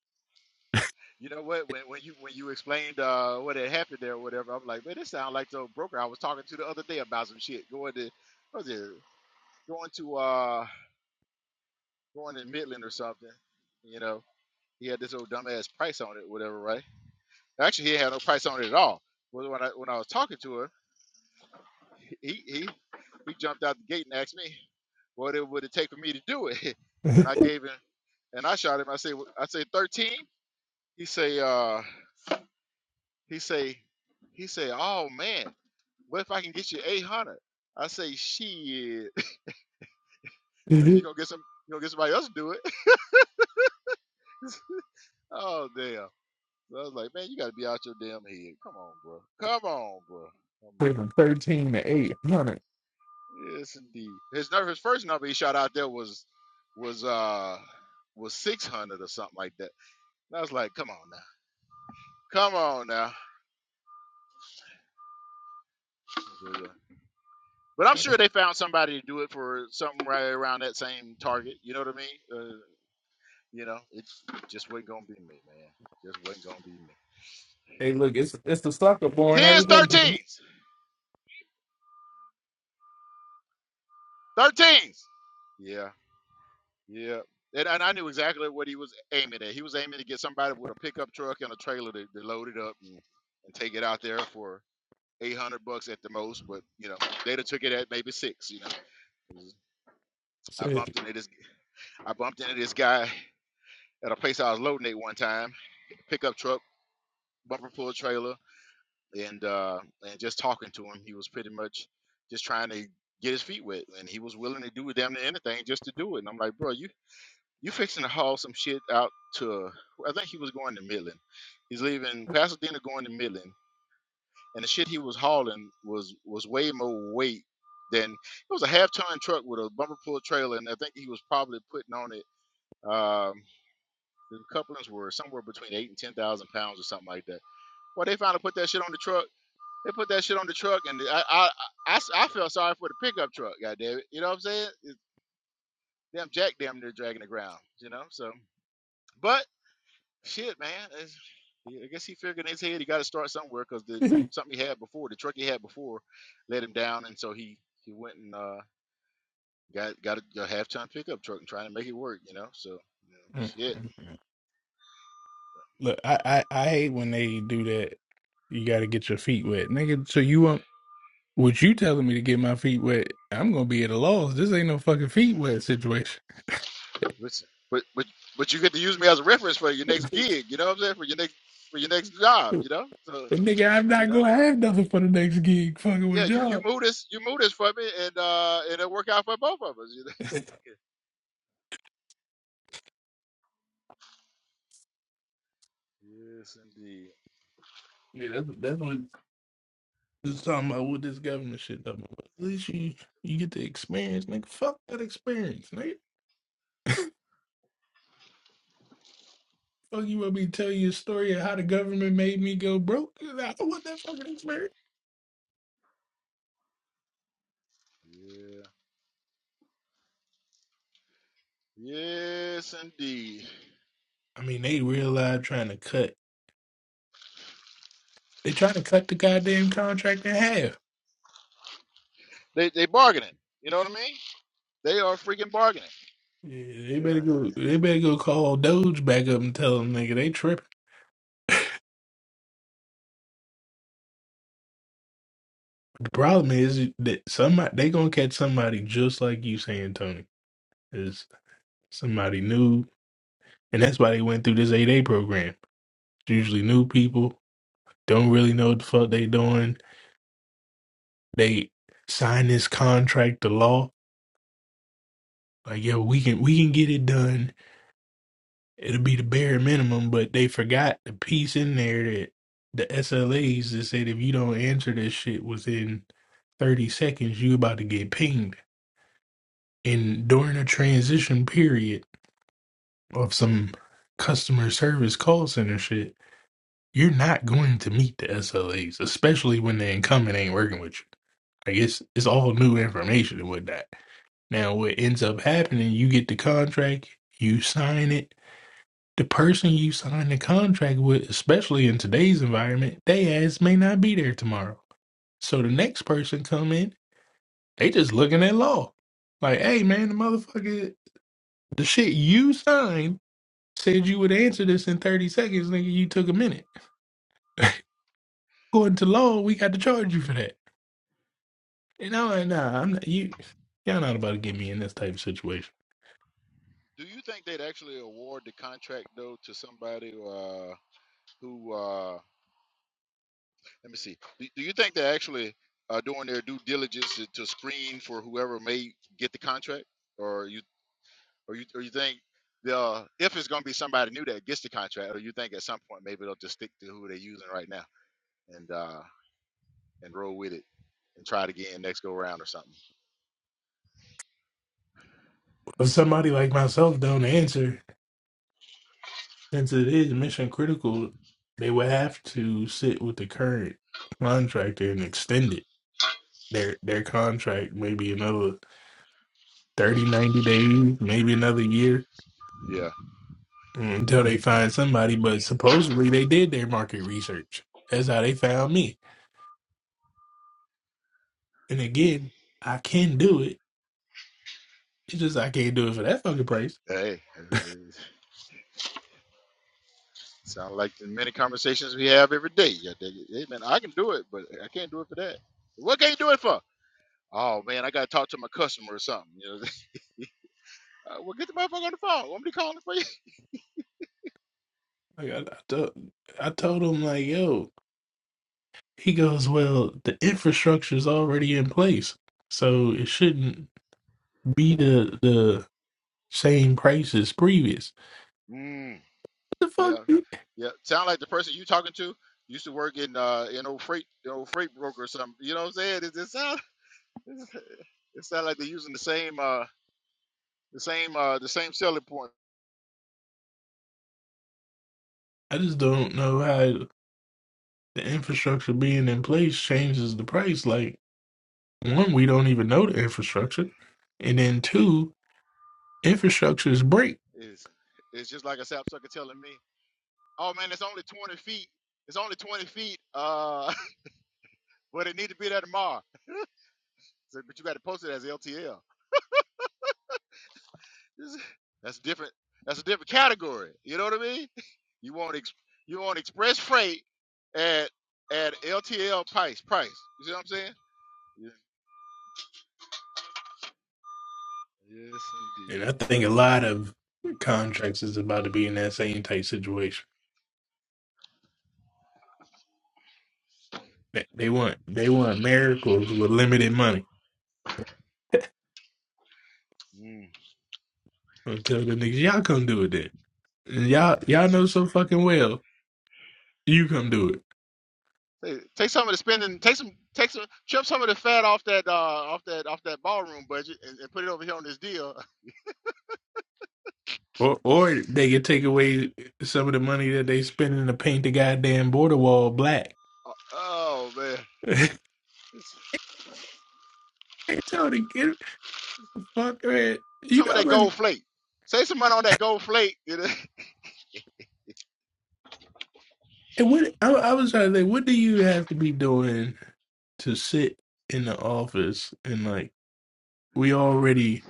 A: You know what? When when you when you explained uh, what had happened there or whatever, I'm like, man, this sounds like the broker I was talking to the other day about some shit. Going to what was it? Going to uh going in Midland or something. You know, he had this old dumbass price on it, whatever, right? Actually, he had no price on it at all. But when I when I was talking to him, he he he jumped out the gate and asked me what it would it take for me to do it, and I gave him and I shot him. I said, I said thirteen. He say uh he say he say oh man, what if I can get you eight hundred? I say shit, you gonna get some you gonna get somebody else to do it? oh damn. So I was like, man, you got to be out your damn head. Come on, bro. Come on, bro. Come
E: From Thirteen to eight.
A: on. Yes, indeed. His number, his first number he shot out there was was uh was six hundred or something like that. And I was like, come on now, come on now. But I'm sure they found somebody to do it for something right around that same target. You know what I mean? Uh, you know, it's just wasn't gonna be me, man. Just wasn't gonna be me.
E: Hey, look, it's it's the sucker born every
A: Tens,
E: day.
A: thirteens, thirteens. Yeah, Yeah. And, and I knew exactly what he was aiming at. He was aiming to get somebody with a pickup truck and a trailer to, to load it up and, and take it out there for 800 bucks at the most. But, you know, they'd have took it at maybe six, you know. It was- I
E: Shit.
A: bumped into this I bumped into this guy at a place I was loading at one time, pickup truck, bumper pull trailer, and uh and just talking to him, he was pretty much just trying to get his feet wet and he was willing to do damn near anything just to do it. And I'm like, bro, you You fixing to haul some shit out to uh, I think he was going to Midland. He's leaving Pasadena going to Midland. And the shit he was hauling was was way more weight than it was a half ton truck with a bumper pull trailer and I think he was probably putting on it um the couplings were somewhere between eight and ten thousand pounds or something like that. Well they finally put that shit on the truck. They put that shit on the truck and I I I I felt sorry for the pickup truck, goddamn it. You know what I'm saying? It, damn jack damn near dragging the ground, you know? So but Shit, man. It's, I guess he figured in his head he got to start somewhere because the something he had before, the truck he had before, let him down, and so he he went and uh, got got a, a half ton pickup truck and trying to make it work, you know. So you know, shit.
E: Look, I, I I hate when they do that. You got to get your feet wet, nigga. So you want what you telling me to get my feet wet? I'm gonna be at a loss. This ain't no fucking feet wet situation.
A: Listen, but but but you get to use me as a reference for your next gig. You know what I'm saying? For your next for your next job. You know. So
E: But nigga, I'm
A: you
E: not
A: know.
E: gonna have nothing for the next gig. Fucking
A: Yeah,
E: with
A: you, you
E: y'all.
A: move this you move this for me, and uh, and it'll work out for both of us. You know.
E: yeah,
A: Yes, indeed.
E: that's that's what it's talking about with this government shit. Though. At least you you get the experience, nigga. Fuck that experience, nigga. Fuck you want me to tell you a story of how the government made me go broke? I don't want that fucking experience.
A: Yeah. Yes, indeed.
E: I mean, they real live trying to cut. They trying to cut the goddamn contract in half.
A: They they bargaining. You know what I mean? They are freaking bargaining.
E: Yeah, they
A: Yeah.
E: better go. They better go call Doge back up and tell them nigga they tripping. The problem is that somebody they gonna catch somebody just like you saying Tony is somebody new, and that's why they went through this eight A program. It's usually new people don't really know what the fuck they doing. They sign this contract to law Like, yo, we can we can get it done. It'll be the bare minimum, but they forgot the piece in there that the SLAs that said if you don't answer this shit within 30 seconds, you about to get pinged. And during a transition period of some customer service call center shit, you're not going to meet the SLAs, especially when the incumbent ain't working with you. Like it's it's all new information and whatnot. Now, what ends up happening, you get the contract, you sign it, The person you signed the contract with, especially in today's environment, they ass may not be there tomorrow. So the next person come in, they just looking at law. Like, hey man, the motherfucker, the shit you signed said you would answer this in 30 seconds, nigga. You took a minute.
A: Mm.
E: According to law, we got to charge you for that. You know, And I'm like, nah, I'm not, you, y'all not about to get me in this type of situation.
A: Do you think they'd actually award the contract though to somebody uh, who? Uh, let me see. Do, do you think they're actually uh, doing their due diligence to, to screen for whoever may get the contract, or you or you or you think the uh, if it's going to be somebody new that gets the contract, or you think at some point maybe they'll just stick to who they're using right now and uh, and roll with it and try it again next go round or something?
E: If somebody like myself don't answer, Since it is mission critical, they would have to sit with the current contractor and extend it. Their their contract maybe another 30 90 days, maybe another year
A: Yeah.
E: until they find somebody. But supposedly they did their market research. That's how they found me. And
A: Mm.
E: again, I can do it. It's just I can't do it for that fucking price.
A: Hey, Sound like the many conversations we have every day. Yeah, they, hey man, I can do it, but I can't do it for that. What can you do it for? Oh man, I gotta talk to my customer or something. You know, uh, well get the motherfucker on the phone. Want me to call him for you?
E: Like I, I, told, I told him, like, yo, he goes, well, the infrastructure's already in place. So it shouldn't. be the the same price as previous.
A: Mm,
E: What the fuck?
A: yeah,
E: you-
A: yeah. Sound like the person you talking to used to work in uh in old freight, you know, freight broker or something. You know what I'm saying? It, it sound it sound like they're using the same uh the same uh the same selling point.
E: I just don't know how the infrastructure being in place changes the price. Like one, we don't even know the infrastructure, and then two, infrastructure is break.
A: Is it's just like a sapsucker telling me, oh man, it's only 20 feet. It's only 20 feet. Uh. Well, it need to be there tomorrow. So, but you got to post it as LTL. This- is- That's different. That's a different category. You know what I mean? You want ex, you want express freight at at LTL price price. You see what I'm saying? Yeah. Yes,
E: And I think a lot of contracts is about to be in that same type situation. They, they want they want miracles with limited money.
A: indeed. Mm.
E: Until the niggas, y'all come do it then. And y'all y'all
A: Listen,
E: know so fucking well. You come do it.
A: Hey, take some of the spending. Take some. Take some. Trim some of the fat off that. Uh, off that. Off that ballroom budget, and, and put it over here on this deal.
E: Or, or they could take away some of the money that they spending to paint the goddamn border wall black.
A: Oh, oh, man,
E: hey,
A: It's-
E: Tony, get the fuck man.
A: it's
E: You
A: some of
E: know,
A: that
E: like,
A: gold flake. Save some money on that gold flake. You know?
E: And what I, I was trying to think, what do you have to be doing to sit in the office and like we already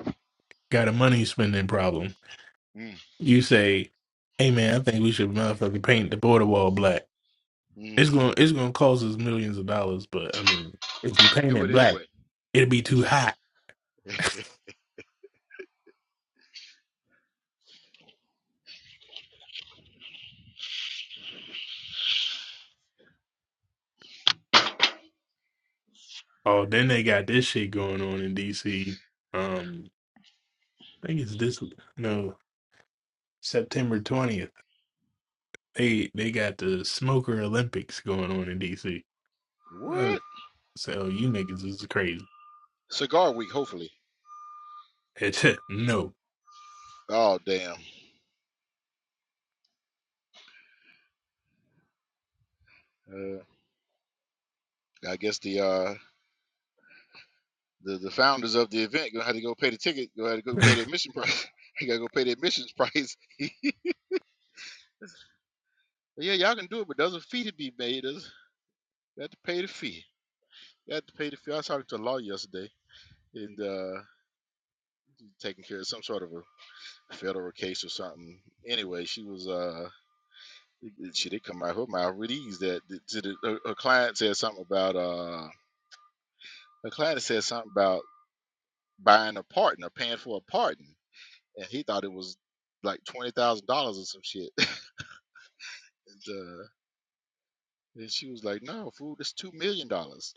E: got a money spending problem? You say, "Hey, man, I think we should motherfucking paint the border wall black."
A: Mm,
E: It's
A: mm.
E: gonna it's gonna cost us millions of dollars, but I mean, if you paint
A: Do
E: it
A: it
E: black,
A: anyway.
E: it'll be too
A: It's-
E: hot Oh, then they got this shit going on in DC. Um, I think it's this no September twentieth. They they got the Smoker Olympics going on in DC. Uh,
A: what?
E: So you niggas is crazy.
A: Cigar Week, hopefully.
E: no.
A: Oh damn. Uh, I guess the uh the, the founders of the event gonna have to go pay the ticket. Gonna have to go pay the admission price. you gotta go pay the admissions price. yeah, y'all can do it, but there's a fee to be made. There's, you have to pay the fee. You have to pay the fee. I was talking to a lawyer yesterday, and uh, taking care of some sort of a federal case or something. Anyway, she was uh. She did come out her mouth with ease that that- to the, her, her client said something about uh her client said something about buying a partner, paying for a partner, and he thought it was like twenty thousand dollars or some shit. and, uh, and she was like, "No, fool, it's two million dollars."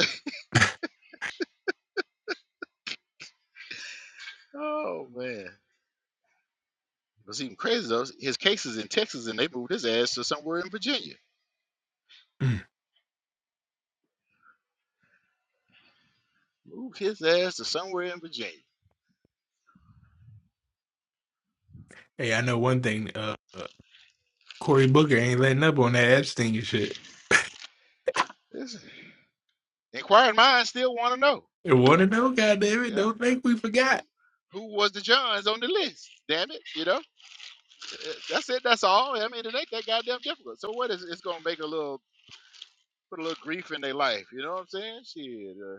A: oh man, what's even crazy though? His case is in Texas, and they moved his ass to somewhere in Virginia.
E: Mm.
A: Moved his ass to somewhere in Virginia.
E: hey, I know one thing. Uh, uh, Cory Booker ain't letting up on that Epstein shit.
A: This inquiring minds still want to know.
E: And
A: you
E: want
A: know?
E: to know? Goddamn it!
A: Yeah.
E: Don't think we
A: Who
E: forgot.
A: who was the Johns on the list? Damn it, you know. Uh, That's it. That's all. I mean, it ain't that goddamn difficult. So what is it's gonna make a little put a little grief in their life. You know what I'm saying? Shit, uh,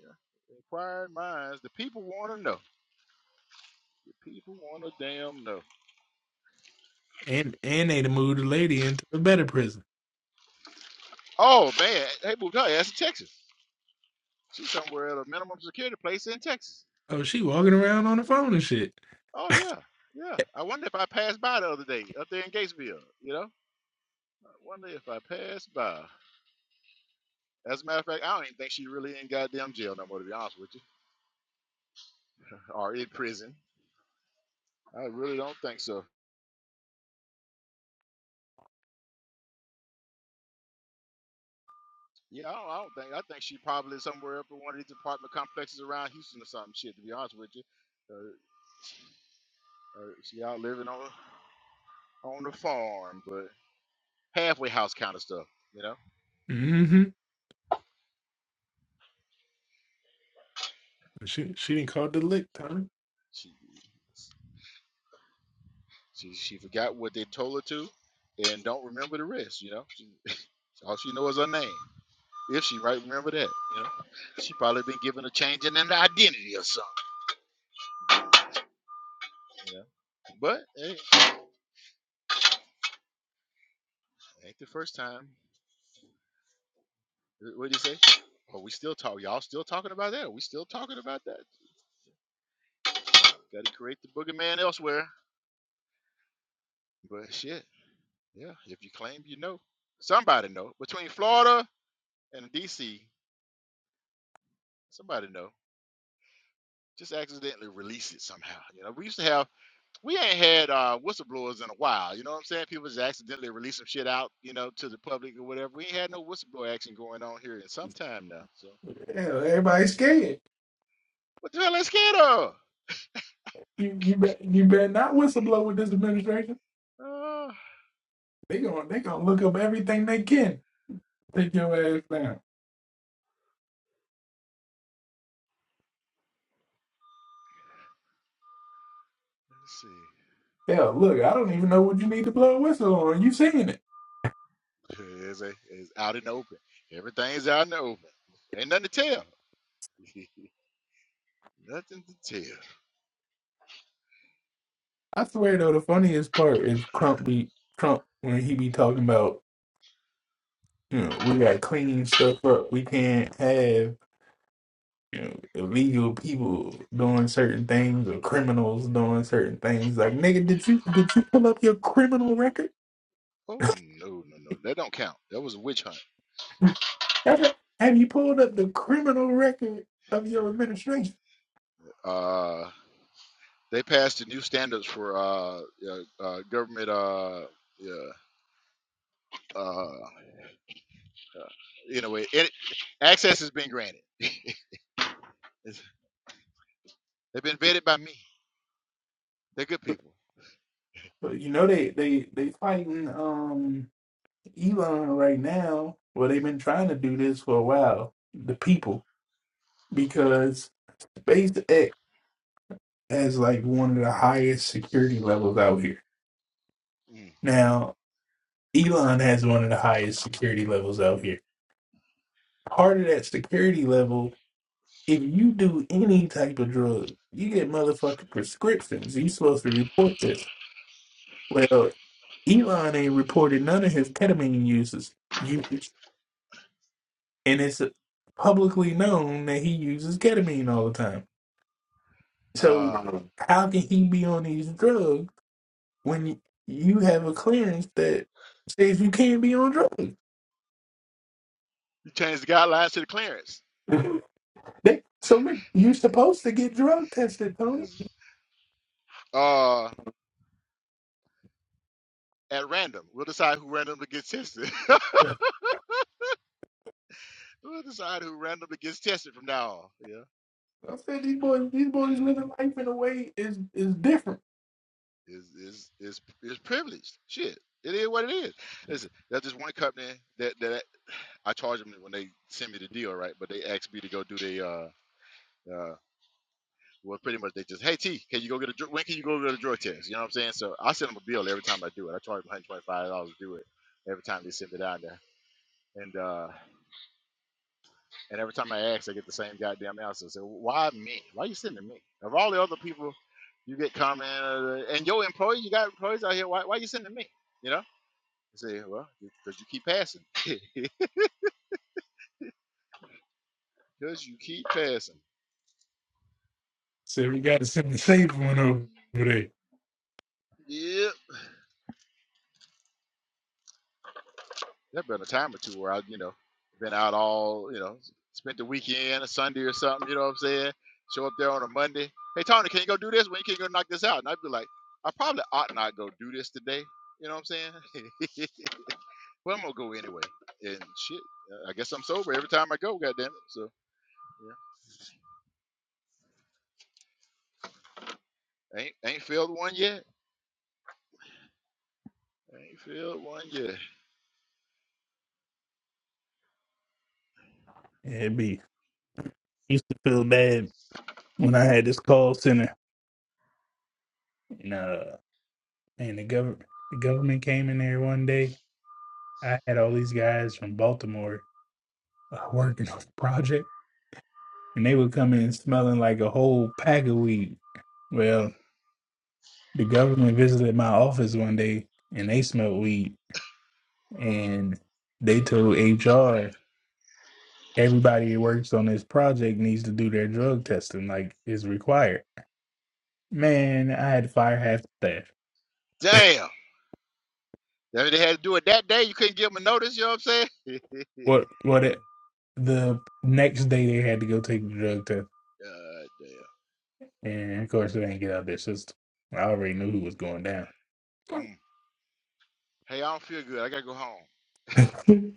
A: yeah. inquiring minds. The people want to know. The people want to damn know.
E: And and they done moved the lady into a better prison.
A: Oh man, hey moved her ass to Texas. She's somewhere at a minimum security place in Texas.
E: Oh, she walking around on the phone and shit.
A: Oh yeah, yeah. I wonder if I passed by the other day up there in Gatesville. You know, I wonder if I passed by. As a matter of fact, I don't even think she's really in goddamn jail no more. To be honest with you, or in prison. I really don't think so. Yeah, I don't, I don't think. I think she probably somewhere up in one of these apartment complexes around Houston or something. Shit, to be honest with you, uh, uh, she out living on on the farm, but halfway house kind of stuff. You know,
E: Mm-hmm. She she didn't call the lick, Tommy.
A: she she she forgot what they told her to, and don't remember the rest. You know, she, all she knows is her name. If she right, remember that. You know, she probably been given a change in an identity or something. You know, but hey, ain't the first time. What did he say? Oh, we still talk. Y'all still talking about that? We still talking about that? Got to create the boogeyman elsewhere. But shit, yeah. If you claim you know, somebody know. Between Florida and D.C., somebody know. Just accidentally release it somehow. You know, we used to have. We ain't had uh, whistleblowers in a while. You know what I'm saying? People just accidentally release some shit out. You know, to the public or whatever. We ain't had no whistleblower action going on here in some time now. So
E: Hell, everybody's scared.
A: what the hell? is us get
E: You you bet you better not whistleblow with this administration.
A: Uh,
E: They gonna they gonna look up everything they can. Take your ass down.
A: let's see.
E: Hell, look, I don't even know what you need to blow a whistle on. You saying it?
A: It's, a, it's out in the open. Everything's out in the open. Ain't nothing to tell. nothing to tell.
E: I swear though, the funniest part is Trump be Trump when he be talking about you know we gotta clean stuff up. We can't have you know illegal people doing certain things or criminals doing certain things. Like nigga, did you did you pull up your criminal record?
A: Oh no, no, no. That don't count. That was a witch hunt.
E: Have have you pulled up the criminal record of your administration?
A: Uh, they passed the new standards for uh, yeah, uh government uh, yeah, uh, uh anyway, it, access has been granted. It's, they've been vetted by me. They're good people.
E: But you know they they they fighting um Elon right now. Well, they've been trying to do this for a while. The people because SpaceX has like one of the highest security levels out here.
A: Mm.
E: Now Elon has one of the highest security levels out here. Part of that security level, if you do any type of drug, you get motherfucking prescriptions. You supposed to report this. Well, Elon ain't reported none of his ketamine uses. Usage, and it's publicly known that he uses ketamine all the time.
A: Uh,
E: So how can he be on these drugs when you you have a clearance that says you can't be on drugs?
A: you change the guidelines to the clearance.
E: They, so man, you supposed to get drug tested, Tony.
A: It's- Uh, at random, we'll decide who randomly gets tested. We'll decide who randomly gets tested from now on. Yeah,
E: I said these boys, these boys living life in a way is is different.
A: is is is is privileged. Shit, it is what it is. Listen, that's just one company that that I charge them when they send me the deal, right? But they asked me to go do the uh uh. Well, pretty much they just, hey T, can you go get a dr- when can you go get a drug test? You know what I'm saying? So I send them a bill every time I do it. I charge them 125 dollars to do it every time they send it down there. And uh And every time I ask, I get the same goddamn answer. So why me? Why you sending me? Of all the other people, you get comment uh, and your employee, you got employees out here. Why why you sending me? You know? I say, well, because you keep passing. Because you keep passing.
E: So we got to send the safe one over there.
A: Yep. There been a time or two where I, you know, been out all, you know, spent the weekend, a Sunday or something. You know what I'm saying? Show up there on a Monday. Hey Tony, can you go do this? When you can you go knock this out? And I'd be like, I probably ought not go do this today. You know what I'm saying? Well, I'm gonna go anyway. And shit, uh, I guess I'm sober every time I go. Goddamn it. So yeah, ain't ain't failed one yet. Ain't failed one yet.
E: Yeah, it be used to feel bad when I had this call center, and uh, and the government the government came in there one day. I had all these guys from Baltimore uh, working on the project, and they would come in smelling like a whole pack of weed.
A: Mm.
E: Well, the government visited my office one day, and they smelled weed, and they told HR everybody who works on this project needs to do their drug testing, like is required. Man, I had to fire half the staff.
A: Damn. That they had to do it that day. You couldn't give them a notice. You know what I'm saying?
E: What? What? The next day they had to go take the drug test,
A: God
E: and of course it ain't get out their system. I already knew who was going down.
A: damn. Mm. Hey, I don't feel good. I gotta go home.
E: Some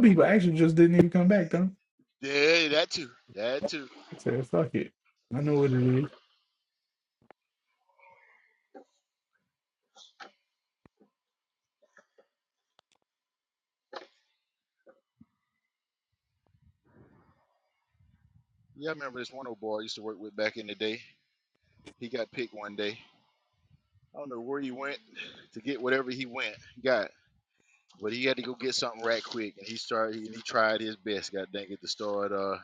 E: people actually just didn't even come back, though.
A: Yeah, that too. That
E: I
A: too.
E: said, "Fuck it, I know what it is."
A: Yeah, I remember this one old boy I used to work with back in the day. He got picked one day. I don't know where he went to get whatever he went. He got, but he had to go get something right quick, and he started. He, he tried his best. God dang it, to start. Uh.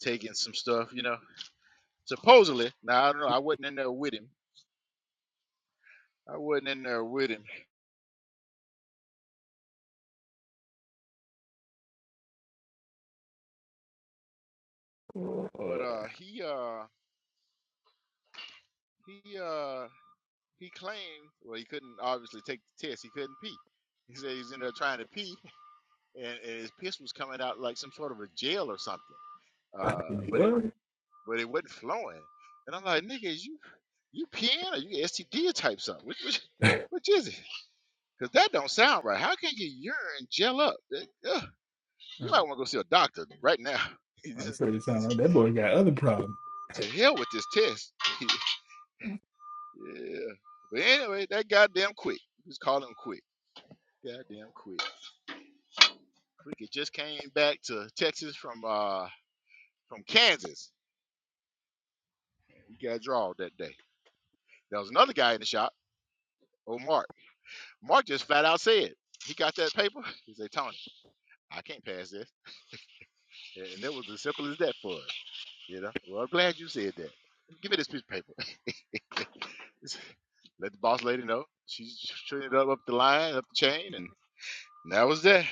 A: taking some stuff, you know. Supposedly, now I don't know. I wasn't in there with him. I wasn't in there with him. But uh, he uh, he uh, he claimed. Well, he couldn't obviously take the test. He couldn't pee. He said he's in there trying to pee, and, and his piss was coming out like some sort of a gel or something. Uh, but it
E: What?
A: but it wasn't flowing. And I'm like, nigga, is you you peeing or you STD type something? Which which which is it? Cause that don't sound right. How can your urine gel up? That- ugh. You might want to go see a doctor right now.
E: I'm sure it sounds like that boy got other problems.
A: to hell with this test. yeah. But anyway, that goddamn quick. Just call him quick. Goddamn quick. Quick it just came back to Texas from uh from Kansas. He got drawled that day. There was another guy in the shop. Oh Mark. Mark just flat out said he got that paper. He said, Tony, I can't pass this. And it was as simple as that for us. You know? Well I'm glad you said that. Give me this piece of paper. Let the boss lady know. She traded up up the line, up the chain, and that was that.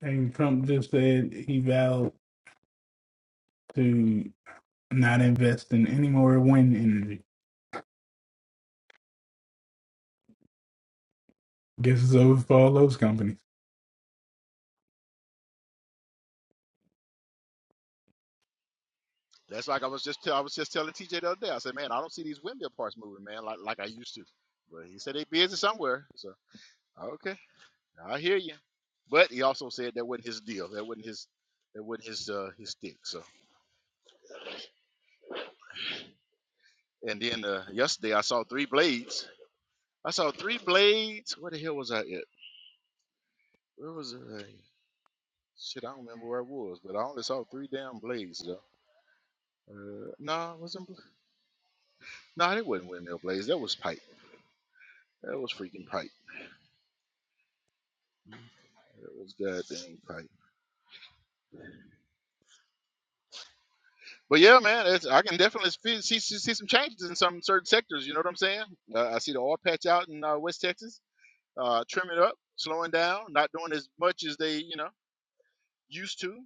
E: And Trump just said he vowed to not invest in any more wind energy. Guess it's over for all those companies.
A: That's like I was just tell, I was just telling TJ the other day. I said, man, I don't see these windmill parts moving, man, like like I used to. But he said they busy somewhere. So okay, I hear you. But he also said that wasn't his deal. That wasn't his. That wasn't his uh, his stick. So and then uh, yesterday I saw three blades. I saw three blades. Where the hell was I at? Where was I? Shit, I don't remember where I was, but I only saw three damn blades. So, Uh, nah, wasn't. bl- Nah, that wasn't windmill blades. That was pipe. That was freaking pipe. That was goddamn pipe. But yeah, man, it's, I can definitely see, see see see some changes in some certain sectors. You know what I'm saying? Uh, I see the oil patch out in uh, West Texas, uh, trimming up, slowing down, not doing as much as they you know used to.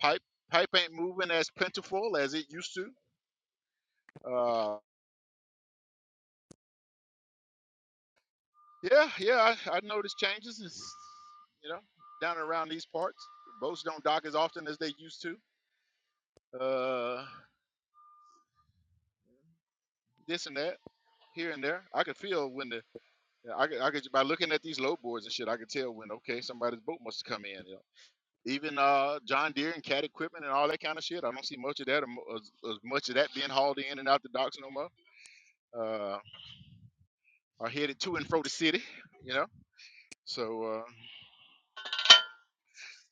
A: Pipe pipe ain't moving as plentiful as it used to. Uh, yeah, yeah, I, I noticed changes. It's, you know, down around these parts, boats don't dock as often as they used to. uh, this and that here and there. I could feel when the I could, I could by looking at these load boards and shit, I could tell when okay somebody's boat must have come in. You know? Even uh, John Deere and cat equipment and all that kind of shit. I don't see much of that, or mo- as, as much of that being hauled in and out the docks no more. Uh, are headed to and fro the city, you know. So uh,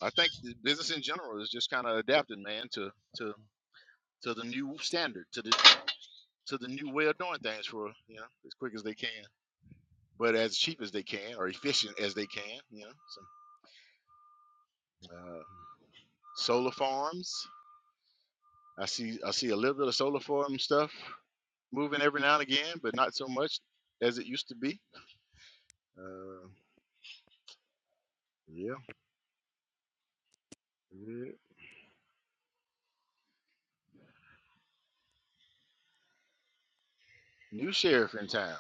A: I think the business in general is just kind of adapting, man, to to to the new standard, to the to the new way of doing things for you know as quick as they can. but as cheap as they can or efficient as they can. You know, so, uh, solar farms. I see I see a little bit of solar farm stuff moving every now and again, but not so much as it used to be. Uh, yeah, yeah. New sheriff in town.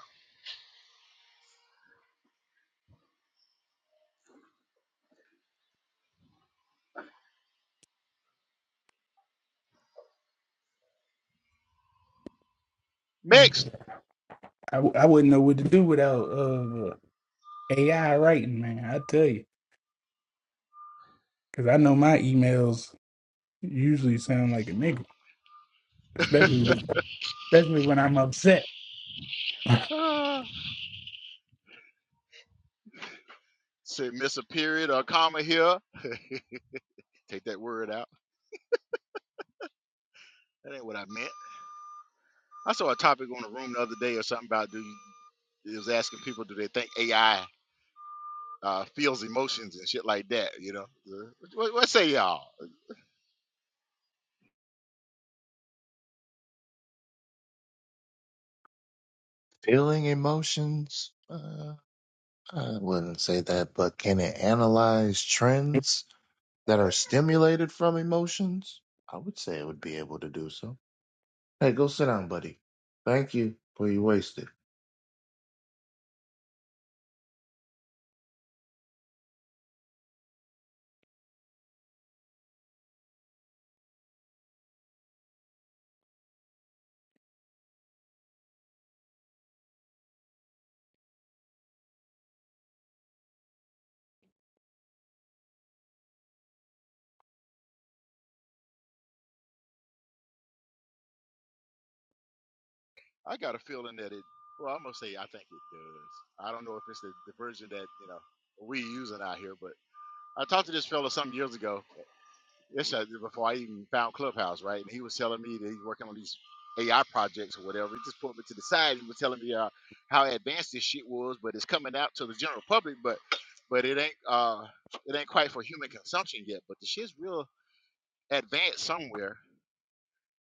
E: And
A: Next,
E: I, I wouldn't know what to do without uh, AI writing, man. I tell you, because I know my emails usually sound like a nigga, especially when, especially when I'm upset.
A: Ah, said miss a period or a comma here. Take that word out. That ain't what I meant. I saw a topic on the room the other day or something about do you it was asking people, do they think AI uh, feels emotions and shit like that? You know, Uh, what, what say y'all?
M: feeling emotions? Uh, I wouldn't say that, but can it analyze trends that are stimulated from emotions? I would say it would be able to do so. Hey, go sit down, buddy. Thank you for your wasted.
A: I got a feeling that it. Well, I'm gonna say I think it does. I don't know if it's the, the version that you know we using out here, but I talked to this fella some years ago. This uh, before I even found Clubhouse, right? And he was telling me that he's working on these AI projects or whatever. He just put me to the side. He was telling me uh, how advanced this shit was, but it's coming out to the general public, but but it ain't uh it ain't quite for human consumption yet. But the shit's real advanced somewhere.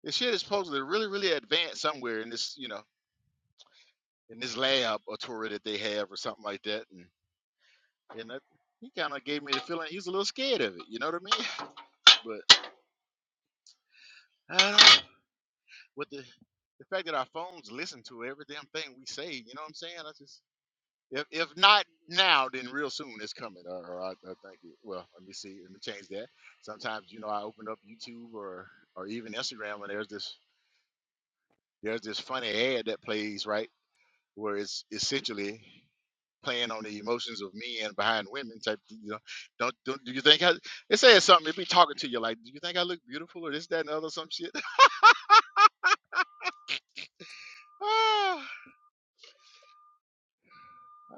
A: The shit is supposedly really really advanced somewhere in this, you know in this lab or tour that they have or something like that. And and that, he kind of gave me the feeling he was a little scared of it. You know what I mean? But I don't know. With the the fact that our phones listen to every damn thing we say, you know what I'm saying? I just if if not now, then real soon it's coming. Or, or I, I think it. Well, let me see. Let me change that. Sometimes you know I open up YouTube or or even Instagram and there's this there's this funny ad that plays right where it's essentially playing on the emotions of men behind women type you know don't, don't do you think I, it says something it be talking to you like do you think i look beautiful or this that and the other some shit ah,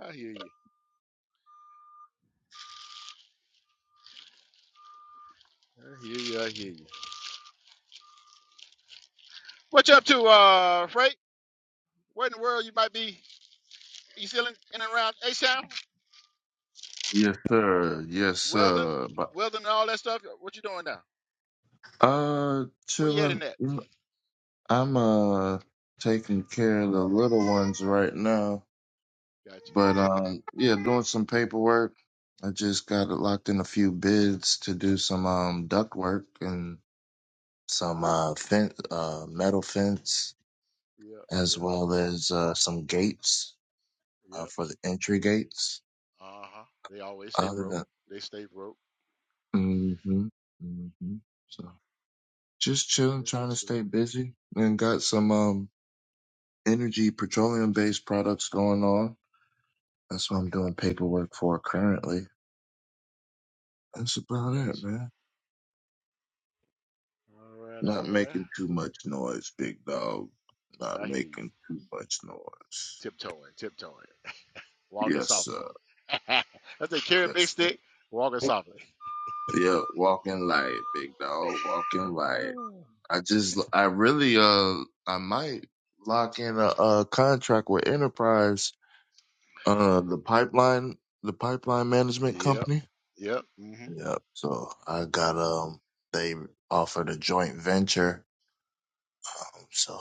A: i hear you i hear you i hear you what you up to uh freight where in the world you might be you still in, in and around a sound
M: Yes, sir. Yes,
A: welding
M: sir. But
A: welding and all that stuff what you doing now
M: uh,
A: where you
M: chilling.
A: heading at
M: I'm uh taking care of the little ones right now.
A: gotcha
M: But
A: gotcha
M: um, yeah, doing some paperwork. I just got it locked in a few bids to do some um duct work, and some uh, fen uh, metal fence
A: yep
M: as
A: yep
M: well
A: yep
M: as uh, some gates uh,
A: yep
M: for the entry gates.
A: uh-huh they always stay
M: Other
A: broke
M: than
A: they stay broke
M: mm-hmm, mm-hmm. so just chilling,
A: that's
M: trying to
A: what's up
M: stay busy, and got some um, energy petroleum based products going on. That's what I'm doing paperwork for currently. That's about it,
A: gotcha
M: man.
A: all right
M: Not
A: all right
M: making too much noise, big dog. Not
A: i hear you
M: making too much noise.
A: tiptoeing, tiptoeing, walking
M: Yes,
A: softly.
M: sir.
A: That's a carry a big
M: Yes, sir.
A: stick, walking softly.
M: Yeah, walking light, big dog, walking light. I just, I really, uh, I might lock in a, a contract with Enterprise, uh, the pipeline, the pipeline management
A: Yep,
M: company.
A: yep, hmm
M: Yeah. So I got, um, they offered a joint venture. Um, so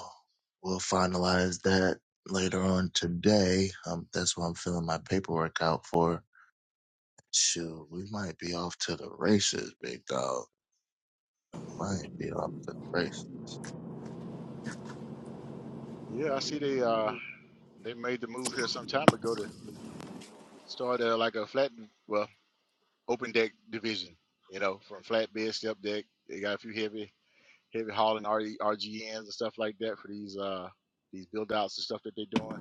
M: we'll finalize that later on today. Um, that's what I'm filling my paperwork out for. Shoot, we might be off to the races, big dog. We might be off to the races.
A: yeah. I see they uh they made the move here some time ago to start uh, like a flat, well, open deck division. You know, from flatbed, step deck. They got a few heavy heavy hauling RG, RGNs and stuff like that for these uh these build outs and stuff that they're doing.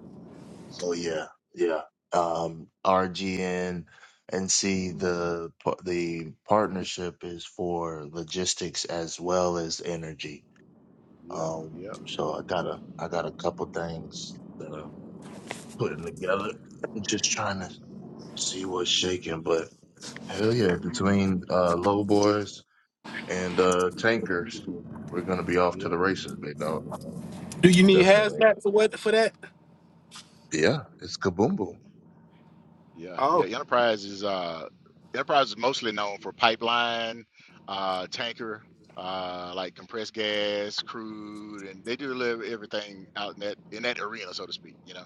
M: Oh
A: So
M: yeah, yeah. Um, RGN and see the par- the partnership is for logistics as well as energy.
A: yep,
M: Um,
A: yep,
M: so I got a
A: yep,
M: I got a couple things that I'm putting together. I'm just trying to see what's shaking, but hell yeah, between uh, low boys and uh, tankers, we're gonna be off to
A: yep.
M: the races, big dog.
L: Do you need
M: Definitely.
L: hazmat for what for that?
M: Yeah, it's kaboom boom.
A: Yeah, yeah.
L: Oh,
A: Enterprise is uh, Enterprise is mostly known for pipeline, uh, tanker, uh, like compressed gas, crude, and they do live everything out in that in that arena, so to speak. You know,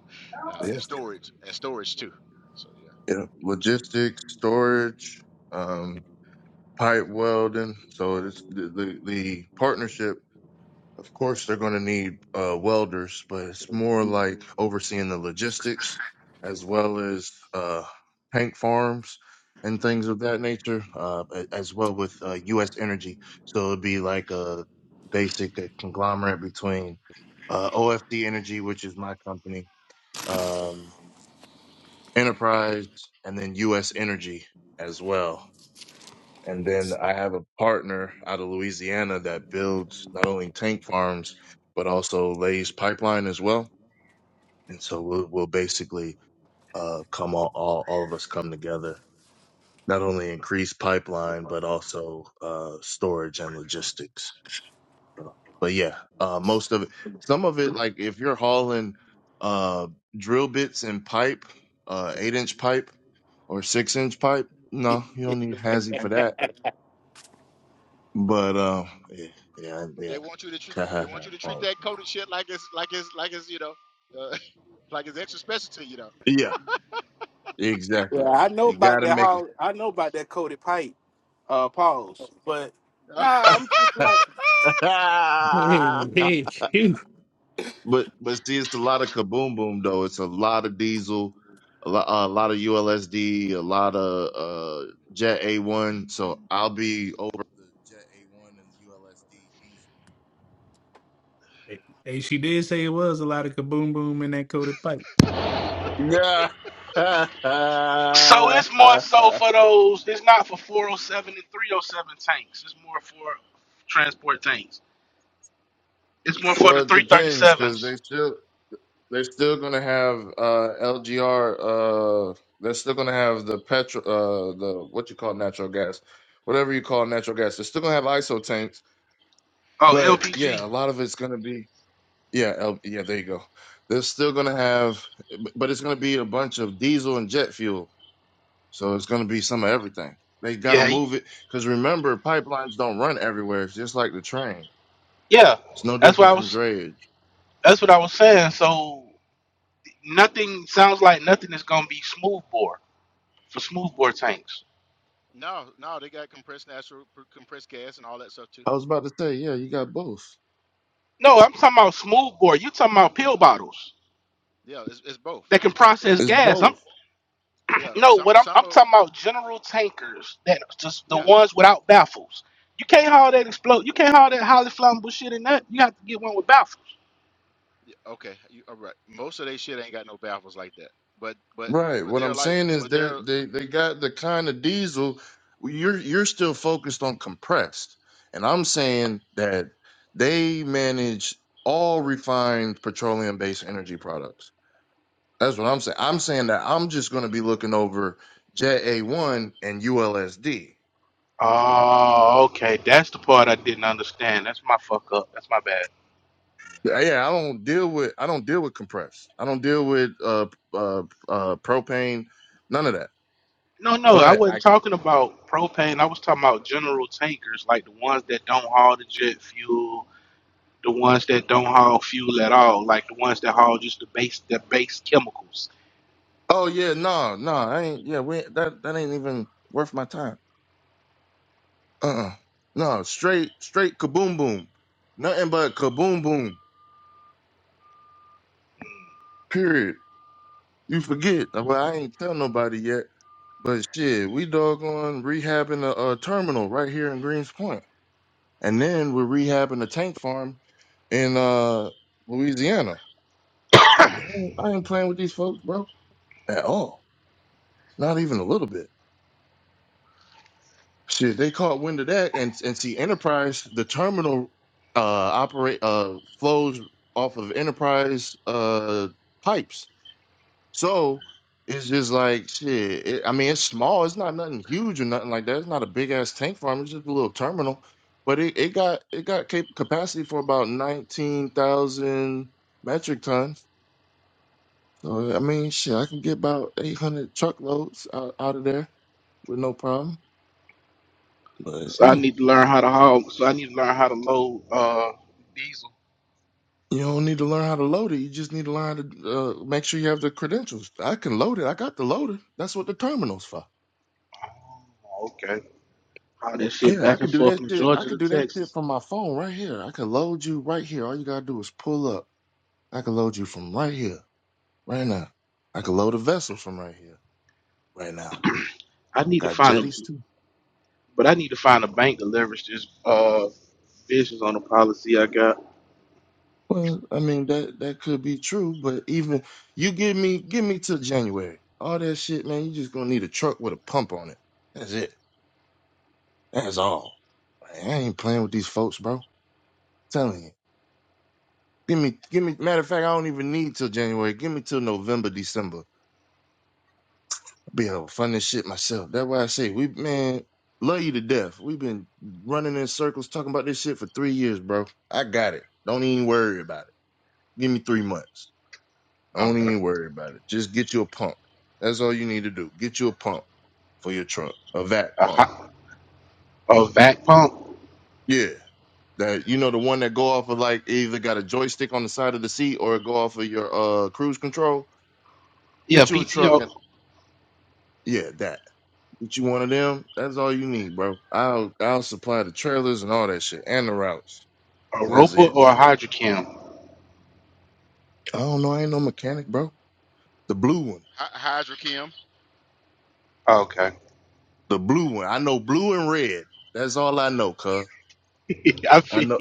A: uh, and storage and storage too. So yeah,
M: Yeah, logistics, storage, um, pipe welding. So it's the, the the partnership. Of course, they're going to need uh, welders, but it's more like overseeing the logistics as well as uh, tank farms and things of that nature, uh, a- as well with uh, U.S. Energy. So it'd be like a basic conglomerate between uh, OFD Energy, which is my company. Um, Enterprise, and then U.S. Energy as well. And then I have a partner out of Louisiana that builds not only tank farms but also lays pipeline as well. And so we'll, we'll basically uh, come all, all all of us come together, not only increase pipeline but also uh, storage and logistics. But yeah, uh, most of it, some of it, like if you're hauling uh, drill bits and pipe, uh, eight inch pipe. or six inch pipe. No, you don't need hazy for that. But um, yeah, yeah,
A: but they want you to tr-
M: yeah.
A: they want you to treat
M: Pause.
A: that coated shit like it's like it's like it's you know uh, like it's extra special to you know.
M: Yeah,
L: Yeah,
M: exactly.
L: I know
M: You
L: about
M: got to
L: that.
M: make it.
L: How I know about that coated pipe, uh, pause. But nah, I'm just like.
M: but
E: hey, shoot.
M: but see, it's a lot of kaboom boom though. It's a lot of diesel, a lot, a lot of ULSD, a lot of uh, Jet A one. So I'll be over the Jet A one and ULSD
E: Hey, she did say it was a lot of kaboom boom in that coated pipe.
M: diesel.
L: So it's more
M: Yeah.
L: so for those. It's not for 407 and 307 tanks. It's more for transport tanks. It's more for the
M: Well, it depends because
L: 337s.
M: they still they're still gonna have uh LGR. Uh, they're still gonna have the petrol. Uh, the what you call natural gas, whatever you call natural gas. They're still gonna have ISO tanks,
L: Oh,
M: but
L: LPG.
M: yeah, a lot of it's gonna be yeah, L, yeah. There you go. They're still gonna have, b- but it's gonna be a bunch of diesel and jet fuel. So it's gonna be some of everything. They
L: Yeah,
M: gotta move it because remember, pipelines don't run everywhere. It's just like the train.
L: yeah.
M: It's no
L: That's what
M: different
L: I
M: from
L: was.
M: drayage.
L: That's what I was saying. So nothing sounds like nothing is gonna be smoothbore for smoothbore tanks.
A: No, no, they got compressed natural, pr- compressed gas, and all that stuff too.
M: I was about to say, yeah, you got both.
L: No, I'm talking about smoothbore. You talking about pill bottles
A: Yeah, it's, it's both.
L: that can
A: It's
L: process
M: It's
L: gas. I'm
M: both.
A: Yeah,
L: No,
A: some
L: what I'm
A: some
L: I'm
A: of
L: talking about general tankers that just the
A: yeah,
L: ones without baffles. You can't haul that explode. You can't haul that highly flammable shit in that. You have to get one with baffles.
A: okay, you are right. Most of they shit ain't got no baffles like that. But but
M: Right.
A: but
M: What I'm
A: they're like
M: saying is
A: but
M: they
A: they're
M: they they got the kind of diesel you're you're still focused on compressed. And I'm saying that they manage all refined petroleum based energy products. That's what I'm saying. I'm saying that I'm just going to be looking over Jet A1 and ULSD.
L: Oh, okay. That's the
A: yeah
L: part I didn't understand. That's my fuck up. That's my bad.
A: yeah.
M: Yeah, yeah, I don't deal with I don't deal with compressed. I don't deal with uh uh uh propane, none of that.
L: No, no, I
M: But I
L: wasn't talking about propane. I was talking about general tankers, like the ones that don't haul the jet fuel, the ones that don't haul fuel at all, like the ones that haul just the base the base chemicals.
M: Oh yeah, no, no, I ain't. Yeah, we ain't- that that ain't even worth my time. Uh, uh no, straight, straight kaboom boom, nothing but kaboom boom. Period. You forget? Well, I ain't tell nobody yet, but shit, we doggone rehabbing a, a terminal right here in Greens Point, and then we're rehabbing a tank farm in uh Louisiana. I ain't, I ain't playing with these folks, bro, at all. Not even a little bit. Shit, they caught wind of that, and and see Enterprise, the terminal uh operate uh flows off of Enterprise uh pipes, so it's just like shit. It, I mean, it's small. It's not nothing huge or nothing like that. It's not a big ass tank farm. It's just a little terminal, but it, it got it got cap- capacity for about nineteen thousand metric tons. So I mean, shit, I can get about eight hundred truckloads out, out of there with no problem. But
L: So I
M: yeah.
L: need to learn how to haul. So I need to learn how to load uh, diesel
M: You don't need to learn how to load it. You just need to learn how to uh, make sure you have the credentials. I can load it. I got the loader. That's what the terminal's for.
L: Oh, okay. How that shit
M: Yeah, I
L: back
M: could
L: and
M: do
L: forth
M: that
L: from
M: shit. I
L: Georgia
M: could
L: to
M: do that shit
L: Texas.
M: from my phone right here. I can load you right here. All you gotta do is pull up. I can load you from right here, right now. I can load a vessel from right here, right now.
L: I need to
M: Got
L: find a,
M: jetties too.
L: but I need to find a bank to leverage this uh visions on the policy I got.
M: Well, I mean that that could be true, but even you give me give me till January. All that shit, man. You just gonna need a truck with a pump on it. That's it. That's all. Like, I ain't playing with these folks, bro. I'm telling you. Give me, give me. Matter of fact, I don't even need till January. Give me till November, December. I'll be able to fund this shit myself. That's why I say we, man, love you to death. We've been running in circles talking about this shit for three years, bro. I got it. Don't even worry about it. Give me three months. Don't
L: Okay.
M: even worry about it. Just get you a pump. That's all you need to do. Get you a pump for your truck, a vac
L: A
M: pump.
L: hot, a vac pump.
M: Yeah. That you know the one that go off of like it either got a joystick on the side of the seat or it go off of your uh cruise control.
L: Yeah,
M: Get you a truck
L: PTO,
M: and yeah, that. Get you one of them. That's all you need, bro. I'll I'll supply the trailers and all that shit and the routes.
L: a
M: That's
L: roper
M: it.
L: or a hydrocam.
M: I don't know. I ain't no mechanic, bro. The blue one.
A: Hi, Hydrokim.
L: Okay.
M: The blue one. I know blue and red. That's all I know, cuz.
L: I
M: I
L: feel
M: know.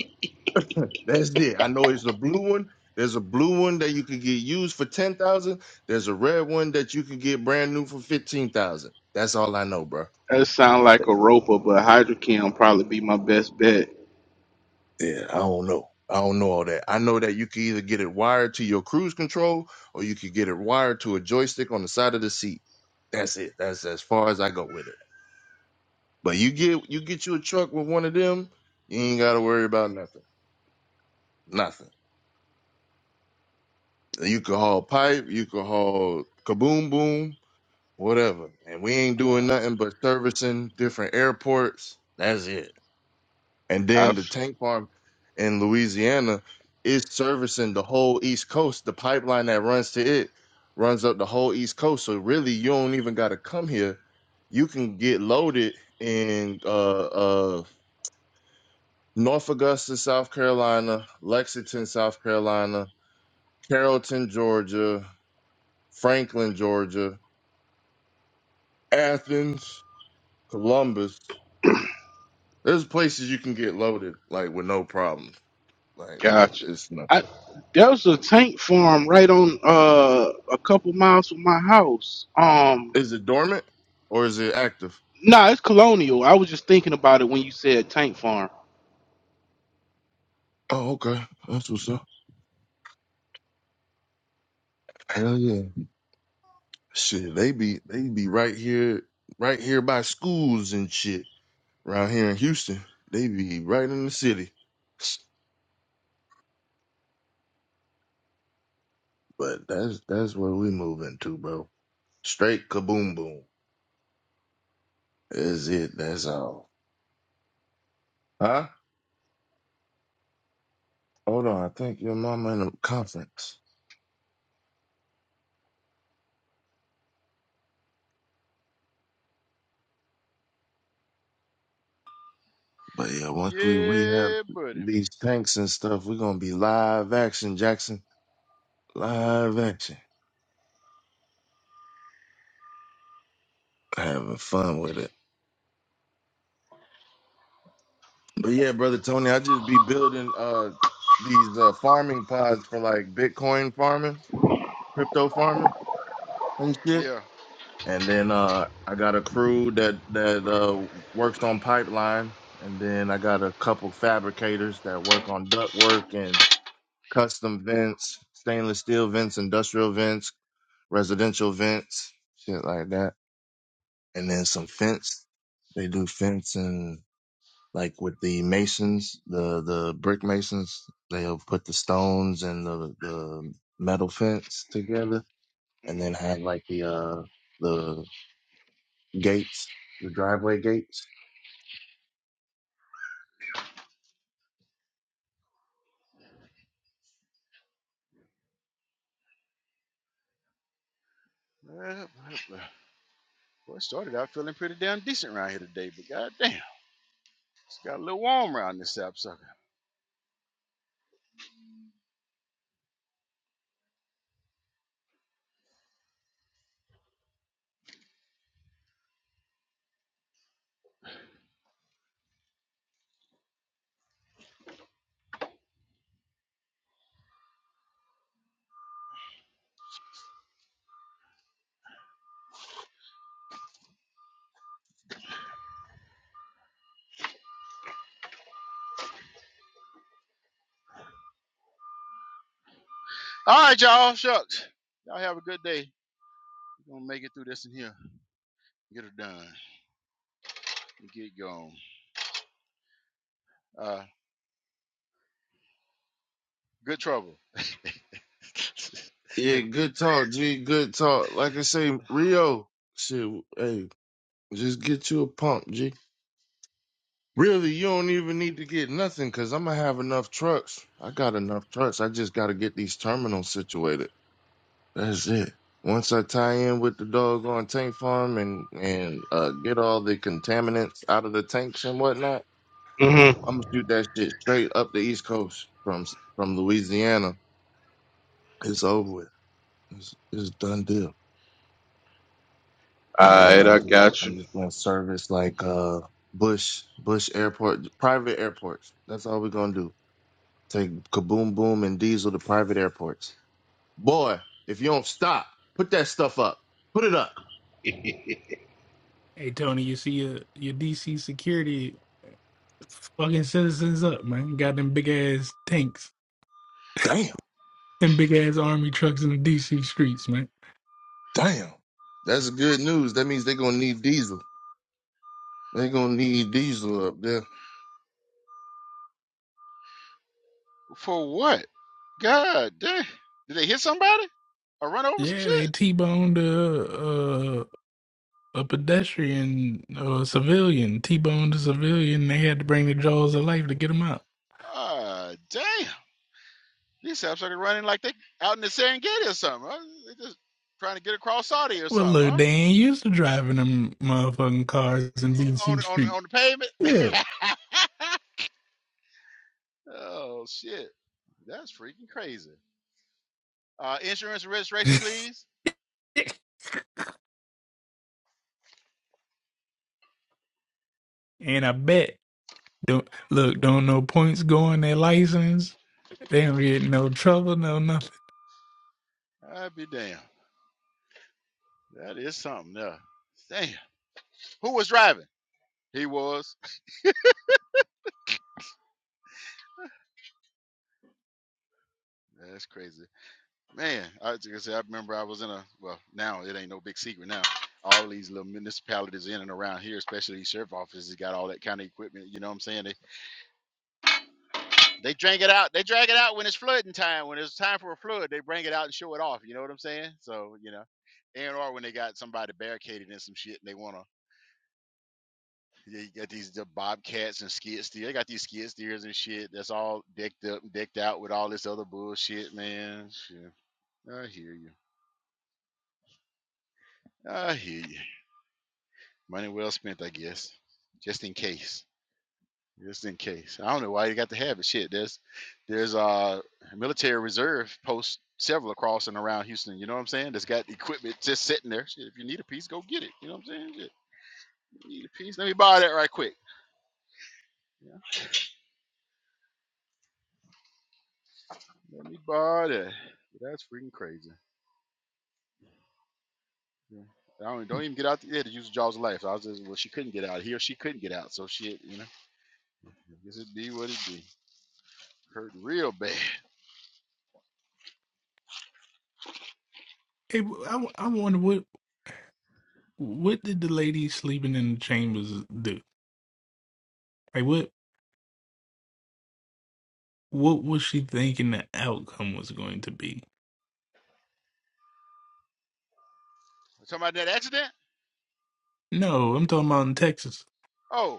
M: That's it. I know it's a blue one. There's a blue one that you can get used for ten thousand. There's a red one that you can get brand new for fifteen thousand. That's all I know, bro.
L: that sound like a roper, but hydrocam probably be my best bet.
M: Yeah, I don't know. I don't know all that. I know that you can either get it wired to your cruise control or you could get it wired to a joystick on the side of the seat. That's it. That's as far as I go with it. But you get you get you a truck with one of them, you ain't gotta worry about nothing. Nothing. You could haul pipe, you could haul kaboom boom, whatever. And we ain't doing
A: Uh,
M: nothing but servicing different airports. That's it. And then
L: I've
M: the tank farm in Louisiana is servicing the whole East Coast. The pipeline that runs to it runs up the whole East Coast. So really, you don't even got to come here. You can get loaded in uh, uh, North Augusta, South Carolina, Lexington, South Carolina, Carrollton, Georgia, Franklin, Georgia, Athens, Columbus. There's places you can get loaded like with no problem. Like it-
L: got you.
M: it's
L: I
M: nothing.
L: there was a tank farm right on uh a couple miles from my house. Um.
M: Is it dormant or is it active?
L: Nah, it's colonial. I was just thinking about it when you said tank farm.
M: Oh, okay. That's what's up. Hell yeah. Shit, they be they be right here, right here by schools and shit. Around here in Houston, they be right in the city. But that's that's where we move into, bro. Straight kaboom boom. Is it? That's all. Huh? Hold on. I think your mama in a conference. But yeah, once we rehab
A: yeah, buddy.
M: these tanks and stuff, we're gonna be live action, Jackson. Live action. Having fun with it. But yeah, brother Tony, I just be building uh these uh farming pods for like Bitcoin farming, crypto farming and shit.
A: Yeah.
M: And then uh I got a crew that that uh works on pipeline and then I got a couple fabricators that work on duct work and custom vents, stainless steel vents, industrial vents, residential vents, shit like that. And then some fence. They do fence and like with the masons, the, the brick masons, they'll put the stones and the, the metal fence together and
A: hmm
M: then have like the, uh, the gates, the driveway gates.
A: Well, well, well, boy, it started out feeling pretty damn decent around here today, but goddamn, it's got a little warm around this sap sucker. All right, y'all. Shucks. Y'all have a good day. We're gonna make it through this in here. Get it done. Get going. Uh, good trouble.
M: Yeah, good talk, G. Good talk. Like I say, Rio, shit, hey, just get you a pump, G. Really, you don't even need to get nothing because I'm gonna have enough trucks. I got enough trucks. I just gotta get these terminals situated. That's it. Once I tie in with the doggone tank farm and and uh, get all the contaminants out of the tanks and whatnot,
L: hmm
M: I'm
L: All
M: gonna shoot that shit straight up the East Coast from from Louisiana. It's over with. It's it's done deal. And then
L: right,
M: I'm
L: I
M: just
L: got
M: I'm
L: you.
M: just gonna service like uh Bush Bush Airport, private airports. That's all we're gonna do. Take Kaboom Boom and Diesel to private airports. Boy, if you don't stop, put that stuff up. Put it up.
E: Hey, Tony, you see your your DC security fucking citizens up, man. Got them big ass tanks,
M: Damn,
E: them big ass army trucks in the DC streets, man.
M: damn. That's good news. That means they're gonna need Diesel. They're gonna need Diesel up there.
A: For what? God damn. Did they hit somebody or run over some
E: Yeah, they
A: shit?
E: t-boned a a pedestrian or a civilian T-boned a civilian. They had to bring the jaws of life to get him out.
A: Ah, damn. These saps started running like they out in the Serengeti or something. Huh? They just trying to get across Saudi or
E: Well,
A: something,
E: look,
A: huh?
E: they ain't used to driving them motherfucking cars in
A: On
E: DC
A: on
E: Street.
A: on the pavement.
E: Yeah.
A: oh shit, that's freaking crazy. Uh, insurance and registration, please.
E: and I bet don't look don't no points go on their license. They don't get no trouble, no nothing.
A: I'd be damn. That is something. Yeah. Damn. Who was driving? He was. That's crazy. Man, I, like I said, I remember I was in a well. Now it ain't no big secret. Now all these little municipalities in and around here, especially these sheriff offices, got all that kind of equipment. You know what I'm saying? They they drag it out. They drag it out when it's flooding time. When it's time for a flood, they bring it out and show it off. You know what I'm saying? So you know, and or when they got somebody barricaded in some shit and they wanna, yeah, you got these the bobcats and skid steer. They got these skid steers and shit that's all decked up and decked out with all this other bullshit, man. Shit. I hear you. I hear you. Money well spent, I guess. Just in case. Just in case. I don't know why you got to have it. Shit, there's there's uh military reserve posts several across and around Houston. You know what I'm saying? That's got equipment just sitting there. Shit, if you need a piece, go get it. You know what I'm saying? Shit, you need a piece? Let me borrow that right quick. Yeah, let me borrow that. That's freaking crazy. Yeah. I don't, don't even get out there to use the jaws of life. I was just well, she couldn't get out. He or she couldn't get out. So shit, you know. I guess it be what it be. Hurt real bad.
E: Hey, I, I wonder what what did the lady sleeping in the chambers do? Like what what was she thinking the outcome was going to be?
A: Talking about that accident?
E: No, I'm talking about in Texas.
A: Oh.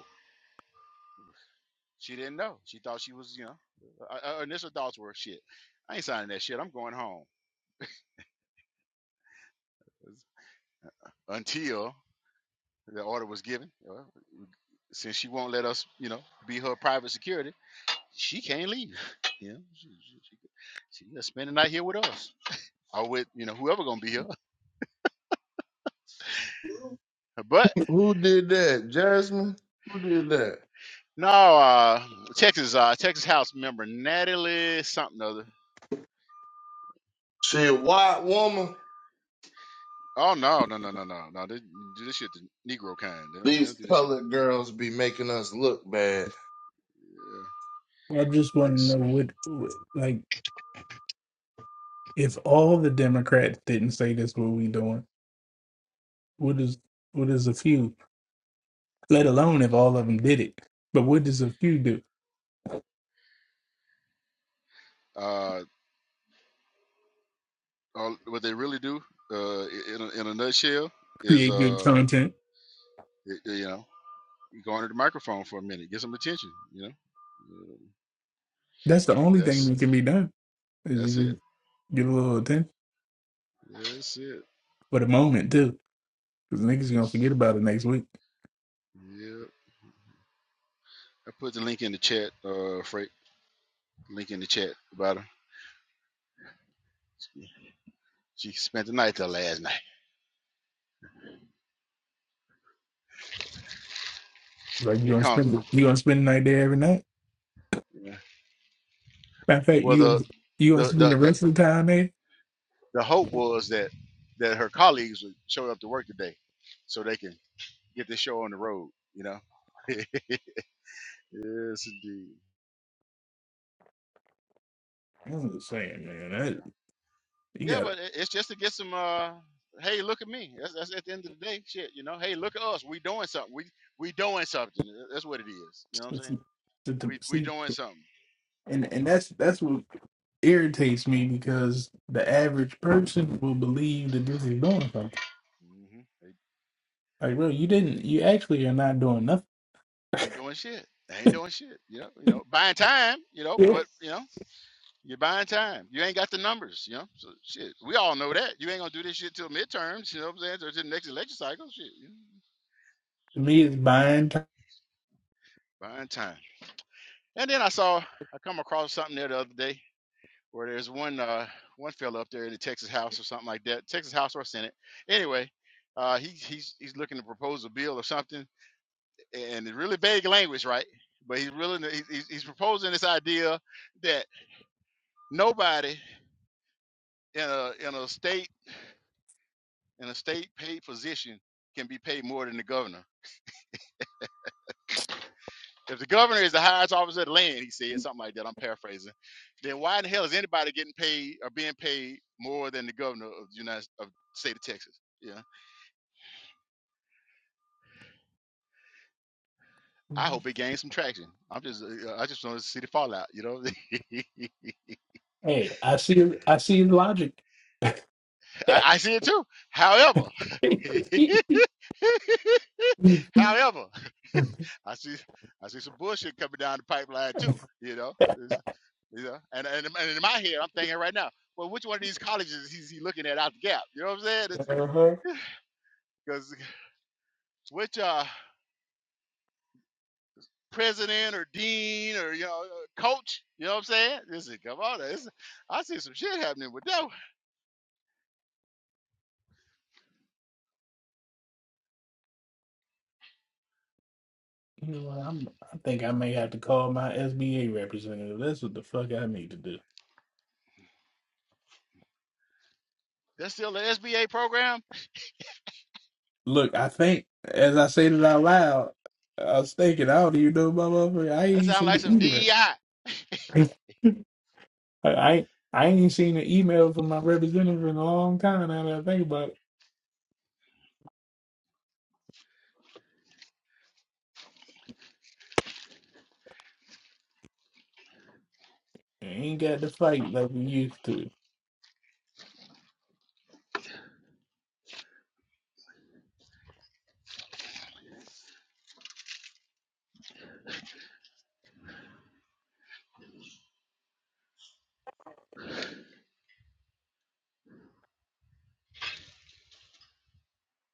A: She didn't know. She thought she was, you know, her her initial thoughts were shit. I ain't signing that shit. I'm going home. Until the order was given, uh, since she won't let us, you know, be her private security, she can't leave. you know, she, she, she, she gonna spend the night here with us or with, you know, whoever gonna be here. But
M: Who did that? Jasmine? Who did that?
A: no, uh, Texas, uh, Texas House member Natalie something or other.
M: She a white woman.
A: Oh no, no, no, no, no, no! They do this shit the Negro kind. They don't, they
M: These
A: don't do this shit.
M: colored girls be making us look bad.
A: Uh,
E: I just want
A: let
E: to
A: me see.
E: know what, what- like, if all the Democrats didn't say this, what we doing? What is what is a few? Let alone if all of them did it. But what does a few do?
A: Uh, all what they really do uh, in, a, in a nutshell is
E: Create good
A: uh,
E: content.
A: y- you know you go under the microphone for a minute get some attention you know Uh,
E: That's the only thing
A: that's
E: that can be done. Is you
A: that's
E: just
A: it
E: get a little attention
A: that's it
E: for the moment too. Because niggas gonna forget about it next week.
A: yeah i put the link in the chat uh freight link in the chat about her she she spent the night there last night
E: Like you
A: get
E: gonna
A: comfortable
E: spend you gonna spend the night there every night.
A: yeah.
E: Matter of fact,
A: well the
E: you you gonna
A: the,
E: spend the
A: the the
E: rest of the time there?
A: the hope was that that her colleagues would show up to work today so they can get the show on the road you know yes indeed
E: I'm just saying, man.
A: Yeah.
E: That you
A: Yeah,
E: got
A: but it- it's just to get some. uh Hey, look at me. That's, that's at the end of the day, shit. You know. Hey, look at us. We doing something. We we doing something. Tha- That's what it is. You know what I'm saying?
E: to
A: We we
E: see,
A: doing something.
E: and and that's that's what irritates me because the average person will believe that this is doing something.
A: hmm They
E: Like, bro, you didn't. You actually are not doing nothing.
A: ain't doing shit. They ain't doing shit. You know. You know. Buying time. You know. But you know, you're buying time. You ain't got the numbers. You know. So shit. We all know that. You ain't gonna do this shit till midterms. You know what I'm saying? Or till the next election cycle. Shit. You know?
E: To me, it's buying time.
A: Buying time. And then I saw I come across something there the other day where there's one uh one fellow up there in the Texas House or something like that, Texas House or Senate. Anyway, uh he, he's he's looking to propose a bill or something, and it's really vague language, right? But he's really he's, he's he's proposing this idea that nobody in a in a state in a state paid position can be paid more than the governor. If the governor is the highest officer of the land, he said something like that. I'm paraphrasing. Then why in the hell is anybody getting paid or being paid more than the governor of the United of the state of Texas? Yeah I hope it gains some traction. I'm just, uh, I just want to see the fallout. You know,
E: Hey, I see. I see the logic.
A: I, I see it too. However,
E: uh-huh.
A: however, I see, I see some bullshit coming down the pipeline too. You know, It's- you know, and and, and in my head, I'm thinking right now, well, which one of these colleges is he is he looking at out the gap? You know what I'm saying? Because which uh, president or dean or you know coach? You know what I'm saying? This is come on, this, I see some shit happening with that. one.
E: You know what? I'm, I think I may have to call my SBA representative. That's what the fuck I need to do.
A: That's still the SBA program
E: Look, I think as I said it out loud, I was thinking, I don't even know my motherfucker. I
A: That
E: ain't
A: sounds
E: seen
A: like some
E: the
A: DEI.
E: email. I I ain't, I ain't seen an email from my representative in a long time. Now that I think about it, I ain't got the fight like we used to.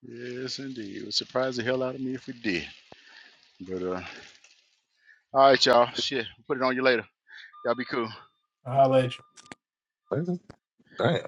A: Yes, indeed. It would surprise the hell out of me if we did. But uh, all right, y'all. Shit, put it on you later. Y'all be cool.
E: I'll let you.
M: Damn.